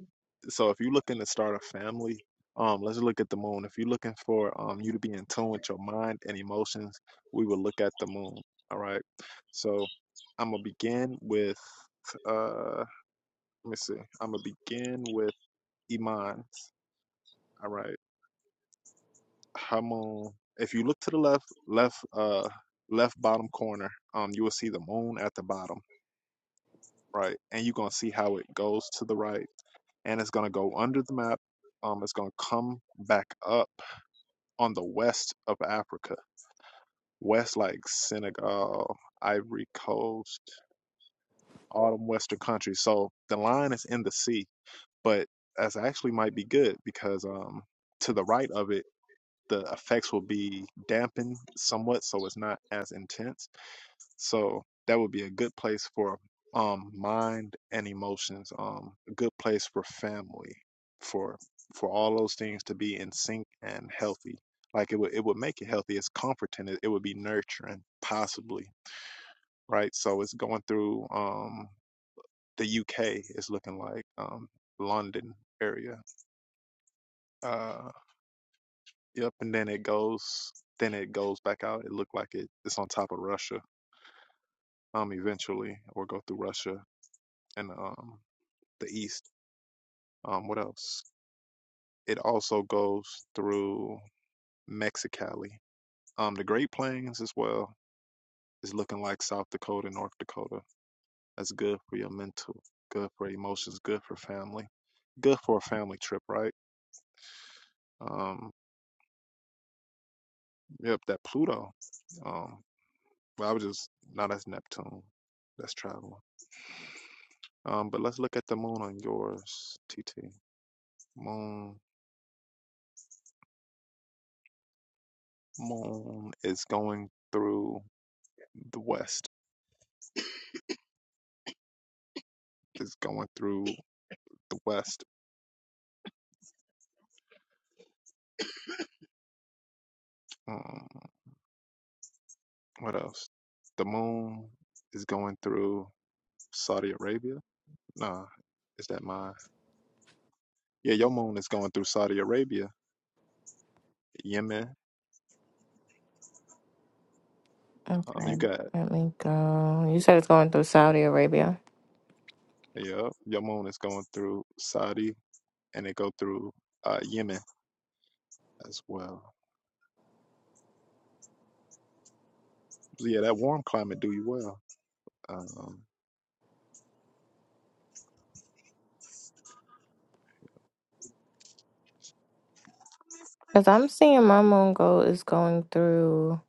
Speaker 1: so if you're looking to start a family, um, let's look at the moon. If you're looking for um you to be in tune with your mind and emotions, we will look at the moon. All right. So I'm gonna begin with uh let me see. I'm gonna begin with Iman's. All right. Her moon. If you look to the left, left uh left bottom corner, um you will see the moon at the bottom, right? And you're gonna see how it goes to the right and it's gonna go under the map. Um it's gonna come back up on the west of Africa, west like Senegal, Ivory Coast, all them Western countries. So the line is in the sea, but that's actually might be good because um to the right of it, the effects will be dampened somewhat, so it's not as intense so that would be a good place for um mind and emotions. Um, a good place for family, for for all those things to be in sync and healthy. Like it would it would make it healthy. It's comforting. It, it would be nurturing, possibly, right? So it's going through um the UK it's looking like um London area. Uh, yep, and then it goes then it goes back out. It looked like it, it's on top of Russia um eventually or go through Russia and um the east. Um, what else? It also goes through Mexicali. Um, the Great Plains as well is looking like South Dakota, North Dakota. That's good for your mental, good for emotions, good for family, good for a family trip, right? Um, yep, that Pluto. Um, well, I was just no, that's Neptune. That's traveling. Um, but let's look at the moon on yours, T T Moon, moon is going through the west. Is going through the west. Um, what else? The moon is going through Saudi Arabia. Nah, is that mine? Yeah, your moon is going through Saudi Arabia, Yemen. Um,
Speaker 5: Okay,
Speaker 1: you got
Speaker 5: let me go. You said it's going through Saudi Arabia.
Speaker 1: yeah, your moon is going through Saudi, and it go through uh, Yemen as well. So yeah, that warm climate do you well. Um,
Speaker 5: Because I'm seeing my moon go is going through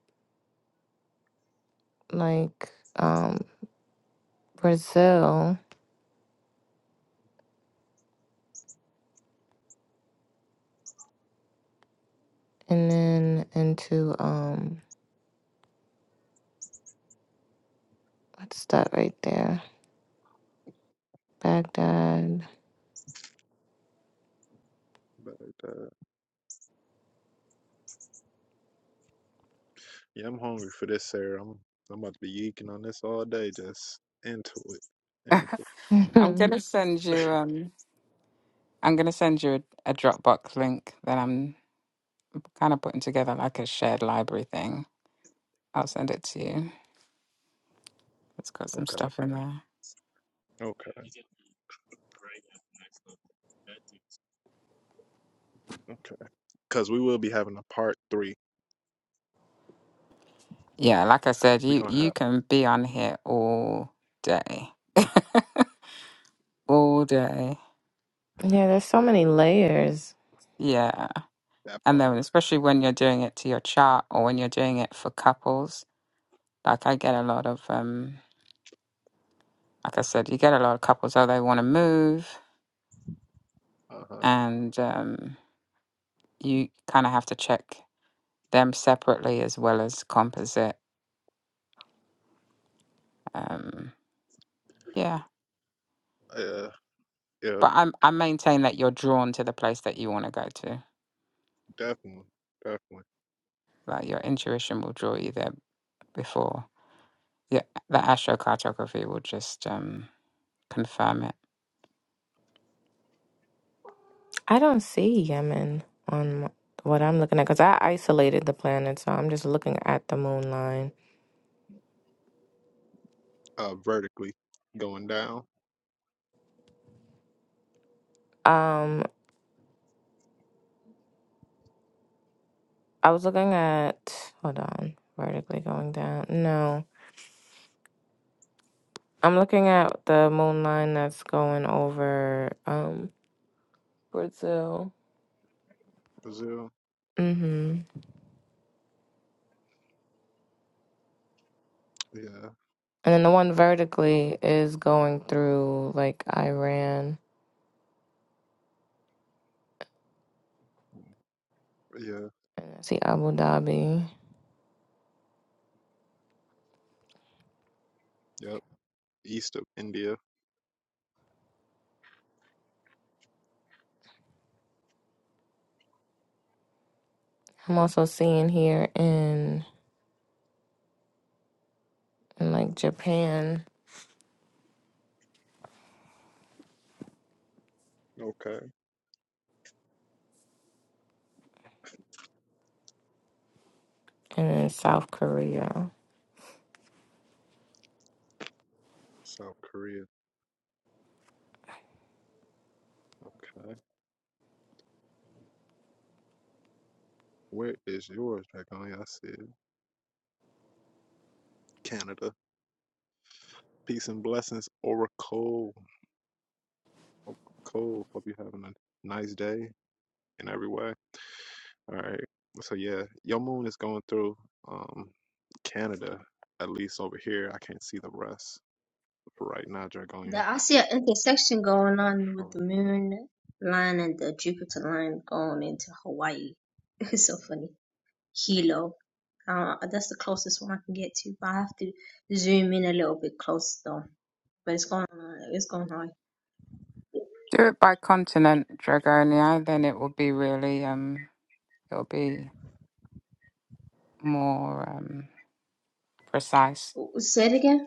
Speaker 5: like um Brazil and then into um what's that right there? Baghdad.
Speaker 1: but uh, yeah, I'm hungry for this, Sarah. I'm I'm about to be yeeking on this all day, just into it, into it.
Speaker 2: gonna send you um I'm gonna send you a, a Dropbox link that I'm kind of putting together like a shared library thing. I'll send it to you. It's got some
Speaker 1: Okay,
Speaker 2: stuff in there.
Speaker 1: okay. Okay. Because we will be having a part three.
Speaker 2: Yeah, like I said,
Speaker 1: We're
Speaker 2: you
Speaker 1: gonna
Speaker 2: you
Speaker 1: have
Speaker 2: can be on here all day, all day.
Speaker 5: Yeah, there's so
Speaker 1: th-
Speaker 5: many layers.
Speaker 2: Yeah,
Speaker 1: that
Speaker 2: and
Speaker 1: part.
Speaker 2: then especially when you're doing it to your chart or when you're doing it for couples. Like I get a lot of um, like I said, you get a lot of couples oh they want to move,
Speaker 1: Uh huh.
Speaker 2: and um, you kind of have to check them separately as well as composite. Um, yeah,
Speaker 1: Yeah. Yeah.
Speaker 2: But I'm I maintain that you're drawn to the place that you want to go to.
Speaker 1: Definitely. Definitely.
Speaker 2: Like your intuition will draw you there before. Yeah, the astrocartography will just um, confirm it.
Speaker 5: I don't see Yemen on m- what I'm looking at because I isolated the planet, so I'm just looking at the moon line.
Speaker 1: Uh, vertically going down.
Speaker 5: Um, I was looking at, hold on, vertically going down. No, I'm looking at the moon line that's going over um Brazil.
Speaker 1: Brazil.
Speaker 5: Mm-hmm.
Speaker 1: Yeah.
Speaker 5: And then the one vertically is going through like Iran.
Speaker 1: Yeah.
Speaker 5: And I see Abu Dhabi.
Speaker 1: Yep. East of India.
Speaker 5: I'm also seeing here in in like Japan.
Speaker 1: Okay.
Speaker 5: and then South Korea.
Speaker 1: South Korea. Okay. Where is yours, Dragonia? I see it. Canada. Peace and blessings, Oracle. Oracle. Hope you having a nice day in every way. All right. So yeah, your moon is going through um Canada, at least over here. I can't see the rest for right now, Dragonia.
Speaker 6: the- I see an intersection going on with the
Speaker 1: Alright.
Speaker 6: moon line and the Jupiter line going into Hawaii. It's so funny. Hilo. Uh, that's the closest one I can get to, but I have to zoom in a little bit closer though. But it's going on, it's going
Speaker 2: Do it by continent, Dragonia, then it will be really um it'll be more um precise.
Speaker 6: on. Say it again.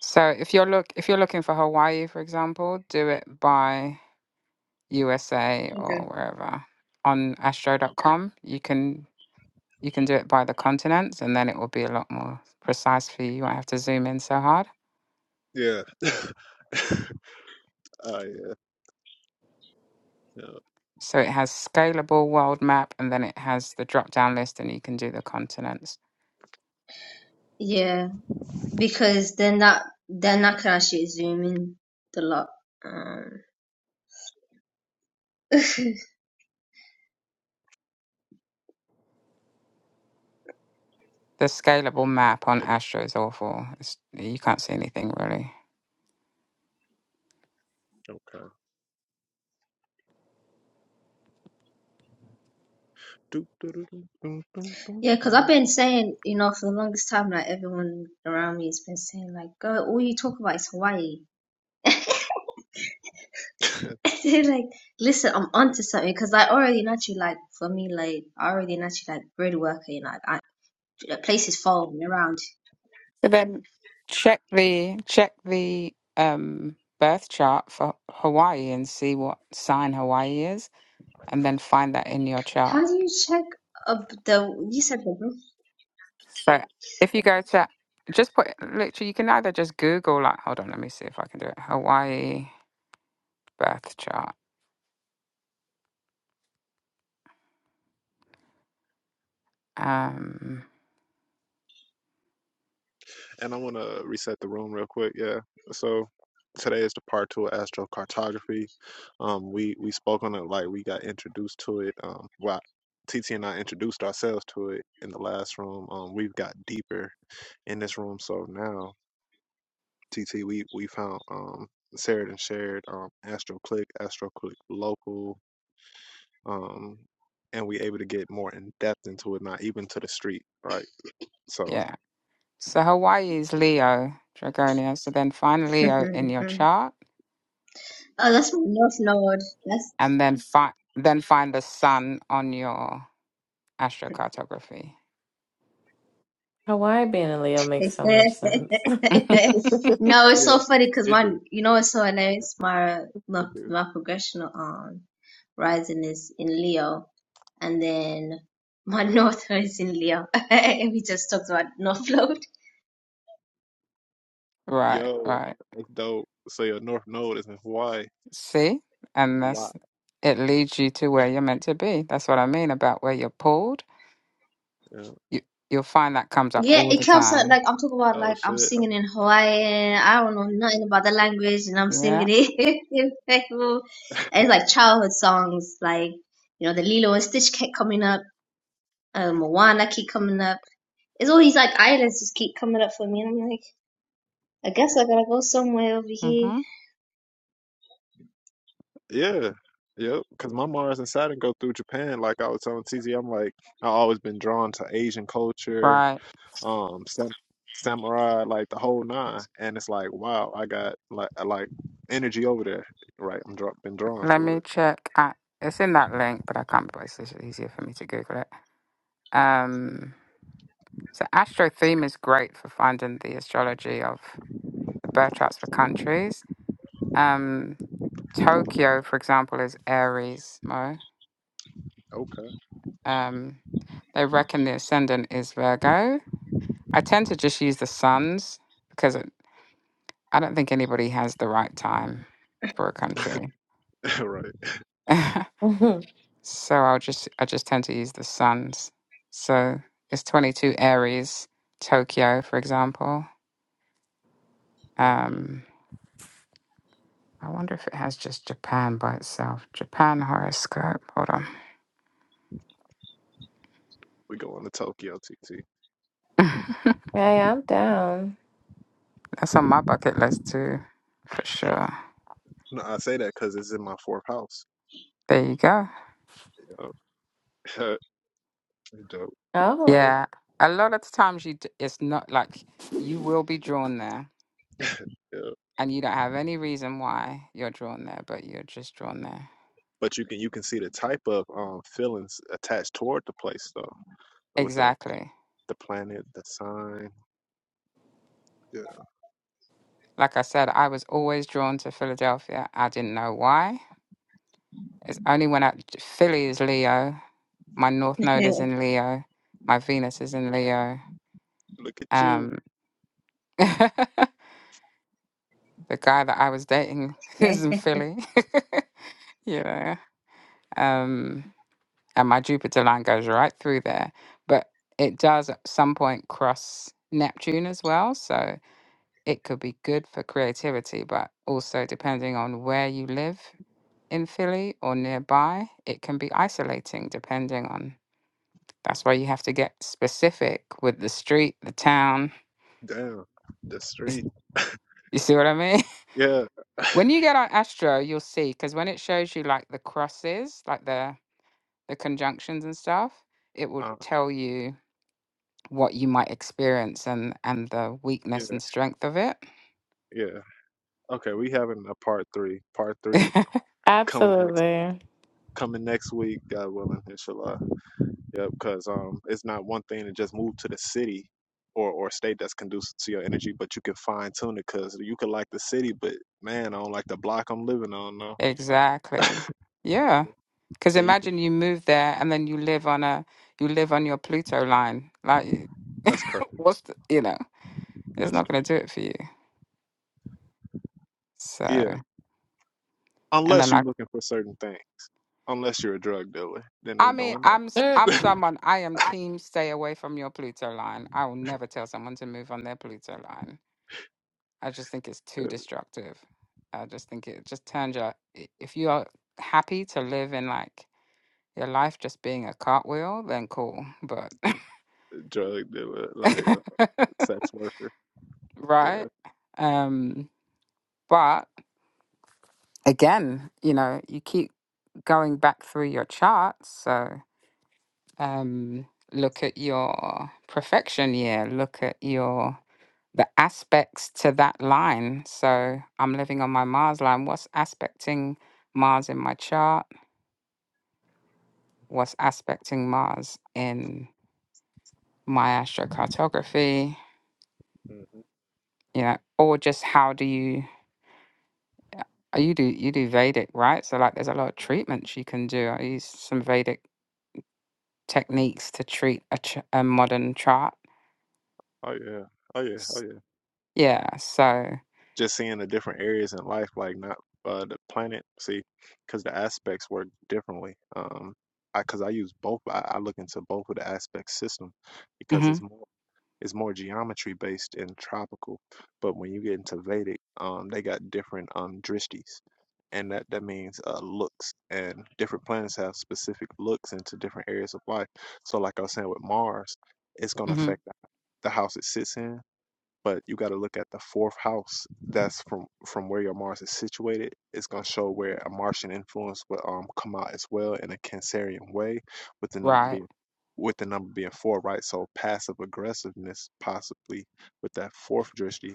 Speaker 2: So if you're look if you're looking for Hawaii, for example, do it by USA
Speaker 6: Okay.
Speaker 2: or wherever. On astro.com, you can You can do it by the continents, and then it will be a lot more precise for you. You won't have to zoom in so hard.
Speaker 1: Yeah. Oh yeah. Yeah.
Speaker 2: So it has scalable world map, and then it has the drop down list, and you can do the continents.
Speaker 6: Yeah. because then that then that can actually zoom in the lot. Um,
Speaker 2: The scalable map on
Speaker 1: Yeah.
Speaker 2: Astro is awful. It's, you can't see anything really.
Speaker 1: Okay. Do, do, do, do, do, do, do,
Speaker 6: yeah, because I've
Speaker 1: do.
Speaker 6: been saying, you know, for the longest time, like everyone around me has been saying, like, "Girl, all you talk about is Hawaii." They're like, listen, I'm onto something because like already naturally, like for me, like I already naturally like grid worker, you know, like I, a place is following around.
Speaker 2: So then check the check the um, birth chart for Hawaii and see what sign Hawaii is, and then find that in your chart
Speaker 6: How do you check up the? You said the.
Speaker 2: So if you go to just put literally, you can either just Google like, hold on, let me see if I can do it. Hawaii birth chart. Um,
Speaker 1: and I want to reset the room real quick. Yeah. So today is the part two of astrocartography. Um, we we spoke on it like we got introduced to it. Um, well, T T and I introduced ourselves to it in the last room. Um, we've got deeper in this room. So now, TT, we we found um shared and shared um Astro Click, Astro Click Local, um, and we able to get more in depth into it, not even to the street, right? So
Speaker 2: yeah. So Hawaii is Leo Dragonia. So then find Leo in your chart,
Speaker 6: oh, that's my north node. That's
Speaker 2: and then find then find the sun on your astrocartography.
Speaker 5: Hawaii being in Leo
Speaker 6: no,
Speaker 5: makes so much sense.
Speaker 6: it's
Speaker 1: yeah,
Speaker 6: so funny because
Speaker 1: it
Speaker 6: my,
Speaker 1: do,
Speaker 6: you know, it's so hilarious. My my,
Speaker 1: it do.
Speaker 6: my progressional um rising is in Leo, and then my north is in Leo, and we just talked about north node.
Speaker 2: Right,
Speaker 1: Yo,
Speaker 2: right.
Speaker 1: that's dope. So your North Node is in Hawaii.
Speaker 2: See, and
Speaker 1: Wow.
Speaker 2: that's it leads you to where you're meant to be. That's what I mean about where you're pulled.
Speaker 1: Yeah.
Speaker 2: You you'll find that comes up
Speaker 6: Yeah,
Speaker 2: all
Speaker 6: it
Speaker 2: the
Speaker 6: comes out
Speaker 2: time.
Speaker 6: like I'm talking about
Speaker 1: Oh
Speaker 6: like I'm
Speaker 1: shit.
Speaker 6: singing
Speaker 1: I'm-
Speaker 6: in Hawaiian. I don't know nothing about the language, and I'm singing
Speaker 2: Yeah.
Speaker 6: it. in Peru. and it's like childhood songs, like you know the Lilo and Stitch kept coming up, uh, Moana keep coming up. It's all these like islands just keep coming up for me, and I'm like, I guess I gotta go somewhere over
Speaker 2: Mm-hmm.
Speaker 6: here.
Speaker 1: Yeah. Yep. Cause my Mars and Saturn go through Japan. Like I was telling TZ, I'm like I always been drawn to Asian culture
Speaker 2: Right.
Speaker 1: um sam- samurai like the whole nine and it's like wow i got like I like energy over there right i'm dra- been drawn
Speaker 2: Let
Speaker 1: to
Speaker 2: me
Speaker 1: it.
Speaker 2: check. Uh, it's in that link, but I can't. But it's just easier for me to Google it. Um. So Astro Theme is great for finding the astrology of the birth charts for countries. Um. Tokyo, for example, is Aries. Mo.
Speaker 1: Okay.
Speaker 2: Um. They reckon the ascendant is Virgo. I tend to just use the suns because it, I don't think anybody has the right time for a country.
Speaker 1: right
Speaker 2: So I'll just I just tend to use the suns. So it's 22 Aries, Tokyo, for example.
Speaker 1: Mm.
Speaker 2: Um, I wonder if it has just Japan by itself. Japan horoscope. Hold on.
Speaker 1: we going to tokyo tt
Speaker 5: Hey, I'm down.
Speaker 2: That's
Speaker 1: yeah
Speaker 2: on my bucket list too, for sure.
Speaker 1: no i say that because it's in my fourth house
Speaker 2: There you go.
Speaker 1: yeah Pretty dope.
Speaker 5: Oh,
Speaker 2: Yeah, a lot of the times you d- it's not like you will be drawn there,
Speaker 1: yeah
Speaker 2: and you don't have any reason why you're drawn there, but you're just drawn there.
Speaker 1: but you can you can see the type of um feelings attached toward the place though with the
Speaker 2: Exactly.
Speaker 1: the planet the sign yeah
Speaker 2: Like I said, I was always drawn to Philadelphia. I didn't know why. It's only when I, Philly is Leo, my North Node is in Leo, my Venus is in Leo.
Speaker 1: look at you
Speaker 2: Um, the guy that I was dating
Speaker 6: Yeah.
Speaker 2: is in Philly, you know. Um, and my Jupiter line goes right through there, but it does at some point cross Neptune as well. So it could be good for creativity, but also depending on where you live in Philly or nearby, it can be isolating depending on. That's why you have to get specific with the street, the town.
Speaker 1: damn the
Speaker 2: You s-
Speaker 1: street
Speaker 2: you see what I mean?
Speaker 1: yeah
Speaker 2: When you get on Astro, you'll see because when it shows you like the crosses, like the the conjunctions and stuff, it will
Speaker 1: uh,
Speaker 2: tell you what you might experience and and the
Speaker 1: yeah
Speaker 2: weakness and strength of it.
Speaker 1: yeah Okay, we having a part three. Part three coming next
Speaker 5: absolutely.
Speaker 1: coming next week, God willing, inshallah. Yep, because um it's not one thing to just move to the city or or state that's conducive to your energy, but you can fine tune it because you could like the city, but man, I don't like the block I'm living on No, Like
Speaker 2: exactly. Yeah. Because
Speaker 1: and you can
Speaker 2: imagine you move there and then you live on a you live on your Pluto line. Like,
Speaker 1: that's correct.
Speaker 2: what's the, you know? It's
Speaker 1: That's
Speaker 2: not gonna
Speaker 1: correct.
Speaker 2: do it for you. So,
Speaker 1: Yeah.
Speaker 2: and then
Speaker 1: Unless you're
Speaker 2: like,
Speaker 1: looking for certain things. Unless you're a drug dealer, then it's
Speaker 2: I mean,
Speaker 1: going down.
Speaker 2: I'm s-
Speaker 5: Mm.
Speaker 2: I'm someone. I am team. Stay away from your Pluto line. I will never tell someone to move on their Pluto line. I just think it's too
Speaker 1: Uh,
Speaker 2: destructive. I just think it just turns your. i- If you are happy to live in like your life just being a cartwheel, then cool. But
Speaker 1: Drug dealer, like uh, sex worker. Yeah.
Speaker 2: right, um, but again, you know, you keep going back through your charts, so. um, look at your perfection year, look at your the aspects to that line. So I'm living on my Mars line. What's aspecting Mars in my chart? What's aspecting Mars in my astrocartography?
Speaker 1: hmm
Speaker 2: You know, or just how do you oh, you do you do Vedic, right? So like there's a lot of treatments you can do. I use some Vedic techniques to treat a, ch- a modern chart.
Speaker 1: Oh yeah. Oh yeah. Oh
Speaker 2: S-
Speaker 1: yeah.
Speaker 2: Yeah, so
Speaker 1: just seeing the different areas in life, like not uh, the planet, see, because the aspects work differently. Um, I because I use both. I, I look into both of the aspect system because
Speaker 2: hmm
Speaker 1: it's more it's more geometry based and tropical. But when you get into Vedic, um, they got different um drishtis, and that that means uh looks. And different planets have specific looks into different areas of life. So, like I was saying with Mars, it's gonna
Speaker 2: hmm
Speaker 1: affect the the house it sits in but you got to look at the fourth house that's from from where your mars is situated it's going to show where a martian influence will um come out as well in a cancerian way with the number
Speaker 2: right.
Speaker 1: being with the number being four right so passive aggressiveness possibly with that fourth drishti.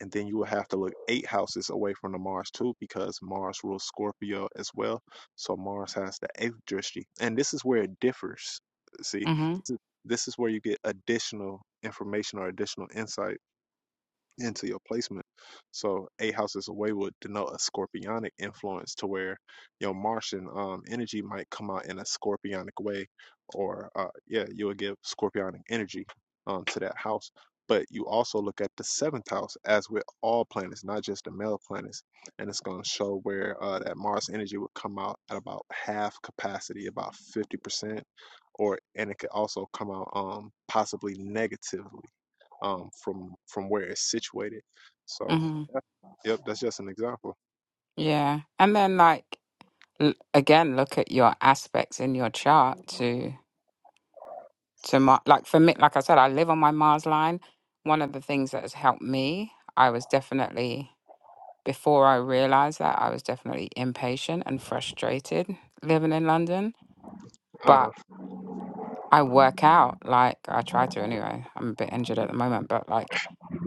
Speaker 1: and then you will have to look eight houses away from the mars too because mars rules scorpio as well so mars has the eighth drishti. and this is where it differs see
Speaker 2: Mm-hmm.
Speaker 1: this is, this is where you get additional information or additional insight into your placement. So eight houses away would denote a scorpionic influence to where your Martian um, energy might come out in a scorpionic way, or uh, yeah, you would give scorpionic energy um, to that house. But you also look at the seventh house, as with all planets, not just the male planets, and it's going to show where uh, that Mars energy would come out at about half capacity, about fifty percent, or and it could also come out um, possibly negatively um, from from where it's situated. So,
Speaker 2: Mm-hmm.
Speaker 1: yep, that's just an example.
Speaker 2: Yeah. And then like l- again, look at your aspects in your chart to to mar- like for me, like I said, I live on my Mars line. One of the things that has helped me, I was definitely before I realized that I was definitely impatient and frustrated living in London,
Speaker 1: Uh
Speaker 2: but
Speaker 1: huh.
Speaker 2: I work out like I try to anyway. I'm a bit injured at the moment, but like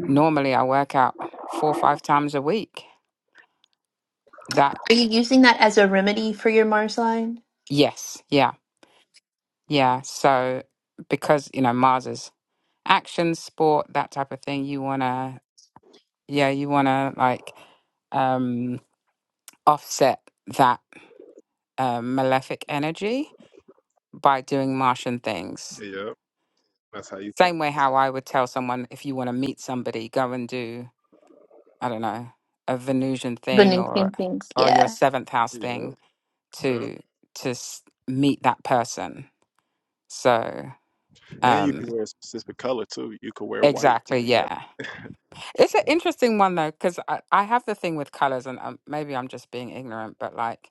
Speaker 2: normally I work out four or five times a week. That
Speaker 8: Are you using that as a remedy for your Mars line?
Speaker 2: yes, yeah Yeah, so because you know Mars is action, sport, that type of thing, you wanna yeah, you wanna like um offset that um, malefic energy by doing Martian things.
Speaker 1: Yep, that's how you.
Speaker 2: Same way how I would tell someone if you want to meet somebody, go and do I don't know a Venusian thing
Speaker 8: Venusian
Speaker 2: or
Speaker 8: things.
Speaker 2: or your
Speaker 8: Yeah.
Speaker 2: seventh house
Speaker 1: Yep.
Speaker 2: thing
Speaker 1: Yep.
Speaker 2: to to s- meet that person. So
Speaker 1: And you
Speaker 2: um
Speaker 1: can wear a specific color too. You could wear white to
Speaker 2: exactly
Speaker 1: give that.
Speaker 2: yeah It's an interesting one though, because I, I have the thing with colors, and um, maybe I'm just being ignorant, but like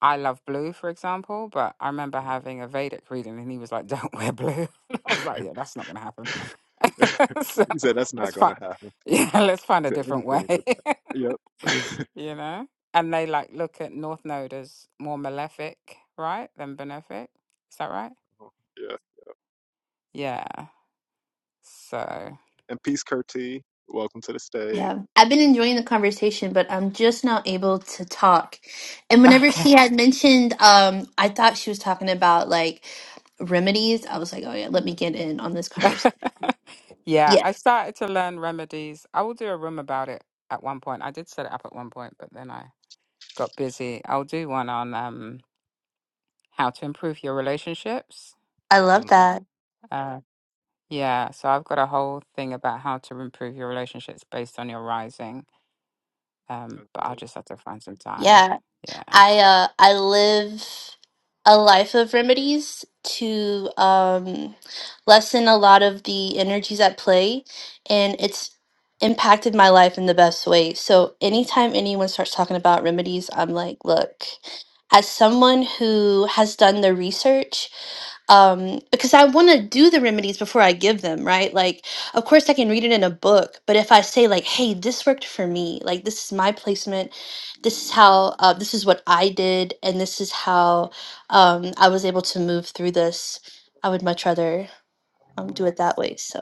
Speaker 2: I love blue, for example. But I remember having a Vedic reading, and he was like, "Don't wear blue." And I
Speaker 1: Yeah.
Speaker 2: was like, "Yeah, that's not going to happen." so
Speaker 1: he said that's not
Speaker 2: let's find,
Speaker 1: gonna happen.
Speaker 2: yeah, let's find
Speaker 1: He
Speaker 2: a
Speaker 1: said
Speaker 2: different
Speaker 1: anything but
Speaker 2: way,
Speaker 1: that. Yep.
Speaker 2: you know. And they like look at North Node as more malefic, right, than benefic. Is that right?
Speaker 1: yeah.
Speaker 2: Yeah. So
Speaker 1: And peace, Curti. Welcome to the stage.
Speaker 8: Yeah. I've been enjoying the conversation, but I'm just not able to talk. And whenever
Speaker 2: okay.
Speaker 8: she had mentioned, um, I thought she was talking about like remedies. I was like, oh yeah, let me get in on this conversation.
Speaker 1: hmm
Speaker 2: Yeah, I
Speaker 8: Yes.
Speaker 2: started to learn remedies. I will do a room about it at one point. I did set it up at one point, but then I got busy. I'll do one on um how to improve your relationships.
Speaker 8: I love that.
Speaker 2: Uh, yeah, so I've got a whole thing about how to improve your relationships based on your rising. Um,
Speaker 1: That's,
Speaker 2: but I'll
Speaker 1: dope.
Speaker 2: just have to find some time.
Speaker 8: Yeah.
Speaker 2: Yeah.
Speaker 8: I uh I live a life of remedies to um lessen a lot of the energies at play and it's impacted my life in the best way. So anytime anyone starts talking about remedies, I'm like, look, as someone who has done the research um because i want to do the remedies before i give them right like of course i can read it in a book but if i say like hey this worked for me like this is my placement this is how uh, this is what i did and this is how um i was able to move through this i would much rather um, do it that way so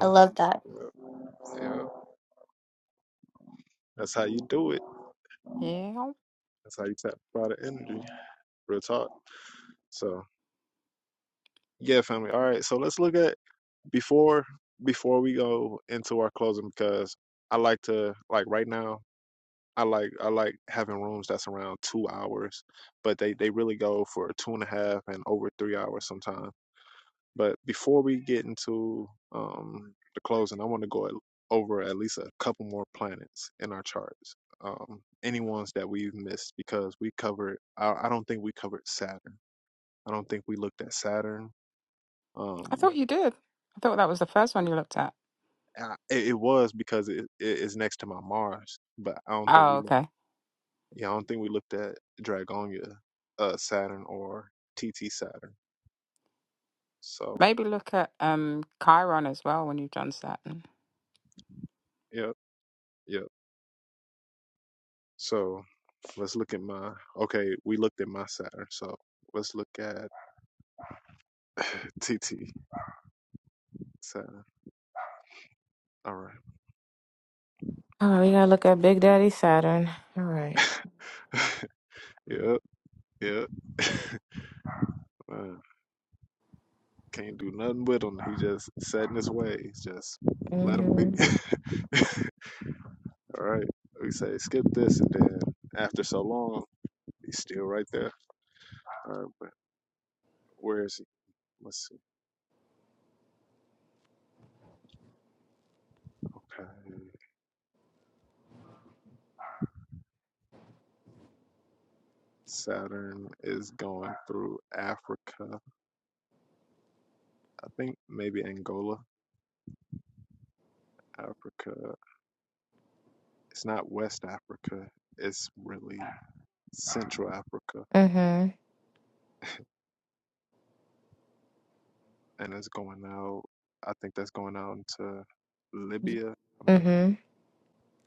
Speaker 8: i love that
Speaker 1: Yep. Yep. that's how you do it.
Speaker 2: Yeah.
Speaker 1: That's how you tap out the energy. Real talk. So. Yeah, family. All right. So let's look at before before we go into our closing because I like to like right now I like I like having rooms that's around two hours, but they they really go for two and a half and over three hours sometimes. But before we get into um the closing, I want to go at, over at least a couple more planets in our charts. Um, any ones that we've missed because we covered. I, I don't think we covered Saturn. I don't think we looked at Saturn.
Speaker 2: I
Speaker 1: Um,
Speaker 2: thought you did. I thought that was the first one you looked at.
Speaker 1: I, it, it was because it, it it's next to my Mars, but I don't think we
Speaker 2: Oh,
Speaker 1: looked.
Speaker 2: okay.
Speaker 1: Yeah, I don't think we looked at Dragonia, uh, Saturn or TT Saturn. So
Speaker 2: Maybe look at um Chiron as well when you've done Saturn.
Speaker 1: yep, yep. So let's look at my. Okay, we looked at my Saturn. So let's look at TT Saturn. All right.
Speaker 5: All right, we gotta look at Big Daddy Saturn. All right.
Speaker 1: yep, yep. Man, can't do nothing with him. He just set in his ways. Just let him be.
Speaker 5: Mm-hmm.
Speaker 1: All right. We say skip this and then after so long He's still right there. All right, but where is he? Let's see. Okay. Saturn is going through Africa. I think maybe Angola, Africa. It's not West Africa. It's really Central Africa.
Speaker 5: Mm-hmm.
Speaker 1: And it's going out, I think that's going out into Libya. I mean,
Speaker 5: Mm-hmm.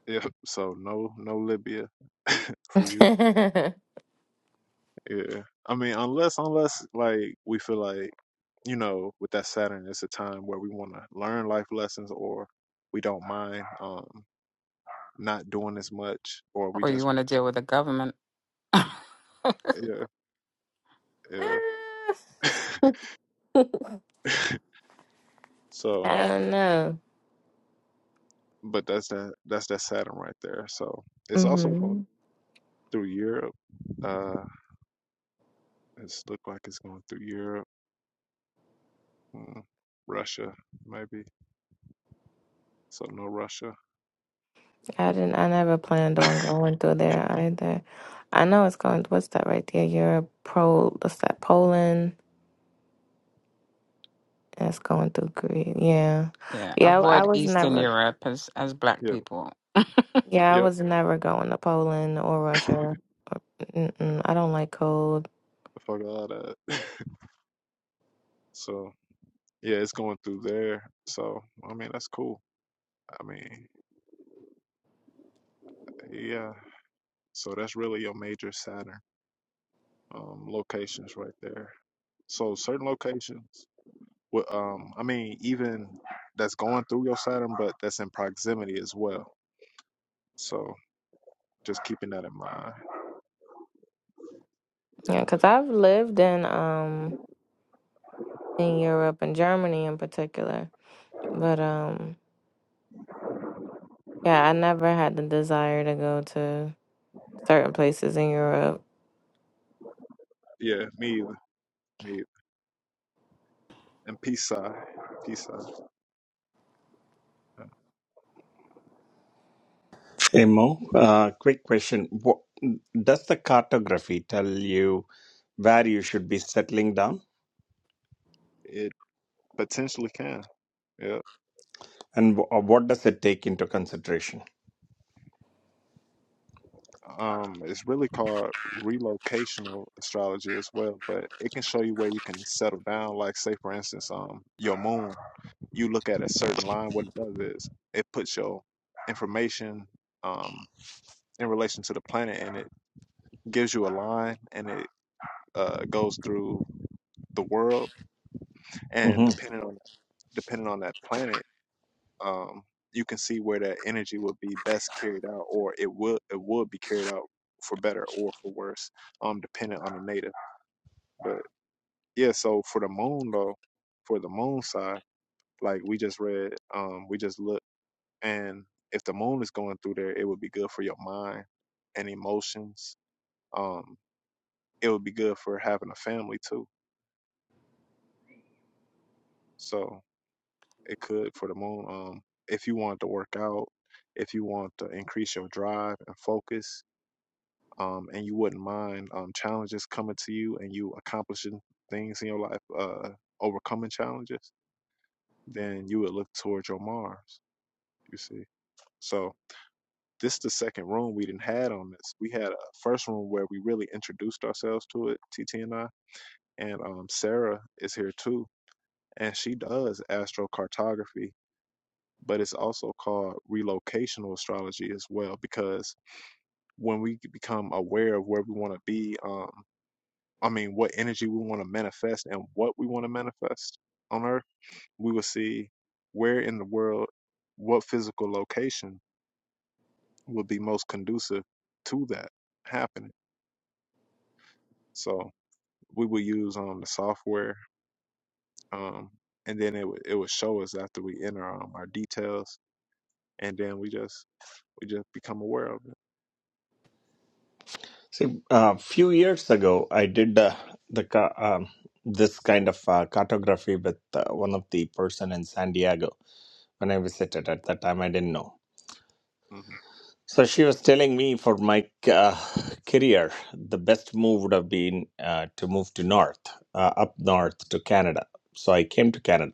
Speaker 1: yeah, so no, no Libya for you. Yeah. I mean, unless unless like we feel like, you know, with that Saturn it's a time where we want to learn life lessons or we don't mind um not doing as much or we
Speaker 2: Or you
Speaker 1: just
Speaker 2: want to deal with the government.
Speaker 1: yeah, yeah. so,
Speaker 5: I don't know.
Speaker 1: but that's that that's that Saturn right there. So, it's also going
Speaker 5: hmm
Speaker 1: through Europe. Uh it's look like it's going through Europe, mm, Russia maybe. So no Russia.
Speaker 5: I didn't. I never planned on going through there either. I know it's going. What's that right there? Europe, Pro. What's that? Poland. and It's going through Greece. Yeah,
Speaker 2: Yeah,
Speaker 5: yeah. I, I
Speaker 2: avoid
Speaker 5: was
Speaker 2: Eastern
Speaker 5: never.
Speaker 2: Europe as as black
Speaker 1: yeah.
Speaker 2: people.
Speaker 5: Yeah, I
Speaker 1: Yep.
Speaker 5: was never going to Poland or
Speaker 1: Fuck
Speaker 5: Russia. Mm-mm, I don't like cold.
Speaker 1: all that. So Yeah, it's going through there. So, I mean, that's cool. I mean, yeah. So that's really your major Saturn um, locations right there. So certain locations, wi- um, I mean, even that's going through your Saturn, but that's in proximity as well. So just keeping that in mind.
Speaker 5: Yeah, because I've lived in um in Europe and Germany in particular, but um yeah, I never had the desire to go to certain places in Europe.
Speaker 1: Yeah, me either. Me either. And peace side, peace side.
Speaker 9: Hey Mo, uh, quick question. What, does the cartography tell you where you should be settling down
Speaker 1: It potentially can. Yeah.
Speaker 9: and wh- uh, what does it take into consideration?
Speaker 1: Um, it's really called relocational astrology as well, but it can show you where you can settle down. Like, say, for instance, um, your moon, you look at a certain line. What it does is it puts your information um, in relation to the planet, and it gives you a line, and it uh, goes through the world. And
Speaker 9: hmm
Speaker 1: depending on depending on that planet. um, you can see where that energy would be best carried out, or it would it would be carried out for better or for worse, um, depending on the native. But yeah, so for the moon though, for the moon side, like we just read, um, we just look, and if the moon is going through there, it would be good for your mind and emotions. Um, it would be good for having a family too. So it could for the moon. Um, if you want to work out, if you want to increase your drive and focus, um, and you wouldn't mind um, challenges coming to you and you accomplishing things in your life, uh, overcoming challenges, then you would look towards your Mars. You see, so this is the second room we didn't had on this. We had a first room where we really introduced ourselves to it, T T and I, and um, Sarah is here too, and she does astrocartography. But it's also called relocational astrology as well, because when we become aware of where we want to be, um. I mean, what energy we want to manifest and what we want to manifest on earth, we will see where in the world, what physical location will be most conducive to that happening. So we will use um, the software, um, and then it would it would show us after we enter um, our details, and then we just we just become aware of it.
Speaker 9: See, a few years ago, I did uh, the ca- um, this kind of uh, cartography with uh, one of the person in San Diego when I visited. At that time, I didn't know.
Speaker 1: Mhm.
Speaker 9: So she was telling me for my uh, career, the best move would have been uh, to move to north, uh, up north to Canada. So I came to Canada.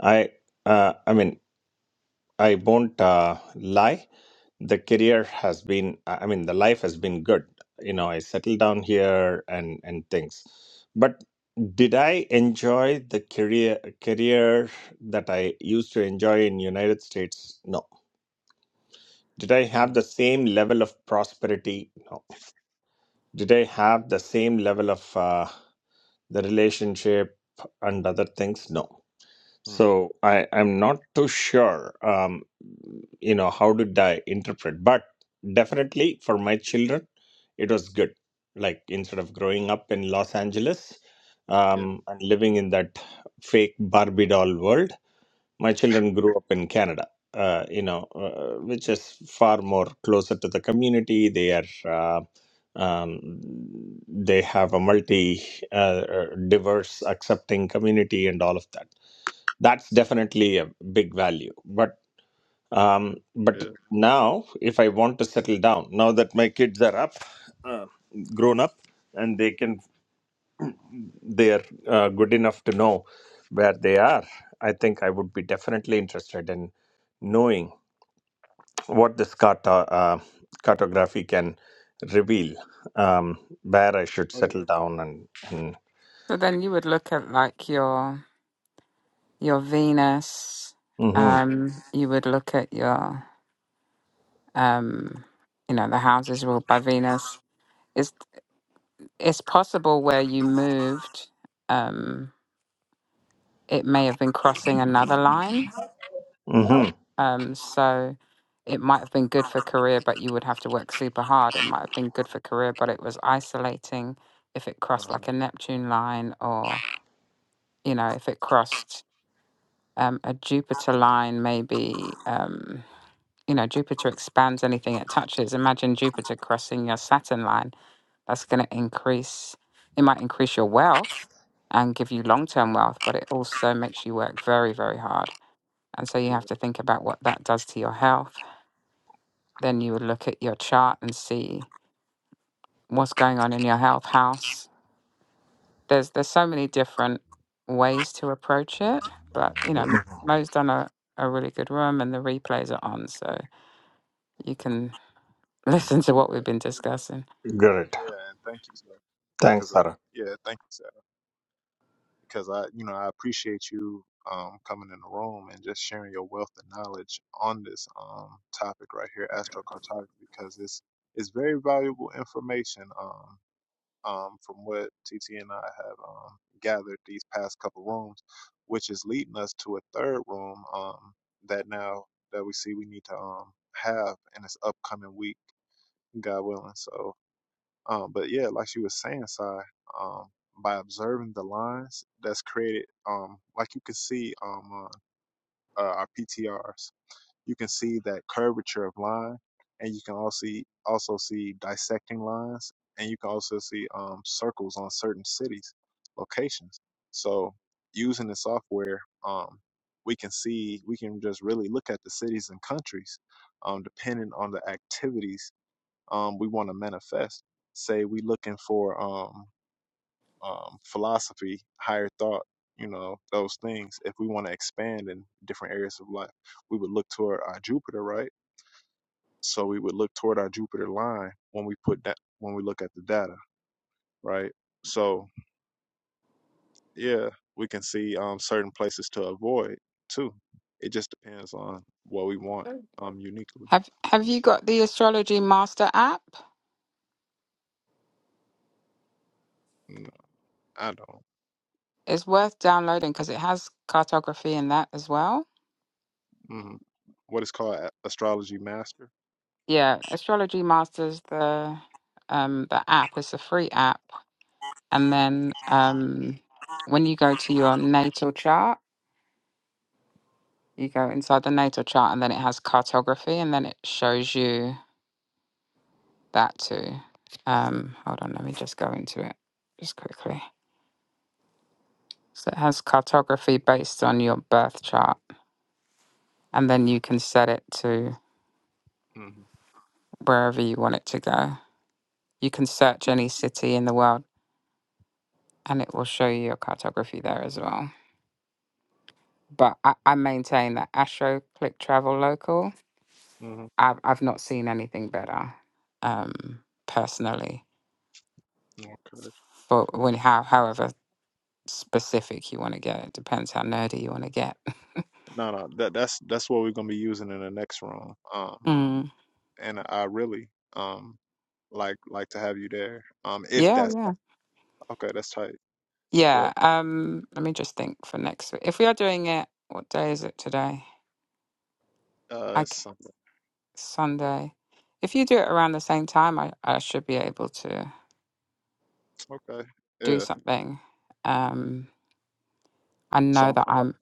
Speaker 9: I, uh, I mean, I won't uh, lie. The career has been, I I mean, the life has been good. You know, I settled down here and and things. But did I enjoy the career career that I used to enjoy in United States? No. Did I have
Speaker 1: mm
Speaker 9: the same level of prosperity? No Did I have the same level of uh, the relationship and other things? No.
Speaker 1: mm.
Speaker 9: So I, I'm not too sure, um, you know, how did I interpret? But definitely for my children, it was good. Like instead of growing up in Los Angeles
Speaker 1: Yeah,
Speaker 9: um, and living in that fake Barbie doll world, my children grew up in Canada. Uh, you know, uh, which is far more closer to the community. They are uh, um, they have a multi uh, uh, diverse accepting community and all of that that's definitely a big value but um, but
Speaker 1: yeah,
Speaker 9: now if i want to settle down now that my kids are up uh, grown up and they can they're uh, good enough to know where they are i think i would be definitely interested in knowing what this carta, uh, cartography can reveal um, where i should
Speaker 1: oh yeah,
Speaker 9: settle down and, and
Speaker 2: So then you would look at like your your Venus.
Speaker 9: Mhm.
Speaker 2: Um, you would look at your um, you know, the houses ruled by Venus. It's it's possible where you moved, um, it may have been crossing another line.
Speaker 9: Mm-hmm.
Speaker 2: Um, so it might have been good for career, but you would have to work super hard. It might have been good for career, but it was isolating if it crossed
Speaker 1: uh-huh.
Speaker 2: like a Neptune line or you know, if it crossed um, a Jupiter line, maybe, um, you know, Jupiter expands anything it touches. Imagine Jupiter crossing your Saturn line. That's going to increase, it might increase your wealth and give you long term wealth, but it also makes you work very, very hard. And so
Speaker 1: yeah,
Speaker 2: you have to think about what that does to your health. Then you would look at your chart and see what's going on in your health house there's there's so many different ways to approach it but you know M- mo's done a, a really good room and the replays are on so you can listen to what
Speaker 1: yeah,
Speaker 2: we've been discussing
Speaker 9: Great.
Speaker 1: yeah, and thank you, sir,
Speaker 9: Thanks,
Speaker 1: because uh,
Speaker 9: Sarah.
Speaker 1: yeah, thank you, sir. because I, you know, I appreciate you um, coming in the room and just sharing your wealth and knowledge on this um, topic right here, astrocartography, because it's it's very valuable information um, um, from what TT and I have um, gathered these past couple rooms, which is leading us to a third room um, that now that we see we need to um, have in this upcoming week, God willing. So um, but yeah, like she was saying, Sai, um, by observing the lines that's created, um, like you can see um, on uh, our PTRs, you can see that curvature of line, and you can also see, also see dissecting lines, and you can also see um, circles on certain cities, locations. So using the software, um, we can see, we can just really look at the cities and countries, um, depending on the activities um, we want to manifest. Say we looking for um, um, philosophy, higher thought, you know, those things. If we want to expand in different areas of life, we would look toward our Jupiter, right? So we would look toward our Jupiter line when we put that when we look at the data, right? So yeah, we can see um, certain places to avoid too. It just depends on what we want um, uniquely.
Speaker 2: have have you got the astrology master app
Speaker 1: Mm, I don't.
Speaker 2: it's worth downloading because it has cartography in that as well
Speaker 1: hmm What is called astrology master.
Speaker 2: yeah astrology masters the um the app it's a free app and then um when you go to your natal chart You go inside the natal chart, and then it has cartography, and then it shows you that too. Um, hold on, let me just go into it just quickly. So it has cartography based on your birth chart, and then you can set it to
Speaker 1: hmm
Speaker 2: wherever you want it to go. You can search any city in the world, and it will show you your cartography there as well. But I, I maintain that Astro Click Travel Local.
Speaker 1: hmm
Speaker 2: I've I've not seen anything better. Um, personally
Speaker 1: Okay.
Speaker 2: for when how however specific you want to get. It depends how nerdy you want to get.
Speaker 1: No, no, that that's that's what we're gonna be using in the next room. Um,
Speaker 2: Mm.
Speaker 1: and I really um like like to have you there. Um, if
Speaker 2: Yeah,
Speaker 1: that's
Speaker 2: yeah.
Speaker 1: okay, that's tight. Yeah.
Speaker 2: Yeah. Um, let me just think for next week. If we are doing it, what day is it today?
Speaker 1: Uh,
Speaker 2: I
Speaker 1: it's
Speaker 2: c
Speaker 1: something.
Speaker 2: Sunday. If you do it around the same time, I, I should be able to
Speaker 1: Okay.
Speaker 2: do
Speaker 1: Yeah.
Speaker 2: something. Um, I
Speaker 1: So
Speaker 2: know
Speaker 1: I'm,
Speaker 2: that
Speaker 1: I'm up.
Speaker 2: I'm,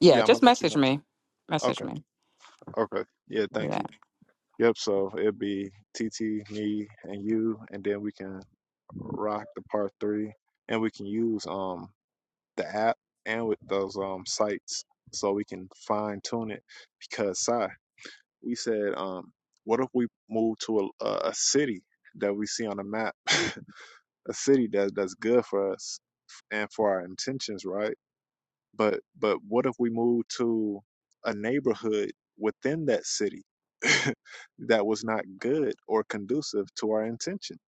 Speaker 2: yeah,
Speaker 1: Yeah, I'm
Speaker 2: just
Speaker 1: gonna let you
Speaker 2: message
Speaker 1: know.
Speaker 2: me. Message
Speaker 1: Okay.
Speaker 2: me.
Speaker 1: Okay. Yeah. Thank
Speaker 2: Yeah.
Speaker 1: you. Yep. So it'd be TT, me, and you, and then we can rock the part three, and we can use um the app and with those um sites so we can fine tune it because Sai. we said, um, what if we move to a, a, city that we see on a map, a city that that's good for us and for our intentions, right? But but what if we move to a neighborhood within that city that was not good or conducive to our intentions?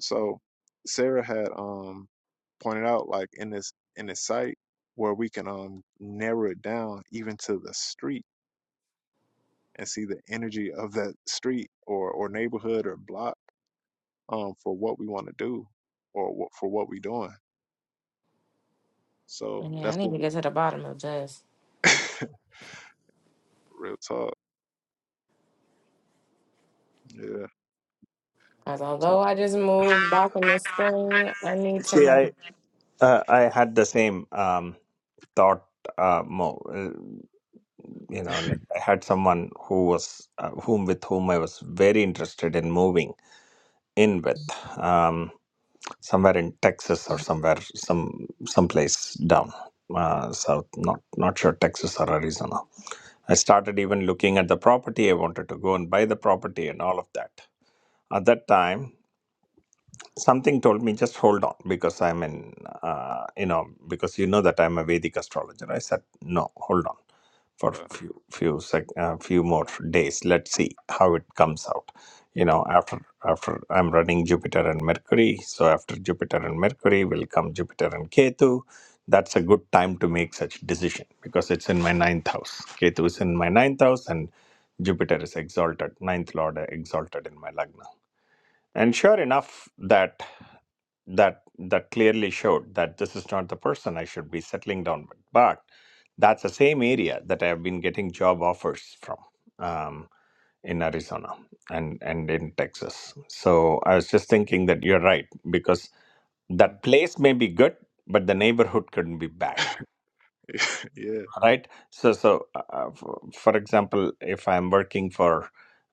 Speaker 1: So Sarah had um pointed out like in this in this site where we can um narrow it down even to the street and see the energy of that street or or neighborhood or block um for what we want to do or what for what we doing. So
Speaker 5: And yeah, I
Speaker 1: that's
Speaker 5: need
Speaker 1: what
Speaker 5: to get
Speaker 1: we
Speaker 5: to the bottom of this.
Speaker 1: real talk. Yeah.
Speaker 5: Because although
Speaker 1: So
Speaker 5: I just moved back in the spring, I need to
Speaker 9: See,
Speaker 5: know.
Speaker 9: I uh, I had the same um, thought. Uh, more, uh, you know, like I had someone who was uh, whom with whom I was very interested in moving in with um, somewhere in Texas or somewhere some someplace down uh, south. Not not sure Texas or Arizona. I started even looking at the property. I wanted to go and buy the property and all of that. At that time, something told me just hold on because i'm in uh, you know because you know that i'm a vedic astrologer i said no hold on for
Speaker 1: uh,
Speaker 9: few few sec, uh, few more days let's see how it comes out you know after after i'm running jupiter and mercury so after jupiter and mercury will come jupiter and ketu that's a good time to make such decision because it's in my ninth house ketu is in my ninth house and jupiter is exalted ninth lord exalted in my lagna and sure enough, that that that clearly showed that this is not the person I should be settling down with. But that's the same area that I have been getting job offers from um, in Arizona and and in Texas. So I was just thinking that you're right because
Speaker 1: mm,
Speaker 9: that place may be good, but the neighborhood couldn't be bad
Speaker 1: yeah.
Speaker 9: right so so uh, for, for example if i'm working for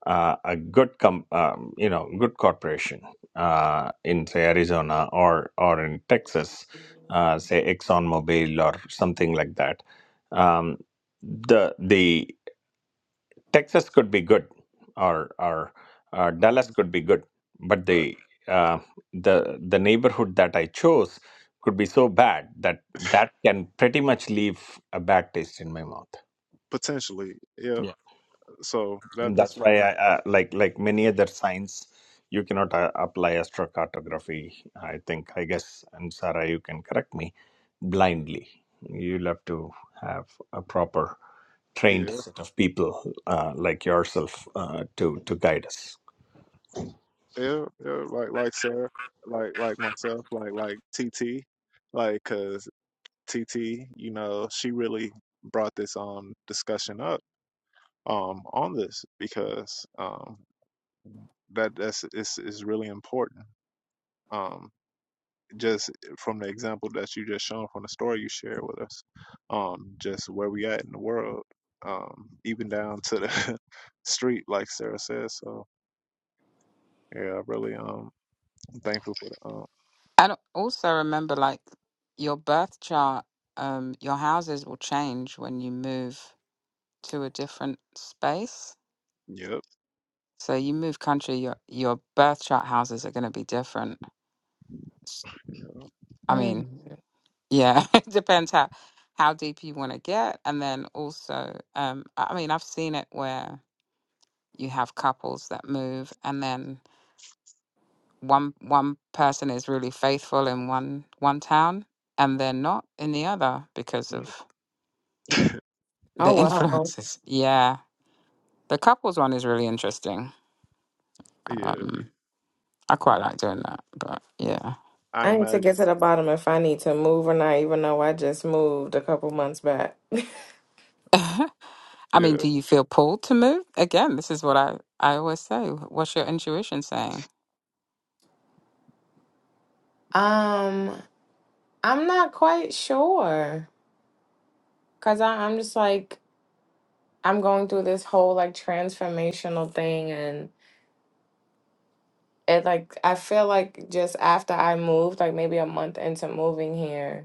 Speaker 9: uh, a good com um, you know good corporation uh, in say arizona or or in texas uh, say exxonmobil or something like that um, the the texas could be good or or uh, dallas
Speaker 1: hmm
Speaker 9: could be good but
Speaker 1: Right.
Speaker 9: the uh, the the neighborhood that i chose could be so bad that that can pretty much leave a bad taste in my mouth
Speaker 1: Potentially. Yeah.
Speaker 9: yeah,
Speaker 1: So that
Speaker 9: and
Speaker 1: that's
Speaker 9: that's
Speaker 1: why
Speaker 9: why I, uh, like like many other science, you cannot uh, apply astrocartography. I think I guess, and Sarah, you can correct me. Blindly, you'll have to have a proper trained
Speaker 1: yeah.
Speaker 9: set of people uh, like yourself uh, to to guide us.
Speaker 1: Yeah. Yeah. Like like Sarah, like like myself, like like TT, like cuz TT, you know, she really brought this um discussion up um on this because um that that's is is really important. Um, just from the example that you just shown from the story you shared with us, um, just where we at in the world, um, even down to the street, like Sarah says. So yeah, really um I'm thankful for the um.
Speaker 2: And also remember, like, your birth chart, um, your houses will change when you move to a different space.
Speaker 1: Yep.
Speaker 2: So you move country, your your birth chart houses are going to be different. S-
Speaker 1: yeah,
Speaker 2: I
Speaker 5: Mm.
Speaker 2: mean, yeah, it depends how how deep you want to get, and then also, um, I I mean, I've seen it where you have couples that move, and then one one person is really faithful in one one town, and they're not in the other because
Speaker 1: mm,
Speaker 2: of
Speaker 5: Oh,
Speaker 2: the
Speaker 5: wow.
Speaker 2: influences. Yeah, the couples one is really interesting.
Speaker 1: Yeah.
Speaker 2: Um, I quite like doing that, but yeah.
Speaker 1: I
Speaker 5: I need to
Speaker 1: imagine.
Speaker 5: get to the bottom if I need to move or not, even though I just moved a couple months back.
Speaker 2: I mean,
Speaker 1: Yeah.
Speaker 2: do you feel pulled to move? Again, this is what I, I always say. What's your intuition saying?
Speaker 5: Um, I'm not quite sure. Cause I, I'm just like I'm going through this whole like transformational thing and it like I feel like just after I moved, like maybe a month into moving here,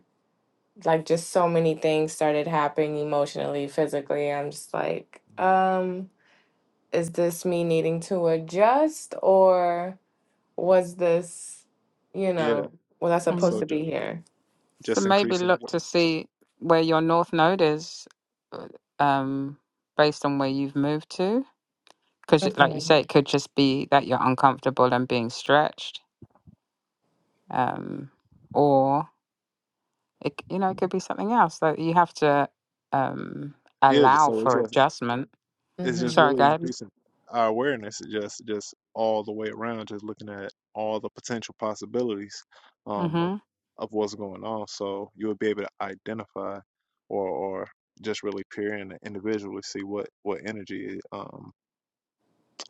Speaker 5: like just so many things started happening emotionally, physically. I'm just like,
Speaker 1: mhm.
Speaker 5: um is this me needing to adjust or was this, you
Speaker 1: Yeah.
Speaker 5: know, was I supposed
Speaker 2: hmm
Speaker 1: So
Speaker 5: to
Speaker 1: ju-
Speaker 5: be here?
Speaker 2: So
Speaker 1: just
Speaker 2: maybe
Speaker 1: increasing
Speaker 2: look to
Speaker 1: awareness.
Speaker 2: see where your north node is, uh, um, based on where you've moved to. Because, like you
Speaker 5: Okay.
Speaker 2: say, it could just be that you're uncomfortable and being stretched, um, or it, c- you know, it could be something else that you have to um,
Speaker 1: Yeah. Just
Speaker 2: allow
Speaker 1: so it's
Speaker 2: for
Speaker 1: just
Speaker 2: adjustment.
Speaker 1: it's just
Speaker 5: Mhm.
Speaker 2: Sorry,
Speaker 1: really
Speaker 2: go ahead.
Speaker 1: increasing our awareness just just all the way around just looking at all the potential possibilities um of,
Speaker 2: Mm-hmm.
Speaker 1: of what's going on so you'll be able to identify or or just really peer in and individually see what what energy um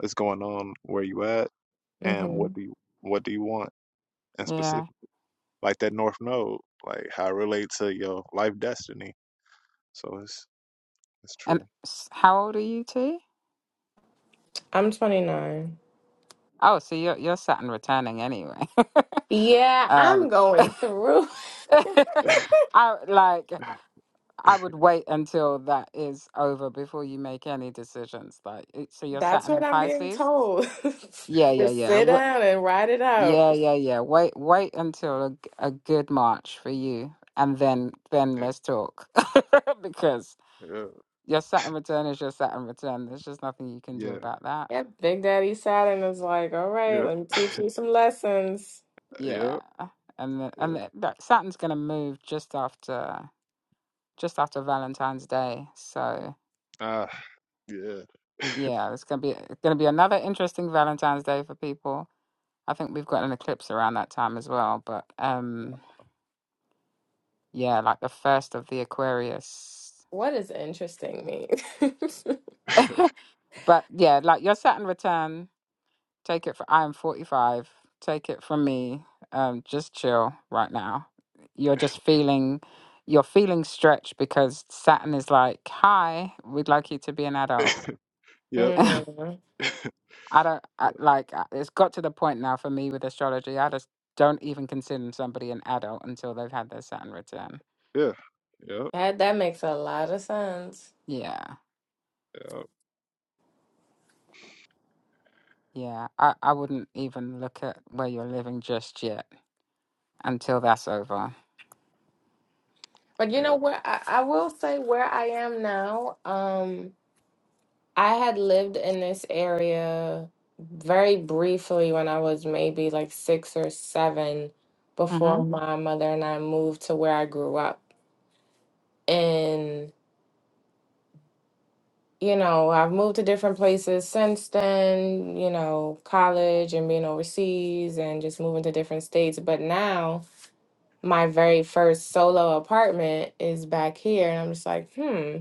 Speaker 1: is going on where you at and what
Speaker 5: Mhm.
Speaker 1: do you what do you want in specific
Speaker 2: Yeah.
Speaker 1: like that north node like how it relates to your life destiny so it's it's
Speaker 2: And
Speaker 1: true
Speaker 2: s- how old are you, T?
Speaker 5: I'm 29.
Speaker 2: Oh, so you're you're Saturn returning anyway.
Speaker 5: Yeah, I'm
Speaker 2: um,
Speaker 5: going through.
Speaker 1: yeah
Speaker 2: I like I would wait until that is over before you make any decisions. Like, it- so you're
Speaker 5: That's
Speaker 2: Saturn
Speaker 5: what
Speaker 2: in
Speaker 5: I'm being
Speaker 2: Pisces.
Speaker 5: told.
Speaker 2: Yeah, yeah,
Speaker 5: Just
Speaker 2: yeah.
Speaker 5: sit
Speaker 2: Wa-
Speaker 5: down and ride it out.
Speaker 2: Yeah, yeah, yeah. Wait, wait until a, g- a good March for you, and then then let's talk because your Saturn return is your Saturn return. There's just nothing you can do
Speaker 1: yeah
Speaker 2: about that.
Speaker 5: Yeah, Big Daddy Saturn is like, all right,
Speaker 1: yeah
Speaker 5: let me teach you some lessons.
Speaker 2: Yeah, and the,
Speaker 1: yeah
Speaker 2: and the, like, Saturn's gonna move just after. just after Valentine's Day. So
Speaker 1: Ah, yeah.
Speaker 2: yeah, it's gonna be it's gonna be another interesting Valentine's Day for people. I think we've got an eclipse around that time as well. But um yeah, like the first of the Aquarius.
Speaker 5: What is interesting me?
Speaker 2: But yeah, like your Saturn return, take it for I am forty five. Take it from me. Um just chill right now. You're just feeling you're feeling stretched because Saturn is like, Hi, we'd like you to be an adult.
Speaker 1: yep.
Speaker 5: Mm,
Speaker 2: I don't I, like I- it's got to the point now for me with astrology. I just don't even consider somebody an adult until they've had their Saturn return.
Speaker 1: Yeah. Yep. Yep.
Speaker 5: that that makes a lot of sense.
Speaker 2: Yeah,
Speaker 1: Yeah.
Speaker 2: yeah. I, I wouldn't even look at where you're living just yet until that's over.
Speaker 5: But you know
Speaker 1: Yeah.
Speaker 5: where I, I will say where I am now, um, I had lived in this area very briefly when I was maybe like six or seven before
Speaker 2: Mhm.
Speaker 5: Mhm. my mother and I moved to where I grew up. And, you know, I've moved to different places since then, you know, college and being overseas and just moving to different states. But now my very first solo apartment is back here. And I'm just like, hmm.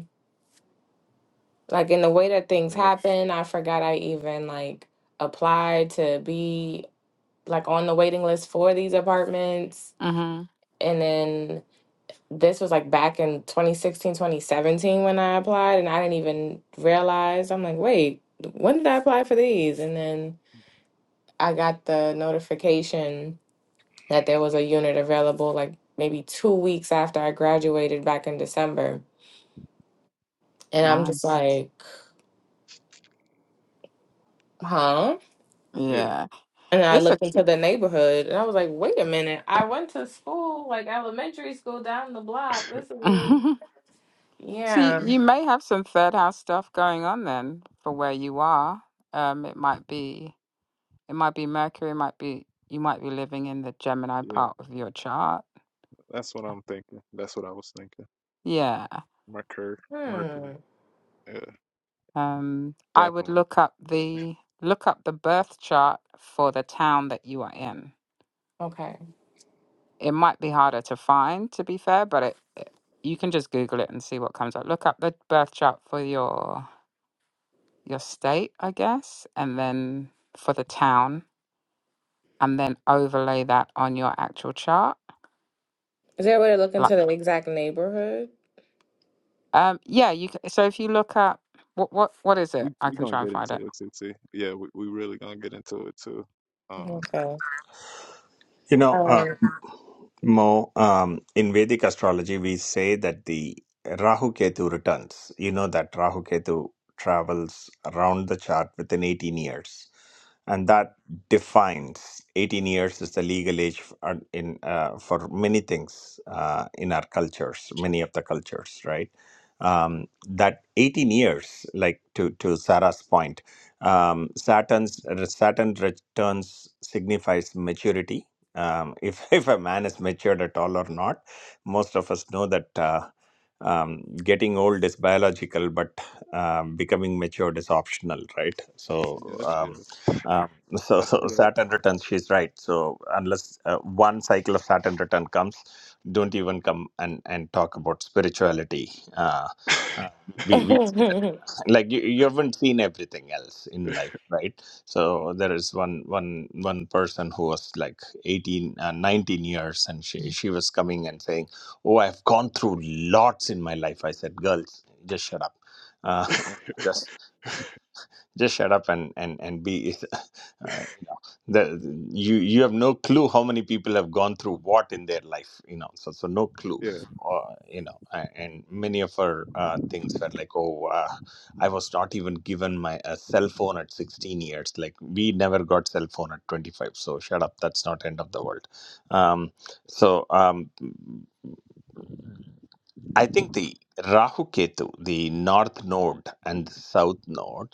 Speaker 5: Like in the way that things happen, I forgot I even like applied to be like on the waiting list for these apartments.
Speaker 2: Mhm.
Speaker 5: And then this was like back in 2016, 2017 when I applied and I didn't even realize. I'm like, wait, when did I apply for these? And then I got the notification that there was a unit available like maybe two weeks after I graduated back in December. And I'm just
Speaker 2: Nice.
Speaker 5: like, huh?
Speaker 1: Yeah.
Speaker 2: Yeah.
Speaker 5: And I
Speaker 2: It's a
Speaker 5: looked into the neighborhood and I was like, wait a minute. I went to school, like elementary school down the block. This is really...
Speaker 2: See,
Speaker 5: Yeah.
Speaker 2: you may have some third house stuff going on then for where you are. Um it might be it might be Mercury, it might be you might be living in the Gemini
Speaker 1: yeah.
Speaker 2: part of your chart.
Speaker 1: That's what I'm thinking. That's what I was thinking.
Speaker 2: Yeah.
Speaker 1: Mercury. Mercury.
Speaker 5: Hmm.
Speaker 1: Yeah.
Speaker 2: Um, I would
Speaker 1: Definitely.
Speaker 2: look up the look up the birth chart for the town that you are in.
Speaker 5: Okay.
Speaker 2: It might be harder to find, to be fair, but it, it you can just Google it and see what comes up. Look up the birth chart for your your state, I guess, and then for the town, and then overlay that on your actual chart.
Speaker 5: Is there a way to look
Speaker 2: Like,
Speaker 5: into the exact neighborhood?
Speaker 2: um, yeah, you. c- So if you look up what what what is it?
Speaker 1: We
Speaker 2: I
Speaker 1: we
Speaker 2: can
Speaker 1: gonna
Speaker 2: try and
Speaker 1: get
Speaker 2: find it.
Speaker 1: into it too. T. Yeah. We we really gonna get into it too. Um.
Speaker 5: Okay.
Speaker 9: You know, uh,
Speaker 5: Um,
Speaker 9: Mo, um, in Vedic astrology, we say that the Rahu Ketu returns. You know that Rahu Ketu travels around the chart within 18 years. And
Speaker 1: mm,
Speaker 9: that defines 18 years is the legal age for, in, uh, for many things uh, in our cultures, many of the cultures, right? Um, that 18 years, like to, to Sarah's point, um, Saturn's, Saturn returns signifies maturity um, if if a man is matured at all or not. Most of us know that uh, um, getting old is biological, but um, becoming matured is optional, right? So,
Speaker 1: Yeah.
Speaker 9: um,
Speaker 1: Yeah.
Speaker 9: um, so,
Speaker 1: That's
Speaker 9: so
Speaker 1: correct.
Speaker 9: Saturn returns. She's right. So unless uh, one cycle of Saturn return comes, don't even come and and talk about spirituality. Uh, uh, we we say that
Speaker 5: mm-hmm.
Speaker 9: like you, you haven't seen everything else in
Speaker 1: yeah.
Speaker 9: life right so there is one one one person who was like 18 uh, 19 years and she, she was coming and saying oh i've gone through lots in my life i said girls just shut up uh, you know, just just shut up and and and be uh, you know the you you have no clue how many people have gone through what in their life you know so so no clue uh, you know a- and many of our uh, things were like oh uh, i was not even given my a cell phone at 16 years like we never got cell phone at 25 so shut up that's not end of the world um so um i think the rahu ketu the north node and the south node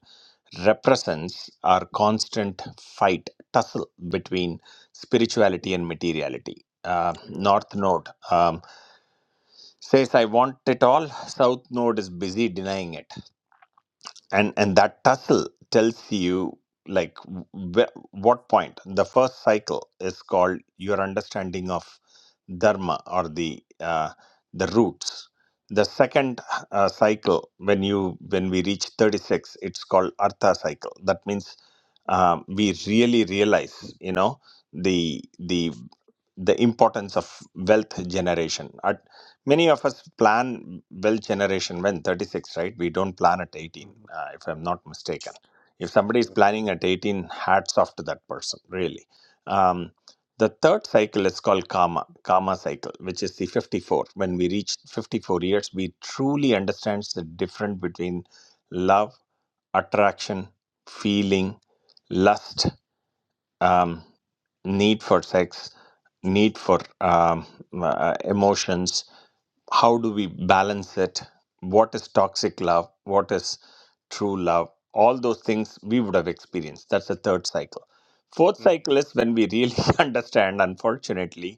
Speaker 9: represents our constant fight, tussle between spirituality and materiality. Uh,
Speaker 1: Yeah.
Speaker 9: North Node um, says, I want it all. South Node is busy denying it and and that tussle tells you like wh- what point the first cycle is called your understanding of dharma or the uh, the roots the second uh, cycle when you when we reach 36 it's called artha cycle that means um, we really realize you know the the the importance of wealth generation many of us plan wealth generation when 36 right we don't plan at 18
Speaker 1: mhm,
Speaker 9: uh, if i'm not mistaken if somebody is
Speaker 1: yeah,
Speaker 9: planning at 18 hats off to that person really um, the third cycle is called karma karma cycle which is the 54 when we reach 54 years we truly understand the difference between love attraction feeling lust um, need for sex need for um, uh, emotions how do we balance it what is toxic love what is true love all those things we would have experienced that's the third cycle fourth
Speaker 1: mhm,
Speaker 9: cycle is when we really understand unfortunately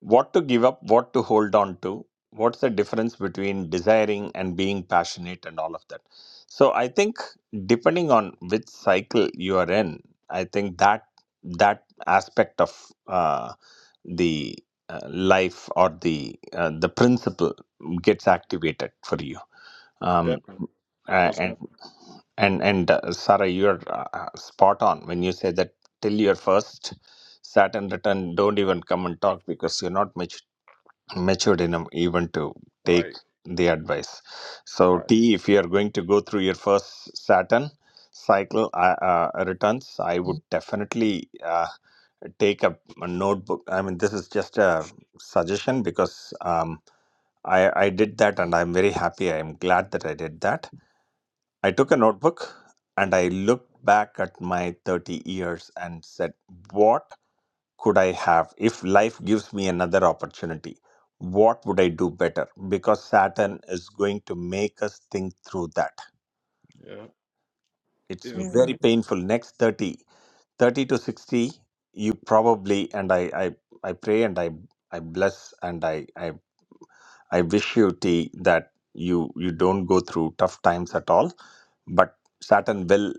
Speaker 9: what to give up, what to hold on to, what's the difference between desiring and being passionate and all of that. So I think depending on which cycle you are in, I think that that aspect of uh, the uh, life or the uh, the principle gets
Speaker 1: mhm,
Speaker 9: activated for you. Um,
Speaker 1: Definitely.
Speaker 9: uh,
Speaker 1: Most
Speaker 9: and
Speaker 1: definitely.
Speaker 9: and and uh, Sarah, you're uh, uh, spot on when you say that till your first Saturn return, don't even come and talk because you're not mature, matured enough even to take
Speaker 1: Right.
Speaker 9: the advice. So,
Speaker 1: Right.
Speaker 9: T, if you are going to go through your first Saturn cycle uh, uh, returns, I would definitely uh, take a, a notebook. I mean, this is just a suggestion because um, I I did that and I'm very happy. I'm glad that I did that I took a notebook and I looked back at my 30 years and said, What could I have if life gives me another opportunity? What would I do better? Because Saturn is going to make us think through that.
Speaker 1: Yeah.
Speaker 9: It's
Speaker 1: Yeah.
Speaker 9: very painful. Next 30, 30 to 60, you probably, and I, I, I pray and I, I bless and I, I I wish you T that you you don't go through tough times at all. But Saturn will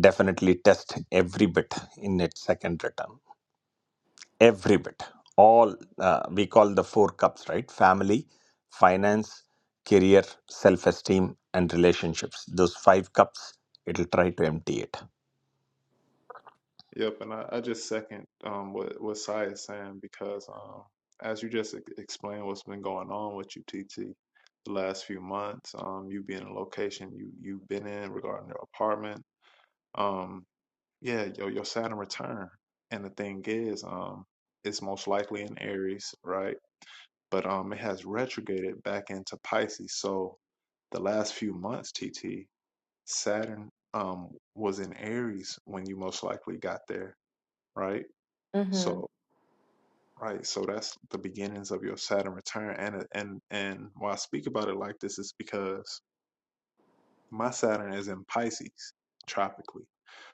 Speaker 9: definitely test every bit in its second return. Every bit. All uh, we call the four cups, right? Family, finance, career, self-esteem, and relationships. Those five cups, it'll try to empty it.
Speaker 1: Yep, and I, I just second um, what what Sai is saying because um, as you just ex- explained what's been going on with you, UTT the last few months, um, you being in a location you you've been in regarding your apartment, um, yeah, your your Saturn return, and the thing is, um, it's most likely in Aries, right? But um, it has retrograded back into Pisces. So the last few months, TT, Saturn um was in Aries when you most likely got there, right?
Speaker 5: hmm
Speaker 1: So, Right, so that's the beginnings of your Saturn return, and and and why I speak about it like this is because my Saturn is in Pisces, tropically.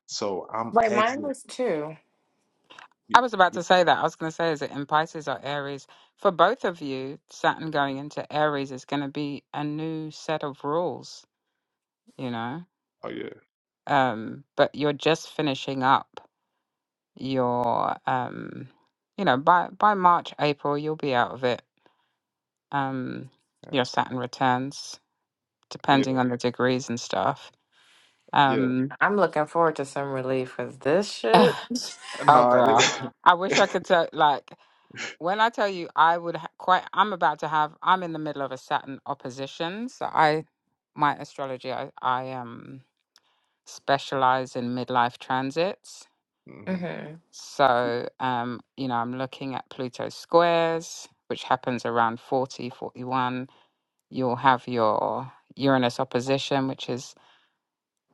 Speaker 1: So I'm
Speaker 5: Like mine
Speaker 1: exiting.
Speaker 5: was two.
Speaker 2: I
Speaker 1: You,
Speaker 2: was about
Speaker 1: you,
Speaker 2: to say that. I was going to say, is it in Pisces or Aries? For both of you, Saturn going into Aries is going to be a new set of rules, you know?
Speaker 1: oh yeah,
Speaker 2: Um, but you're just finishing up your, um, you know, by, by March, April, you'll be out of it. Um, your Saturn returns, depending
Speaker 1: yeah,
Speaker 2: on the degrees and stuff.
Speaker 1: yeah.
Speaker 2: Um,
Speaker 5: I'm looking forward to some relief with this shit.
Speaker 2: oh,
Speaker 1: Nah, it,
Speaker 2: girl. I wish I could tell, like, When I tell you, I would ha- quite. I'm about to have. I'm in the middle of a Saturn opposition, so I, my astrology, I, I um specialize in midlife transits.
Speaker 1: hmm
Speaker 5: hmm
Speaker 2: So um, you know, I'm looking at Pluto squares, which happens around forty forty-one. You'll have your Uranus opposition, which is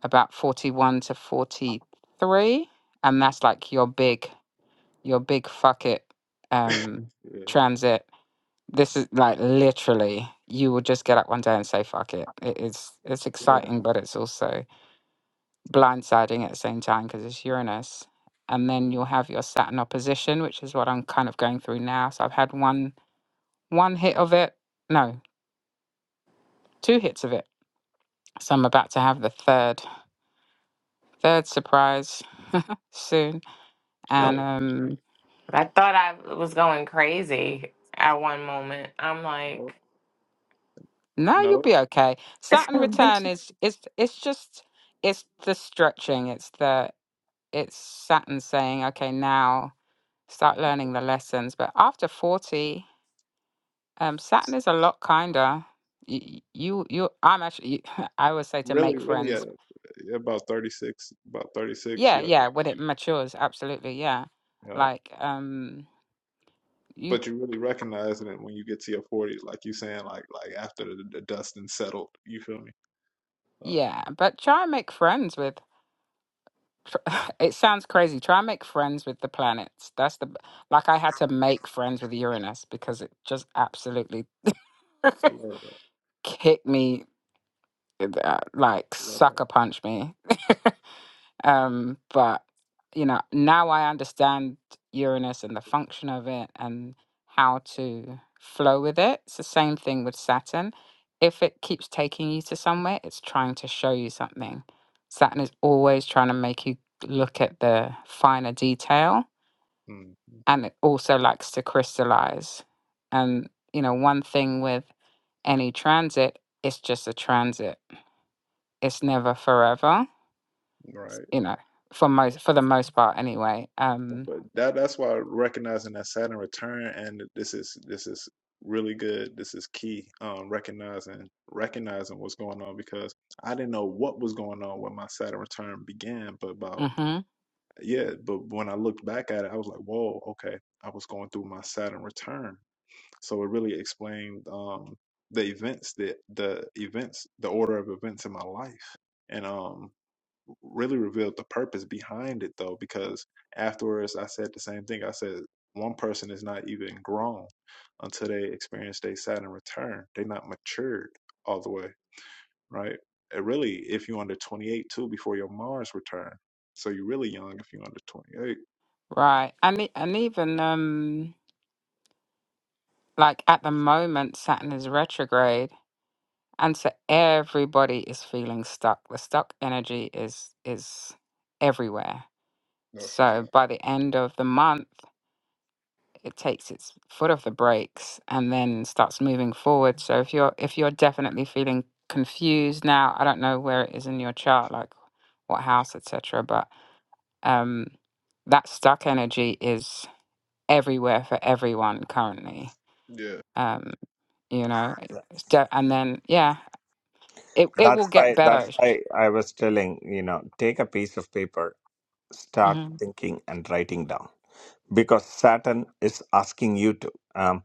Speaker 2: about 41 to 43, and that's like your big, your big fuck it, um,
Speaker 1: yeah,
Speaker 2: transit This is like literally, you will just get up one day and say, fuck it. it's, it's
Speaker 1: yeah,
Speaker 2: exciting, but it's also blindsiding at the same time because it's Uranus. And then you'll have your Saturn opposition, which is what I'm kind of going through now. So I've had one one hit of it. No, two hits of it. So I'm about to have the third third surprise soon. And
Speaker 5: Oh,
Speaker 1: yeah.
Speaker 2: um
Speaker 5: I thought I was going crazy at one moment. I'm
Speaker 1: Oh,
Speaker 5: like,
Speaker 2: no, you'll
Speaker 1: no,
Speaker 2: be okay. Saturn return is is it's just it's the stretching. It's the it's Saturn saying, okay, now start learning the lessons. But after 40, um, Saturn is a lot kinder. You, you, you I'm actually, I would say to
Speaker 1: really,
Speaker 2: make
Speaker 1: really, at
Speaker 2: friends.
Speaker 1: about thirty six, about thirty six.
Speaker 2: Yeah,
Speaker 1: Yeah,
Speaker 2: yeah, when it matures, absolutely, yeah.
Speaker 1: yeah.
Speaker 2: Like, um, you,
Speaker 1: But you really recognizing it when you get to your forties, like you saying, like like after the, the dust and settled. You feel me? So,
Speaker 2: yeah, but try and make friends with, tr- it sounds crazy. Try and make friends with the planets. That's the, b- like, I had to make friends with Uranus because it just absolutely
Speaker 1: I love that.
Speaker 2: kicked me, uh, like,
Speaker 1: I love that.
Speaker 2: sucker punched me Um, but you know, now I understand Uranus and the function of it and how to flow with it. It's the same thing with Saturn. If it keeps taking you to somewhere, it's trying to show you something. Saturn is always trying to make you look at the finer detail
Speaker 1: Mm, mm,
Speaker 2: and it also likes to crystallize. And you know, one thing with any transit, it's just a transit. It's never forever s-
Speaker 1: right.
Speaker 2: you know, for most for the most part anyway.
Speaker 1: But
Speaker 2: Um
Speaker 1: but that that's why recognizing that Saturn return and this is this is really good. This is key. Um recognizing recognizing what's going on because I didn't know what was going on when my Saturn return began, but about
Speaker 2: mhm.
Speaker 1: yeah, but when I looked back at it, I was like, whoa, okay. I was going through my Saturn return. So it really explained um the events that the events the order of events in my life. And um really revealed the purpose behind it though because afterwards i said the same thing i said one person is not even grown until they experience their saturn return they're not matured all the way right and really if you're under 28 too before your mars return so you're really young if you're under 28
Speaker 2: Right. And e- and even um like at the moment Saturn is retrograde and so everybody is feeling stuck. The stuck energy is is everywhere.
Speaker 1: That's a
Speaker 2: So
Speaker 1: fact.
Speaker 2: by the end of the month it takes its foot off the brakes and then starts moving forward. So if you're if you're definitely feeling confused now, I don't know where it is in your chart, like what house, etc. Um, that stuck energy is everywhere for everyone currently.
Speaker 1: Yeah.
Speaker 2: Um, you know, it's de- and then yeah, it it will
Speaker 9: that's
Speaker 2: get
Speaker 9: why
Speaker 2: better.
Speaker 9: that's why i was telling you know take a piece of paper start
Speaker 2: hmm
Speaker 9: thinking and writing down because Saturn is asking you to. Um,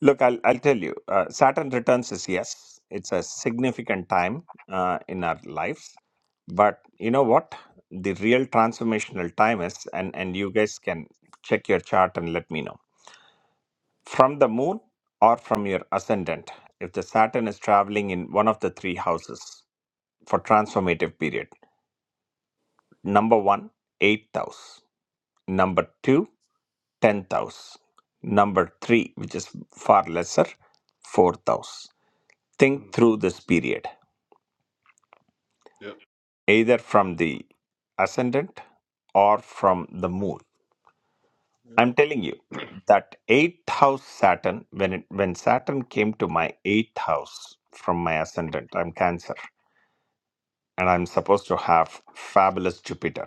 Speaker 9: look, I'll, I'll tell you, uh, Saturn returns is yes, it's a significant time uh, in our lives. But you know what? The real transformational time is, and, and you guys can check your chart and let me know. From the moon or from your ascendant, if the Saturn is traveling in one of the three houses for transformative period, number one, eighth house. Number two, tenth house. Number three, which is far lesser, fourth house. Think
Speaker 1: mm,
Speaker 9: through this period,
Speaker 1: yep
Speaker 9: either from the ascendant or from the moon.
Speaker 1: Yep.
Speaker 9: I'm telling you that eighth house Saturn, when it when Saturn came to my eighth house from my ascendant, I'm Cancer, and I'm supposed to have fabulous Jupiter.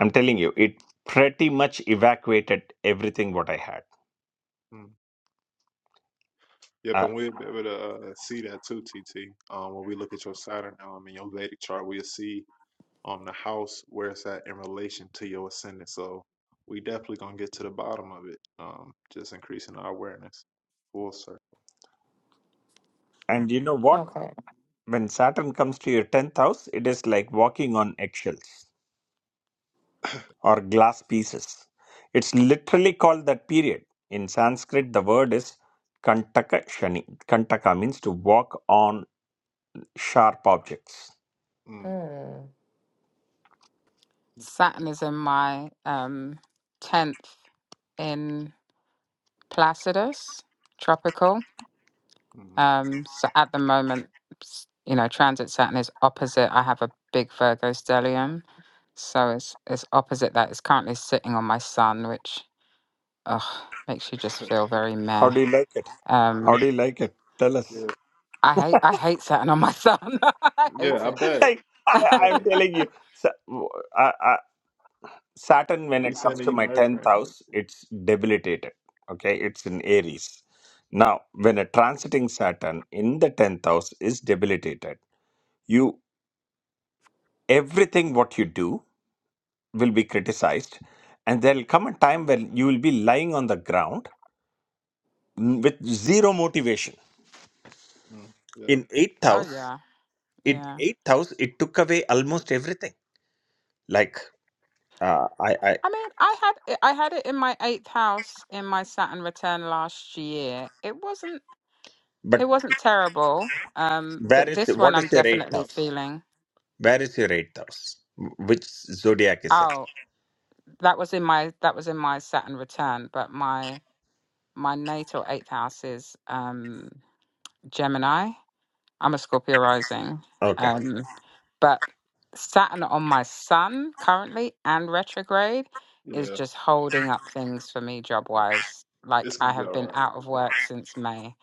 Speaker 9: I'm telling you, it pretty much evacuated everything what I had.
Speaker 1: mm. yep
Speaker 9: Uh,
Speaker 1: and we'll be able to uh, see that too tt um, when we look at your saturn um, in your vedic chart we'll see on the house where it's at in relation to your ascendant. So we definitely gonna get to the bottom of it. Um, just increasing our awareness. Full circle.
Speaker 9: and you know what?
Speaker 1: Uh,
Speaker 5: okay.
Speaker 9: When Saturn comes to your 10th house, it is like walking on eggshells or glass pieces. It's literally called that period. In Sanskrit, the word is Kantaka Shani. Kantaka means to walk on sharp objects.
Speaker 1: mm,
Speaker 5: Mm.
Speaker 2: Saturn is in my um tenth in Placidus, tropical.
Speaker 1: mm.
Speaker 2: Um, so at the moment, s- you know, transit Saturn is opposite. I have a big Virgo stellium, so it's it's opposite that. It's currently sitting on my Sun, which ugh, makes you just feel very
Speaker 9: How
Speaker 2: meh
Speaker 9: do you like it?
Speaker 2: Um,
Speaker 9: How do you like it? Tell us.
Speaker 1: yeah,
Speaker 2: I hate I hate sitting on my son. I hate
Speaker 1: yeah, I
Speaker 2: it.
Speaker 1: bet.
Speaker 9: Like, I,
Speaker 1: Yeah,
Speaker 9: I'm telling you, so, Saturn, when
Speaker 1: we
Speaker 9: it comes
Speaker 1: sending
Speaker 9: to
Speaker 1: you
Speaker 9: my 10th
Speaker 1: nurturing.
Speaker 9: house, it's debilitated. Okay, it's in Aries. Now, when a transiting Saturn in the 10th house is debilitated, you everything what you do will be criticized, and there'll come a time when you will be lying on the ground n- with zero motivation.
Speaker 1: Mm, yeah,
Speaker 9: In 8th
Speaker 2: oh
Speaker 9: house,
Speaker 2: yeah,
Speaker 9: in
Speaker 2: yeah.
Speaker 9: 8th house, it took away almost everything. Like, uh, I, I,
Speaker 2: I mean, I had it, I had it in my eighth house in my Saturn return last year. It wasn't it
Speaker 9: but
Speaker 2: wasn't terrible. Um,
Speaker 9: where
Speaker 2: but
Speaker 9: is
Speaker 2: this one
Speaker 9: what
Speaker 2: I'm
Speaker 9: is your 8th
Speaker 2: definitely
Speaker 9: house?
Speaker 2: feeling.
Speaker 9: Where is your eighth house? Which zodiac is it?
Speaker 2: Oh, that was in my that was in my Saturn return, but my my natal eighth house is um Gemini. I'm a Scorpio rising.
Speaker 9: Okay.
Speaker 2: Um, but Saturn on my Sun currently and retrograde is
Speaker 1: yeah,
Speaker 2: just holding up things for me job
Speaker 1: yeah.
Speaker 2: wise. Like
Speaker 1: It's
Speaker 2: I
Speaker 1: gonna be
Speaker 2: have
Speaker 1: all
Speaker 2: been
Speaker 1: right.
Speaker 2: out of work since May.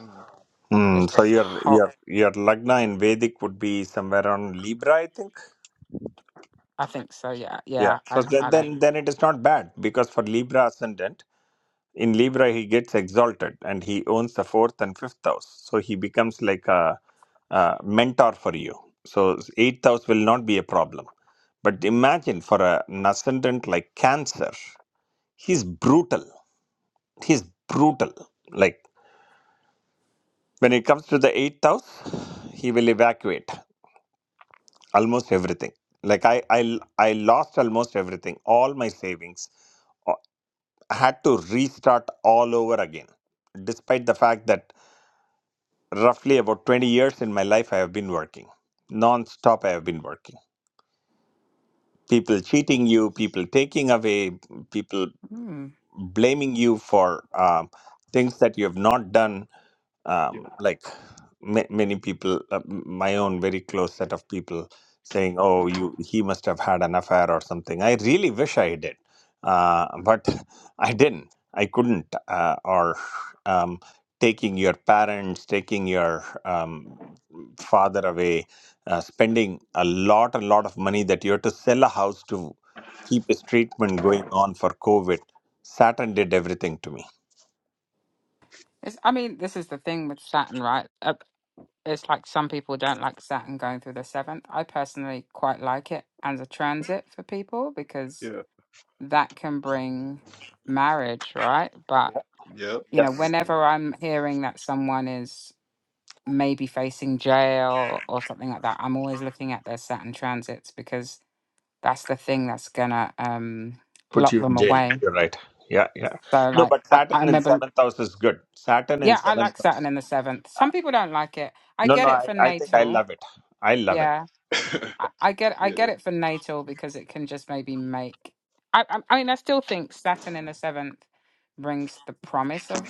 Speaker 1: Mm,
Speaker 9: Hmm.
Speaker 2: It's
Speaker 9: so
Speaker 2: just
Speaker 9: your
Speaker 2: hot.
Speaker 9: your your lagna in Vedic would be somewhere on Libra, I think.
Speaker 2: I think so. Yeah,
Speaker 9: Yeah.
Speaker 2: yeah.
Speaker 9: So
Speaker 2: I
Speaker 9: th-
Speaker 2: I don't.
Speaker 9: then then it is not bad because for Libra ascendant in Libra he gets exalted and he owns the fourth and fifth house, so he becomes like a, a mentor for you. So eighth house will not be a problem. But
Speaker 1: mm,
Speaker 9: imagine for a, an ascendant like Cancer, he's brutal. He's brutal. Like when it comes to the eighth house, he will evacuate. almost everything like i i i lost almost everything all my savings Uh, I had to restart all over again despite the fact that roughly about 20 years in my life i have been working non-stop i have been working people cheating you people taking away people
Speaker 2: Hmm.
Speaker 9: blaming you for um, things that you have not done um,
Speaker 1: yeah,
Speaker 9: like ma many people, uh, m- my own very close set of people, saying, "Oh, you he must have had an affair or something." I really wish I did, uh, but I didn't. I couldn't. Uh, or um, taking your parents, taking your um, father away, uh, spending a lot, a lot of money that you have to sell a house to keep his treatment going on for COVID Saturn did everything to me.
Speaker 2: It's. I mean, this is the thing with Saturn, right? Uh, it's like some people don't like Saturn going through the seventh. I personally quite like it as a transit for people because
Speaker 1: yeah,
Speaker 2: that can bring marriage, right? But
Speaker 9: Yeah.
Speaker 1: yep.
Speaker 2: you know,
Speaker 9: Yes.
Speaker 2: whenever I'm hearing that someone is maybe facing jail or something like that, I'm always looking at their Saturn transits because that's the thing that's gonna um
Speaker 9: Put
Speaker 2: lock
Speaker 9: you in
Speaker 2: them
Speaker 9: jail.
Speaker 2: away.
Speaker 9: You're right. Yeah, yeah.
Speaker 2: So
Speaker 9: No,
Speaker 2: like
Speaker 9: but
Speaker 2: I, I
Speaker 9: Saturn in
Speaker 2: remember
Speaker 9: seventh house is good. Saturn in
Speaker 2: yeah, I
Speaker 9: seventh
Speaker 2: like
Speaker 9: house.
Speaker 2: Saturn in the seventh.
Speaker 9: Uh,
Speaker 2: Some people don't like it. I
Speaker 9: No, no,
Speaker 2: get it
Speaker 9: I,
Speaker 2: for
Speaker 9: I think I
Speaker 2: natal.
Speaker 9: love it. I love it.
Speaker 2: Yeah.
Speaker 1: Okay.
Speaker 2: I, I get I
Speaker 1: yeah.
Speaker 2: get it for natal because it can just maybe make. I, I I mean I still think Saturn in the seventh brings the promise of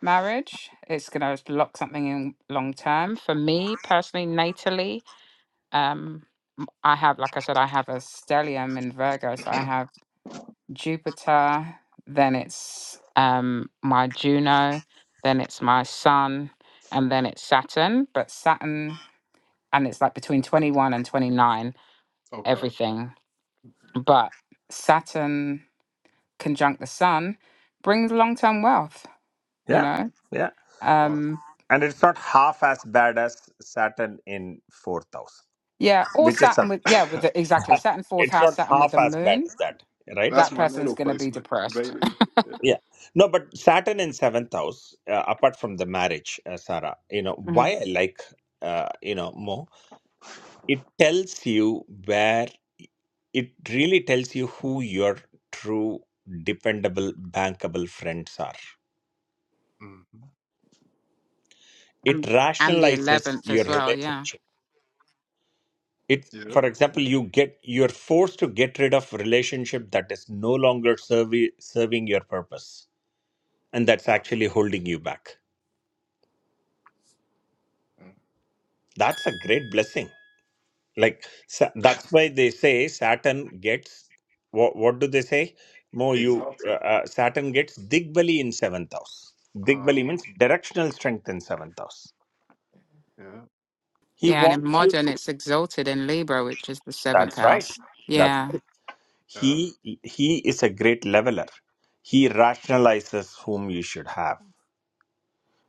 Speaker 2: marriage. It's gonna lock something in long term. For me personally, natally, um, m- I have like I said, I have a stellium in Virgo, so I have Jupiter. Then it's um my Juno. Then it's my Sun, and then it's Saturn. But Saturn, and it's like between twenty one and twenty nine
Speaker 1: Okay.
Speaker 2: everything. But Saturn conjunct the sun brings long term wealth, you
Speaker 9: Yeah,
Speaker 2: know?
Speaker 9: yeah.
Speaker 1: Wow.
Speaker 2: Um,
Speaker 9: And it's not half as bad as Saturn in fourth house,
Speaker 2: yeah, or
Speaker 9: which is
Speaker 2: Saturn
Speaker 9: a,
Speaker 2: with, yeah, with the, exactly Saturn fourth
Speaker 9: it's
Speaker 2: house,
Speaker 9: not
Speaker 2: Saturn with
Speaker 9: half
Speaker 2: the
Speaker 9: as bad
Speaker 2: moon,
Speaker 9: as that, right?
Speaker 1: That's
Speaker 2: that
Speaker 1: my
Speaker 2: person's
Speaker 1: natal
Speaker 2: going to be
Speaker 1: placement.
Speaker 2: depressed.
Speaker 1: Vedic.
Speaker 9: Yeah. No, but Saturn in seventh house, uh, apart from the marriage, uh, Sarah, you know,
Speaker 2: hmm
Speaker 9: why I like, uh, you know, more, it tells you where it really tells you who your true dependable bankable friends are
Speaker 1: Mm-hmm.
Speaker 9: it
Speaker 2: And, and the
Speaker 9: rationalizes
Speaker 2: 11th
Speaker 9: your
Speaker 2: as well, yeah.
Speaker 9: relationship it
Speaker 1: Yeah.
Speaker 9: for example you get you're forced to get rid of relationship that is no longer servi- serving your purpose and that's
Speaker 1: Wow.
Speaker 9: actually holding you back
Speaker 1: Mm.
Speaker 9: that's a great blessing like sa- that's why they say saturn gets what, what do they say Mo, you uh,
Speaker 1: Exalted.
Speaker 9: uh, Saturn gets Digbali in seventh house. Digbali
Speaker 1: Uh-huh.
Speaker 9: means directional strength in seventh house.
Speaker 1: Yeah,
Speaker 9: He
Speaker 2: Yeah, and in
Speaker 9: wants you
Speaker 2: modern,
Speaker 9: to.
Speaker 2: it's exalted in Libra, which is the seventh
Speaker 9: That's right.
Speaker 2: house.
Speaker 9: That's
Speaker 2: Yeah.
Speaker 9: right.
Speaker 1: yeah,
Speaker 9: He he is a great leveler. He rationalizes whom you should have.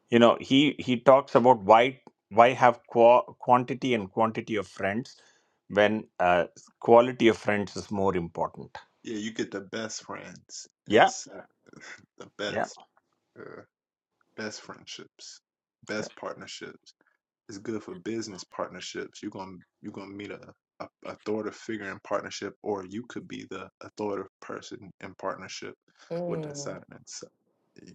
Speaker 9: You know, he he talks about why why have qua quantity and quantity of friends when uh, quality of friends is more important.
Speaker 1: yeah. You get the best friends and
Speaker 9: Yeah,
Speaker 1: sa- the
Speaker 9: yeah.
Speaker 1: best, uh, best friendships, best partnerships. It's good for business partnerships. You're gonna you're gonna meet a, a authoritative figure in partnership, or you could be the authoritative person in partnership with that
Speaker 5: Mm.
Speaker 1: Saturn. And Sa-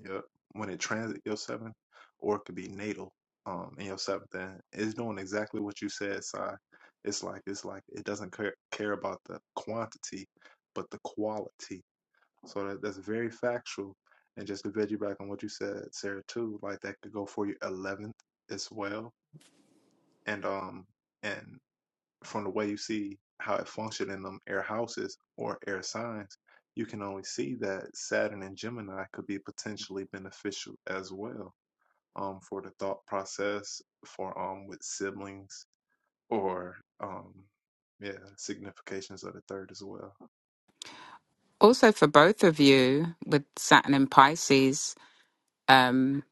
Speaker 1: Yep. When it transit your seventh, or it could be natal um in your seventh, and it's doing exactly what you said, Sai. It's like it's like it doesn't care, care about the quantity, but the quality. So that, that's very factual. And just to veggie back on what you said, Sarah, too, like that could go for your eleventh as well and um and from the way you see how it functioned in them air houses or air signs you can only see that saturn and gemini could be potentially beneficial as well um for the thought process for um with siblings or um yeah significations of the third as well
Speaker 2: Also, for both of you with Saturn in Pisces, um,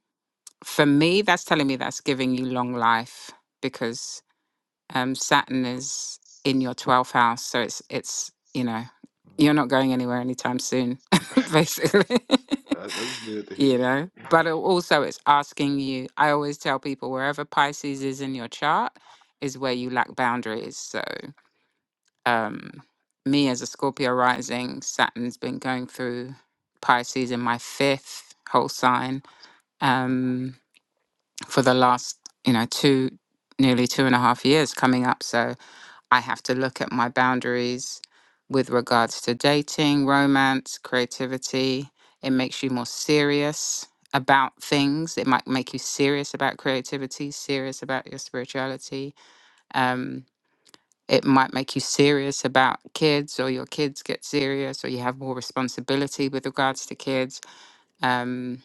Speaker 2: for me, that's telling me that's giving you long life because um, Saturn is in your 12th house. So it's, it's, you know,
Speaker 1: Mm,
Speaker 2: you're not going anywhere anytime soon, basically,
Speaker 1: that- that's good to
Speaker 2: you
Speaker 1: hear
Speaker 2: know. But it also, it's asking you, I always tell people wherever Pisces is in your chart is where you lack boundaries. So, um, me as a Scorpio rising, Saturn's been going through Pisces in my fifth whole sign
Speaker 1: okay
Speaker 2: um, for the last, you know, two, nearly two and a half years coming up. So, I have to look at my boundaries with regards to dating, romance, creativity. It makes you more serious about things. It might make you serious about creativity, serious about your spirituality. Um, it might make you serious about kids, or your kids get serious, or you have more responsibility with regards to kids. Um,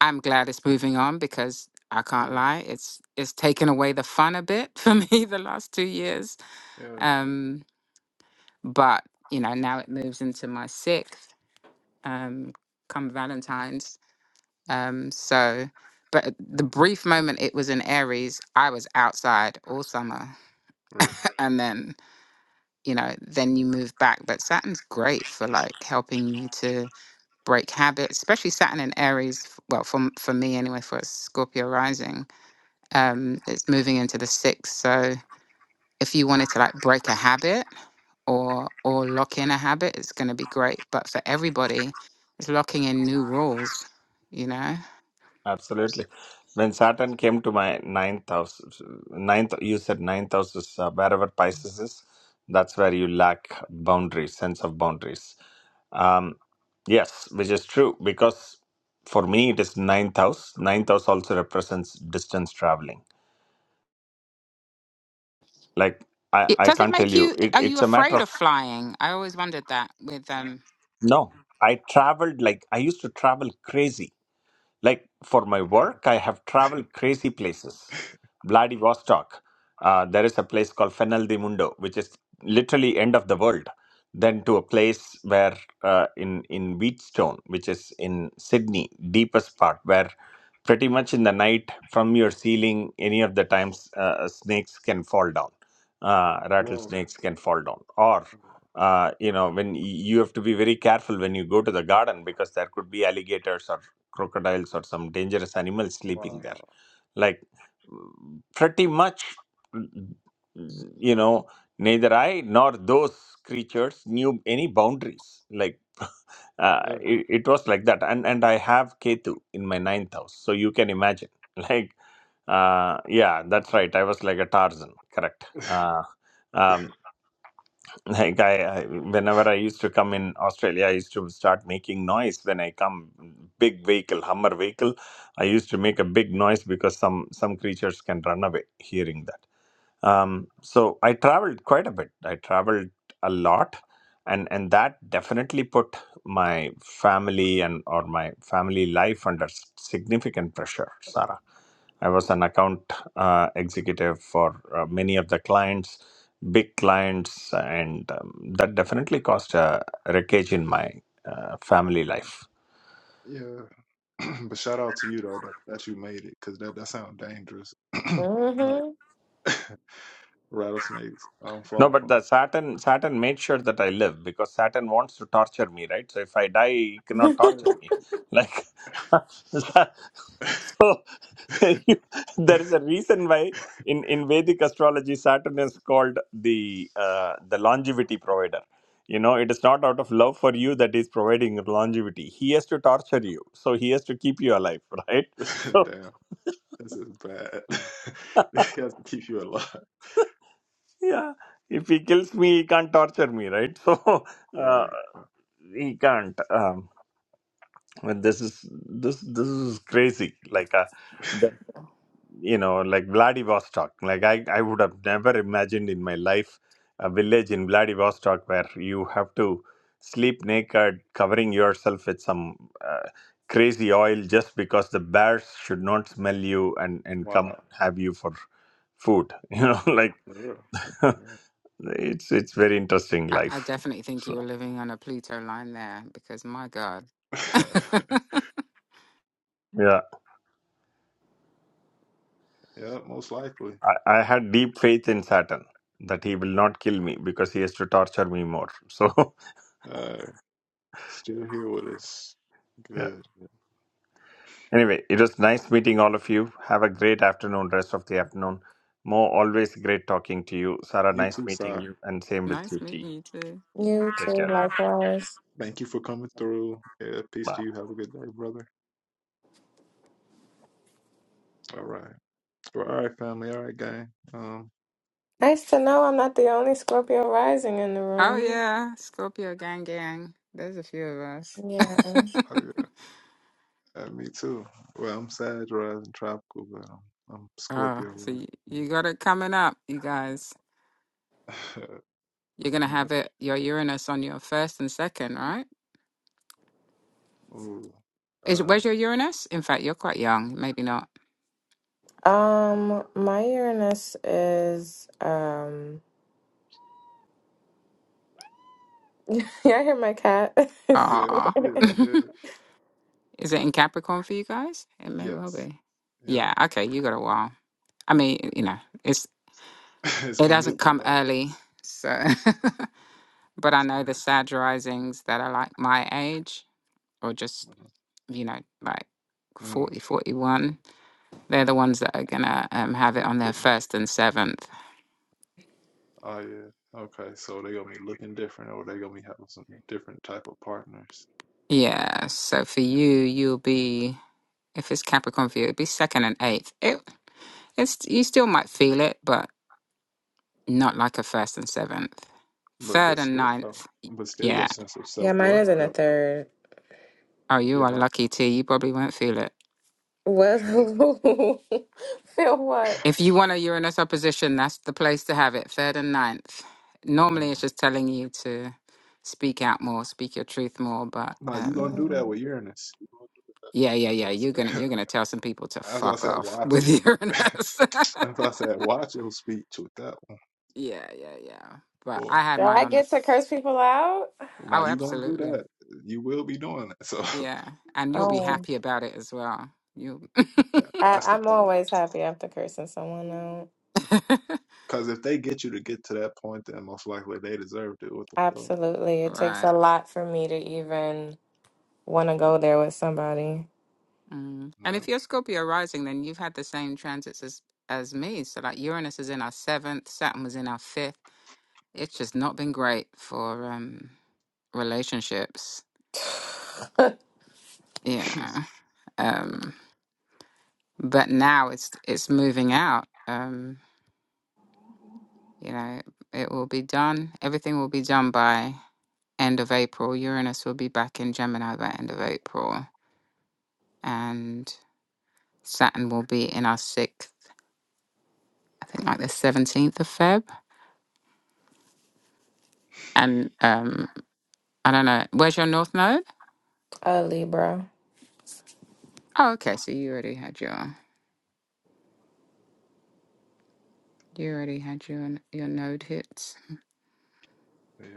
Speaker 2: I'm glad it's moving on because I can't
Speaker 1: yeah
Speaker 2: lie, it's it's taken away the fun a bit for me the last two years.
Speaker 1: yeah
Speaker 2: Um, but you know now it moves into my sixth um come valentine's um so but at the
Speaker 1: Mm,
Speaker 2: brief moment it was in aries i was outside all summer
Speaker 1: right
Speaker 2: and then you know then you move back but saturn's great for like helping you to break habits especially saturn in aries f- well for, m- for me anyway for a scorpio rising um it's moving into the sixth so if you wanted to like break a habit or or lock in a habit, it's going to be great. But for everybody, it's locking in new rules. You know,
Speaker 9: Absolutely. When Saturn came to my ninth house, ninth, you said ninth house is uh, wherever Pisces is, that's where you lack boundaries, sense of boundaries. Um, yes, which is true because for me it is ninth house. Ninth house also represents distance traveling. Like I,
Speaker 2: it,
Speaker 9: I
Speaker 2: does it
Speaker 9: can't tell
Speaker 2: make
Speaker 9: you,
Speaker 2: you?
Speaker 9: it,
Speaker 2: Are you
Speaker 9: it's a matter
Speaker 2: afraid
Speaker 9: of
Speaker 2: of flying? I always wondered that. With um,
Speaker 9: no. I traveled like I used to travel crazy Like for my work, I have traveled crazy places. Vladivostok, uh, there is a place called Fenel de Mundo, which is literally end of the world. Then to a place where uh, in in Wheatstone, which is in Sydney, deepest part, where pretty much in the night from your ceiling, any of the times uh, snakes can fall down, uh,
Speaker 1: wow
Speaker 9: rattlesnakes can fall down, or uh, you know when y- you have to be very careful when you go to the garden because there could be alligators or crocodiles or some dangerous animals sleeping there.
Speaker 1: wow
Speaker 9: Like mm, pretty much, mm, you know, neither I nor those creatures knew any boundaries. Like uh,
Speaker 1: yeah
Speaker 9: it, it was like that, and and I have Ketu in my ninth house, so you can imagine. Like uh, yeah, that's right. I was like a Tarzan, correct? Uh, um, like I, I whenever i used to come in australia i used to start making noise when i come big vehicle hummer vehicle i used to make a big noise because some some creatures can run away hearing that um, so i traveled quite a bit i traveled a lot and and that definitely put my family and or my family life under s- significant pressure sarah i was an account uh, executive for uh, many of the clients big clients and um, that definitely caused a wreckage in my uh, family life
Speaker 1: yeah but shout out to you though that, that you made it because that that sounds dangerous. like
Speaker 5: Mm-hmm.
Speaker 1: rattlesnakes, I'm
Speaker 9: No,
Speaker 1: falling
Speaker 9: but
Speaker 1: from.
Speaker 9: the Saturn Saturn made sure that I live because Saturn wants to torture me, right? So if I die, he cannot torture
Speaker 1: them.
Speaker 9: me. Like
Speaker 1: Hey.
Speaker 9: so, you, there is a reason why in, in Vedic astrology Saturn is called the uh, the longevity provider. You know, it is not out of love for you that is providing longevity. He has to torture you, so he has to keep you alive, right? So
Speaker 1: Damn, this is bad. this has to keep you alive,
Speaker 9: yeah, if he kills me, he can't torture me, right? So uh,
Speaker 1: right?
Speaker 9: he can't. Um, But this is this this is crazy. Like uh, that, you know, like Vladivostok. Like I I would have never imagined in my life a village in Vladivostok where you have to sleep naked, covering yourself with some uh, crazy oil just because the bears should not smell you and and come
Speaker 1: wow.
Speaker 9: have you for food. You know, like
Speaker 1: Yeah. yeah,
Speaker 9: it's it's very interesting
Speaker 2: I, I
Speaker 9: life.
Speaker 2: definitely think you
Speaker 9: So
Speaker 2: were living on a Pluto line there because my God.
Speaker 9: yeah.
Speaker 1: Yeah, most likely.
Speaker 9: I, I had deep faith in Saturn that he will not kill me because he has to torture me more. So,
Speaker 1: Uh, still here with us.
Speaker 9: yeah.
Speaker 1: Good.
Speaker 9: Anyway, it was nice meeting all of you. Have a great afternoon, rest of the afternoon. Mo, always great talking to you. Sarah,
Speaker 1: You
Speaker 9: nice
Speaker 1: too,
Speaker 9: meeting
Speaker 1: Sai.
Speaker 9: you. And same with
Speaker 2: nice
Speaker 9: you, T.
Speaker 2: meeting you too. Yeah.
Speaker 5: You too,
Speaker 9: Take care.
Speaker 5: likewise.
Speaker 1: Thank you for coming through. Yeah, peace
Speaker 9: Bye.
Speaker 1: to you. Have a good day, brother. All right. Well, all right, family. All right, gang. Um,
Speaker 5: Nice to know I'm not the only Scorpio rising in the
Speaker 2: Oh
Speaker 5: room.
Speaker 2: yeah, Scorpio gang gang. There's a few of us.
Speaker 5: Yeah.
Speaker 1: I, Uh, me too. Well, I'm Sag rising tropical, but I'm, I'm
Speaker 2: oh,
Speaker 1: Scorpio
Speaker 2: so
Speaker 1: rising.
Speaker 2: you, you got it coming up, you guys. You're gonna
Speaker 1: yeah.
Speaker 2: have it your Uranus on your first and second, right?
Speaker 1: Ooh.
Speaker 2: Is
Speaker 1: Uh,
Speaker 2: where's your Uranus? In fact, you're quite young. Maybe not.
Speaker 5: Um, my Uranus is um yeah, I hear my cat.
Speaker 1: yeah.
Speaker 2: Ah,
Speaker 1: Yeah. I did it.
Speaker 2: is it in Capricorn for you guys? It may well
Speaker 1: Yes.
Speaker 2: be.
Speaker 1: Yeah.
Speaker 2: Yeah. Okay, you got a while. I mean, you know, it's
Speaker 1: it's
Speaker 2: it
Speaker 1: gonna get
Speaker 2: doesn't
Speaker 1: there
Speaker 2: come
Speaker 1: though.
Speaker 2: early, so. but I
Speaker 1: It's
Speaker 2: know
Speaker 1: gonna
Speaker 2: the Sag risings that are like my age, or just
Speaker 1: get
Speaker 2: you know, like
Speaker 1: there. Mm,
Speaker 2: forty, forty-one. They're the ones that are gonna um, have it
Speaker 1: they
Speaker 2: on their
Speaker 1: getting it.
Speaker 2: first and seventh.
Speaker 1: Oh yeah. Okay. So they gonna be looking different, or they gonna be having some different type of partners.
Speaker 2: Yeah. So for you, you'll be. If it's Capricorn for you, it'd be second and eighth. It, it's you still might feel it, but not like a first and seventh.
Speaker 1: But but
Speaker 2: Third and
Speaker 1: still, though,
Speaker 2: ninth, y-
Speaker 1: but still,
Speaker 2: yeah.
Speaker 1: your sense of
Speaker 5: yeah,
Speaker 1: self
Speaker 5: mine
Speaker 1: worth
Speaker 5: is in the
Speaker 1: though.
Speaker 5: third.
Speaker 2: Oh, you
Speaker 1: Yeah.
Speaker 2: are
Speaker 1: My.
Speaker 2: lucky too. You probably won't feel it.
Speaker 5: What
Speaker 1: Yeah.
Speaker 5: feel what?
Speaker 2: If you want a Uranus opposition, that's the place to have it. Third and ninth. Normally,
Speaker 1: Mm.
Speaker 2: it's just telling you to speak out more, speak your truth more. But
Speaker 1: Nah, you gonna
Speaker 2: um,
Speaker 1: do that
Speaker 5: Mm.
Speaker 1: with Uranus. You
Speaker 2: yeah, yeah,
Speaker 1: That's
Speaker 2: yeah.
Speaker 1: what I
Speaker 2: You're gonna
Speaker 1: said.
Speaker 2: you're gonna tell some people to
Speaker 1: That's what I
Speaker 2: fuck
Speaker 1: said.
Speaker 2: off
Speaker 1: Watch it.
Speaker 2: with Uranus.
Speaker 1: As I said, watch your speech with that one.
Speaker 2: yeah, yeah, yeah. But
Speaker 1: Boy,
Speaker 2: I had
Speaker 5: Do
Speaker 2: mine
Speaker 5: I
Speaker 2: on the.
Speaker 5: get to
Speaker 2: F-
Speaker 5: curse people out?
Speaker 1: now
Speaker 2: oh,
Speaker 1: you gonna do
Speaker 2: absolutely.
Speaker 1: that. You will be doing that. So
Speaker 2: Yeah, and
Speaker 1: it's
Speaker 2: you'll be
Speaker 1: just keep
Speaker 5: Oh.
Speaker 2: happy about it as well. You
Speaker 1: that.
Speaker 5: I,
Speaker 1: That's the
Speaker 5: I'm
Speaker 1: part.
Speaker 5: always happy after cursing someone out.
Speaker 1: Because if they get you to get to that point, then most likely they deserved it. What the fuck?
Speaker 5: Absolutely. It takes
Speaker 2: right.
Speaker 5: a lot for me to even want to go there with somebody.
Speaker 2: Mm. And if you're Scorpio rising, then you've had the same transits as as me. So like Uranus is in our seventh, Saturn was in our fifth. It's just not been great for um relationships.
Speaker 1: Yeah.
Speaker 2: Yeah. Um but now it's it's moving out. Um, you know, it will be done. Everything will be done by end of April. Uranus will be back in Gemini by end of April. And Saturn will be in our sixth, I think like the 17th of Feb. And um, I don't know, where's your north node?
Speaker 5: A Libra.
Speaker 2: Oh, okay. So you already had your you already had your your node hits.
Speaker 1: yeah.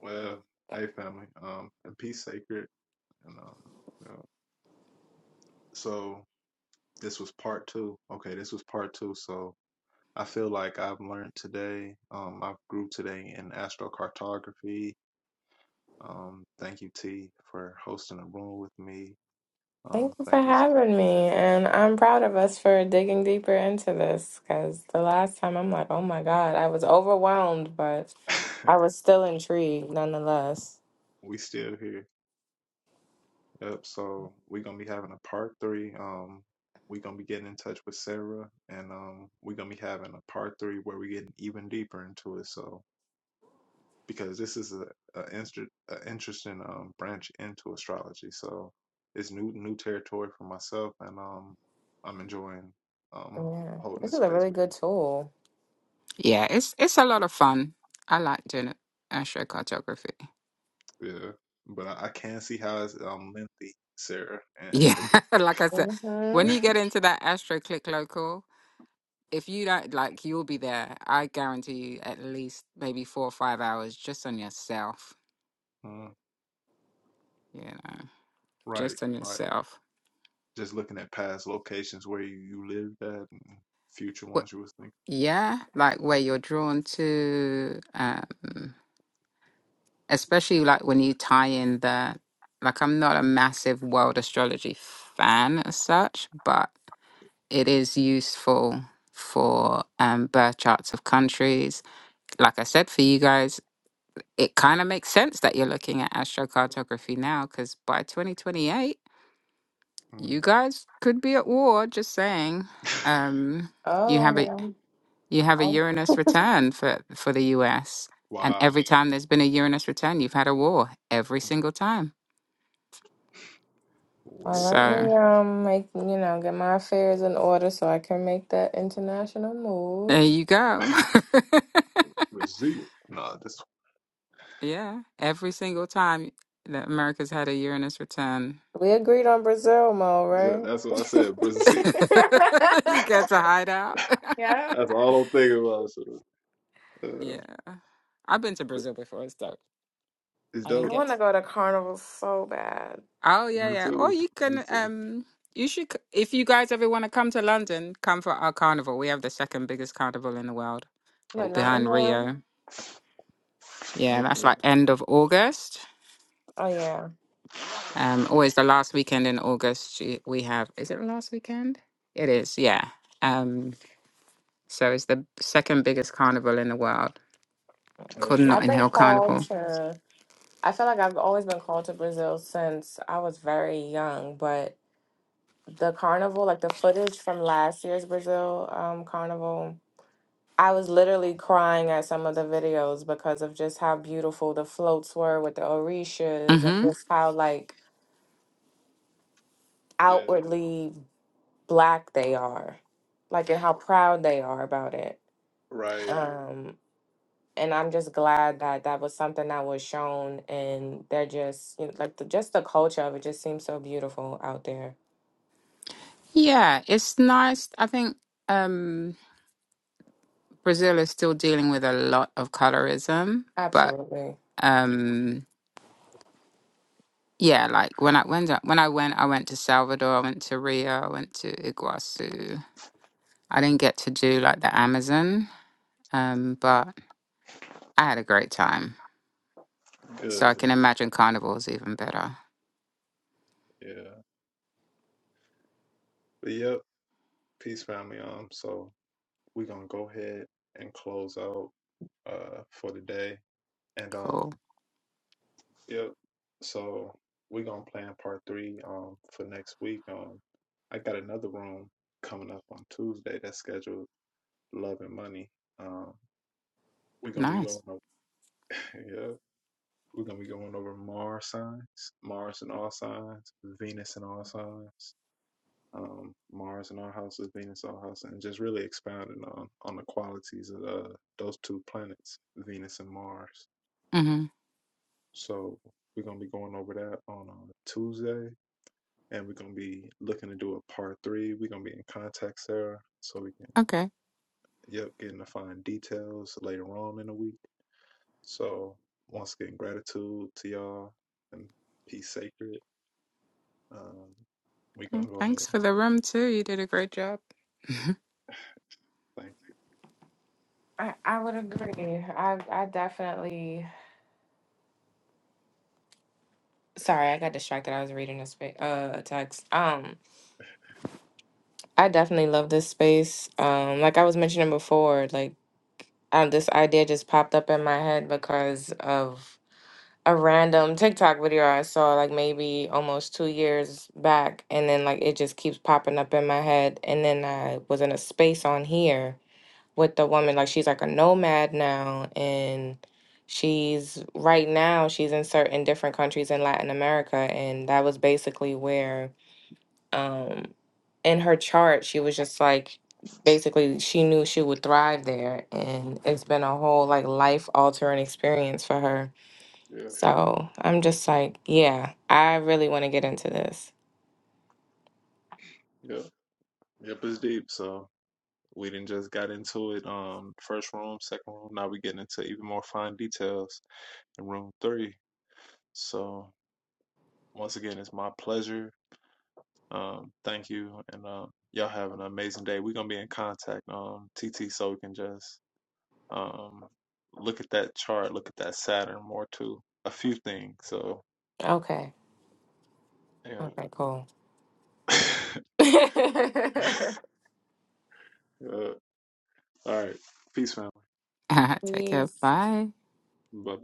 Speaker 1: Well, hey family. Um, and peace sacred. And um, yeah. so This was part two. Okay, this was part two. So I feel like I've learned today. Um, I've grew today in astrocartography. Um, thank you, T, for hosting a room with me.
Speaker 5: Thank
Speaker 1: Um,
Speaker 5: you for
Speaker 1: thank you.
Speaker 5: having me. And I'm proud of us for digging deeper into this because the last time I'm like, oh my God, I was overwhelmed, but I was still intrigued nonetheless.
Speaker 1: we still here. Yep. So we're gonna be having a part three. Um, we're gonna be getting in touch with Sarah, and um, we're gonna be having a part three where we get even deeper into it. So because this is a, a, inter, a interesting um, branch into astrology. So it's new new territory for myself, and um, I'm enjoying um,
Speaker 5: Yeah,
Speaker 1: holding
Speaker 5: this
Speaker 1: this
Speaker 5: is a
Speaker 1: space
Speaker 5: really
Speaker 1: with
Speaker 5: good tool.
Speaker 2: Yeah, it's it's a lot of fun. I like doing astrocartography.
Speaker 1: you. Yeah, but I, I can see how it's um, lengthy, Sarah,
Speaker 2: Yeah,
Speaker 1: because
Speaker 2: like I said, when
Speaker 5: Mm-hmm.
Speaker 2: you get into that astro click local, if you don't like, you'll be there. I guarantee you at least maybe four or five hours just on yourself.
Speaker 1: mm,
Speaker 2: You know,
Speaker 1: right,
Speaker 2: just on
Speaker 1: right.
Speaker 2: yourself.
Speaker 1: Just looking at past locations where you, you lived at, and future ones you was
Speaker 2: Yeah, like where you're drawn to, um, especially like when you tie in the, like I'm not a massive world astrology fan as such, but it is useful for um, birth charts of countries. Like I said, for you guys, it kind of makes sense that you're looking at astrocartography now, because by 2028, you
Speaker 1: thinking.
Speaker 2: guys could be at war, just saying.
Speaker 1: mhm.
Speaker 2: Um, you
Speaker 5: Oh,
Speaker 2: have a
Speaker 5: well,
Speaker 2: You have a Uranus return for, for the US. And
Speaker 1: wow.
Speaker 2: every time there's been a Uranus return, you've had a war every
Speaker 1: Mhm.
Speaker 2: single time.
Speaker 5: well,
Speaker 1: Welp.
Speaker 5: let
Speaker 2: So
Speaker 5: me um make you know get my affairs in order so I can make that international move.
Speaker 2: there you go.
Speaker 1: Brazil. nah, that's
Speaker 2: yeah. Every single time that America's had a Uranus return,
Speaker 5: We agreed on Brazil, Mo,
Speaker 1: yeah,
Speaker 5: right?
Speaker 1: that's what I said. Brazil.
Speaker 2: you get to hide out.
Speaker 5: yeah,
Speaker 1: That's all I'm thinking about. So, uh,
Speaker 2: yeah. I've been to Brazil before. It's dope.
Speaker 1: it's
Speaker 2: I didn't
Speaker 5: I
Speaker 1: dope.
Speaker 5: want
Speaker 2: get.
Speaker 5: to go to Carnival so bad,
Speaker 2: Oh yeah,
Speaker 1: Me
Speaker 2: yeah. Or
Speaker 1: too.
Speaker 2: you
Speaker 1: Me
Speaker 2: can
Speaker 1: too.
Speaker 2: um. You should, c- if you guys ever want to come to London, come for our carnival. We have the second biggest carnival in the world
Speaker 5: but
Speaker 1: Okay.
Speaker 2: behind
Speaker 5: Nottingham.
Speaker 2: Rio. Yeah, that's
Speaker 1: Okay.
Speaker 2: like end of August.
Speaker 5: Oh yeah,
Speaker 2: Um, always the last weekend in August she- we have. Is it the last weekend? It is. Yeah. Um, so it's the second biggest carnival in the world, called
Speaker 1: Okay.
Speaker 5: I've
Speaker 2: Notting
Speaker 5: been
Speaker 2: Hill
Speaker 5: called
Speaker 2: Carnival.
Speaker 5: to. I feel like I've always been called to Brazil since I was very young. But the carnival, like the footage from last year's Brazil um, carnival, I was literally crying at some of the videos because of just how beautiful the floats were with the orishas and
Speaker 2: hmm
Speaker 5: just how like
Speaker 1: Yeah.
Speaker 5: outwardly black they are, like and how proud they are about it.
Speaker 1: Right.
Speaker 5: and I'm just glad that that was something that was shown, and they're just you know, like the, just the culture of it just seems so beautiful out there.
Speaker 2: Yeah, it's nice. I think um, Brazil is still dealing with a lot of colorism, but
Speaker 5: Absolutely,
Speaker 1: Yeah.
Speaker 2: um, yeah, like when I went, when I went, I went to Salvador, I went to Rio, I went to Iguazu. I didn't get to do like the Amazon, um, but I had a great time. So I
Speaker 1: Good.
Speaker 2: can imagine carnival's even better.
Speaker 1: Yeah. But yep. Peace, family. Um. So we're gonna go ahead and close out uh for the day. And um.
Speaker 2: Cool.
Speaker 1: Yep. So we're gonna plan part three um for next week. Um, I got another room coming up on Tuesday that's scheduled. Love and money. Um, we're gonna be going.
Speaker 2: Nice.
Speaker 1: Over, yeah. We're gonna be going over Mars signs, Mars in all signs, Venus in all signs, um, Mars in all houses, Venus in all houses, and just really expounding on on the qualities of uh, those two planets, Venus and Mars.
Speaker 2: Mm-hmm.
Speaker 1: So we're gonna be going over that on uh, Tuesday, and we're gonna be looking to do a part three. We're gonna be in contact Sarah, so we can
Speaker 2: Okay.
Speaker 1: yep get into fine details later on in the week. So once again, gratitude to y'all and peace sacred. Um, we
Speaker 2: Mm,
Speaker 1: gonna go ahead. and
Speaker 2: Thanks for the room, too. You did a great job.
Speaker 1: Thank
Speaker 5: I I would agree. I I definitely. Sorry, I got distracted. I was reading a space uh a text. Um, I definitely love this space. Um, like I was mentioning before, like um, this idea just popped up in my head because of a random TikTok video I saw like maybe almost two years back, and then like it just keeps popping up in my head. And then I was in a space on here with the woman, like she's like a nomad now, and she's right now she's in certain different countries in Latin America, and that was basically where um in her chart she was just like basically she knew she would thrive there and it's been a whole like life altering experience for her
Speaker 1: you. Yeah,
Speaker 5: so I'm just like, yeah, I really want to get into this.
Speaker 1: yeah, yep. It's deep. So we didn't just got into it. Um, first room, second room. Now we getting into even more fine details in room three. So once again, it's my pleasure. Um, thank you, and uh, y'all have an amazing day. We're gonna be in contact. Um, TT, so we can just um look at that chart, look at that Saturn more too. A few things. So
Speaker 5: Okay.
Speaker 1: yeah.
Speaker 5: Okay, cool.
Speaker 1: yeah. All right. Peace, family.
Speaker 2: Take care.
Speaker 5: Please.
Speaker 2: Bye.
Speaker 1: Bye.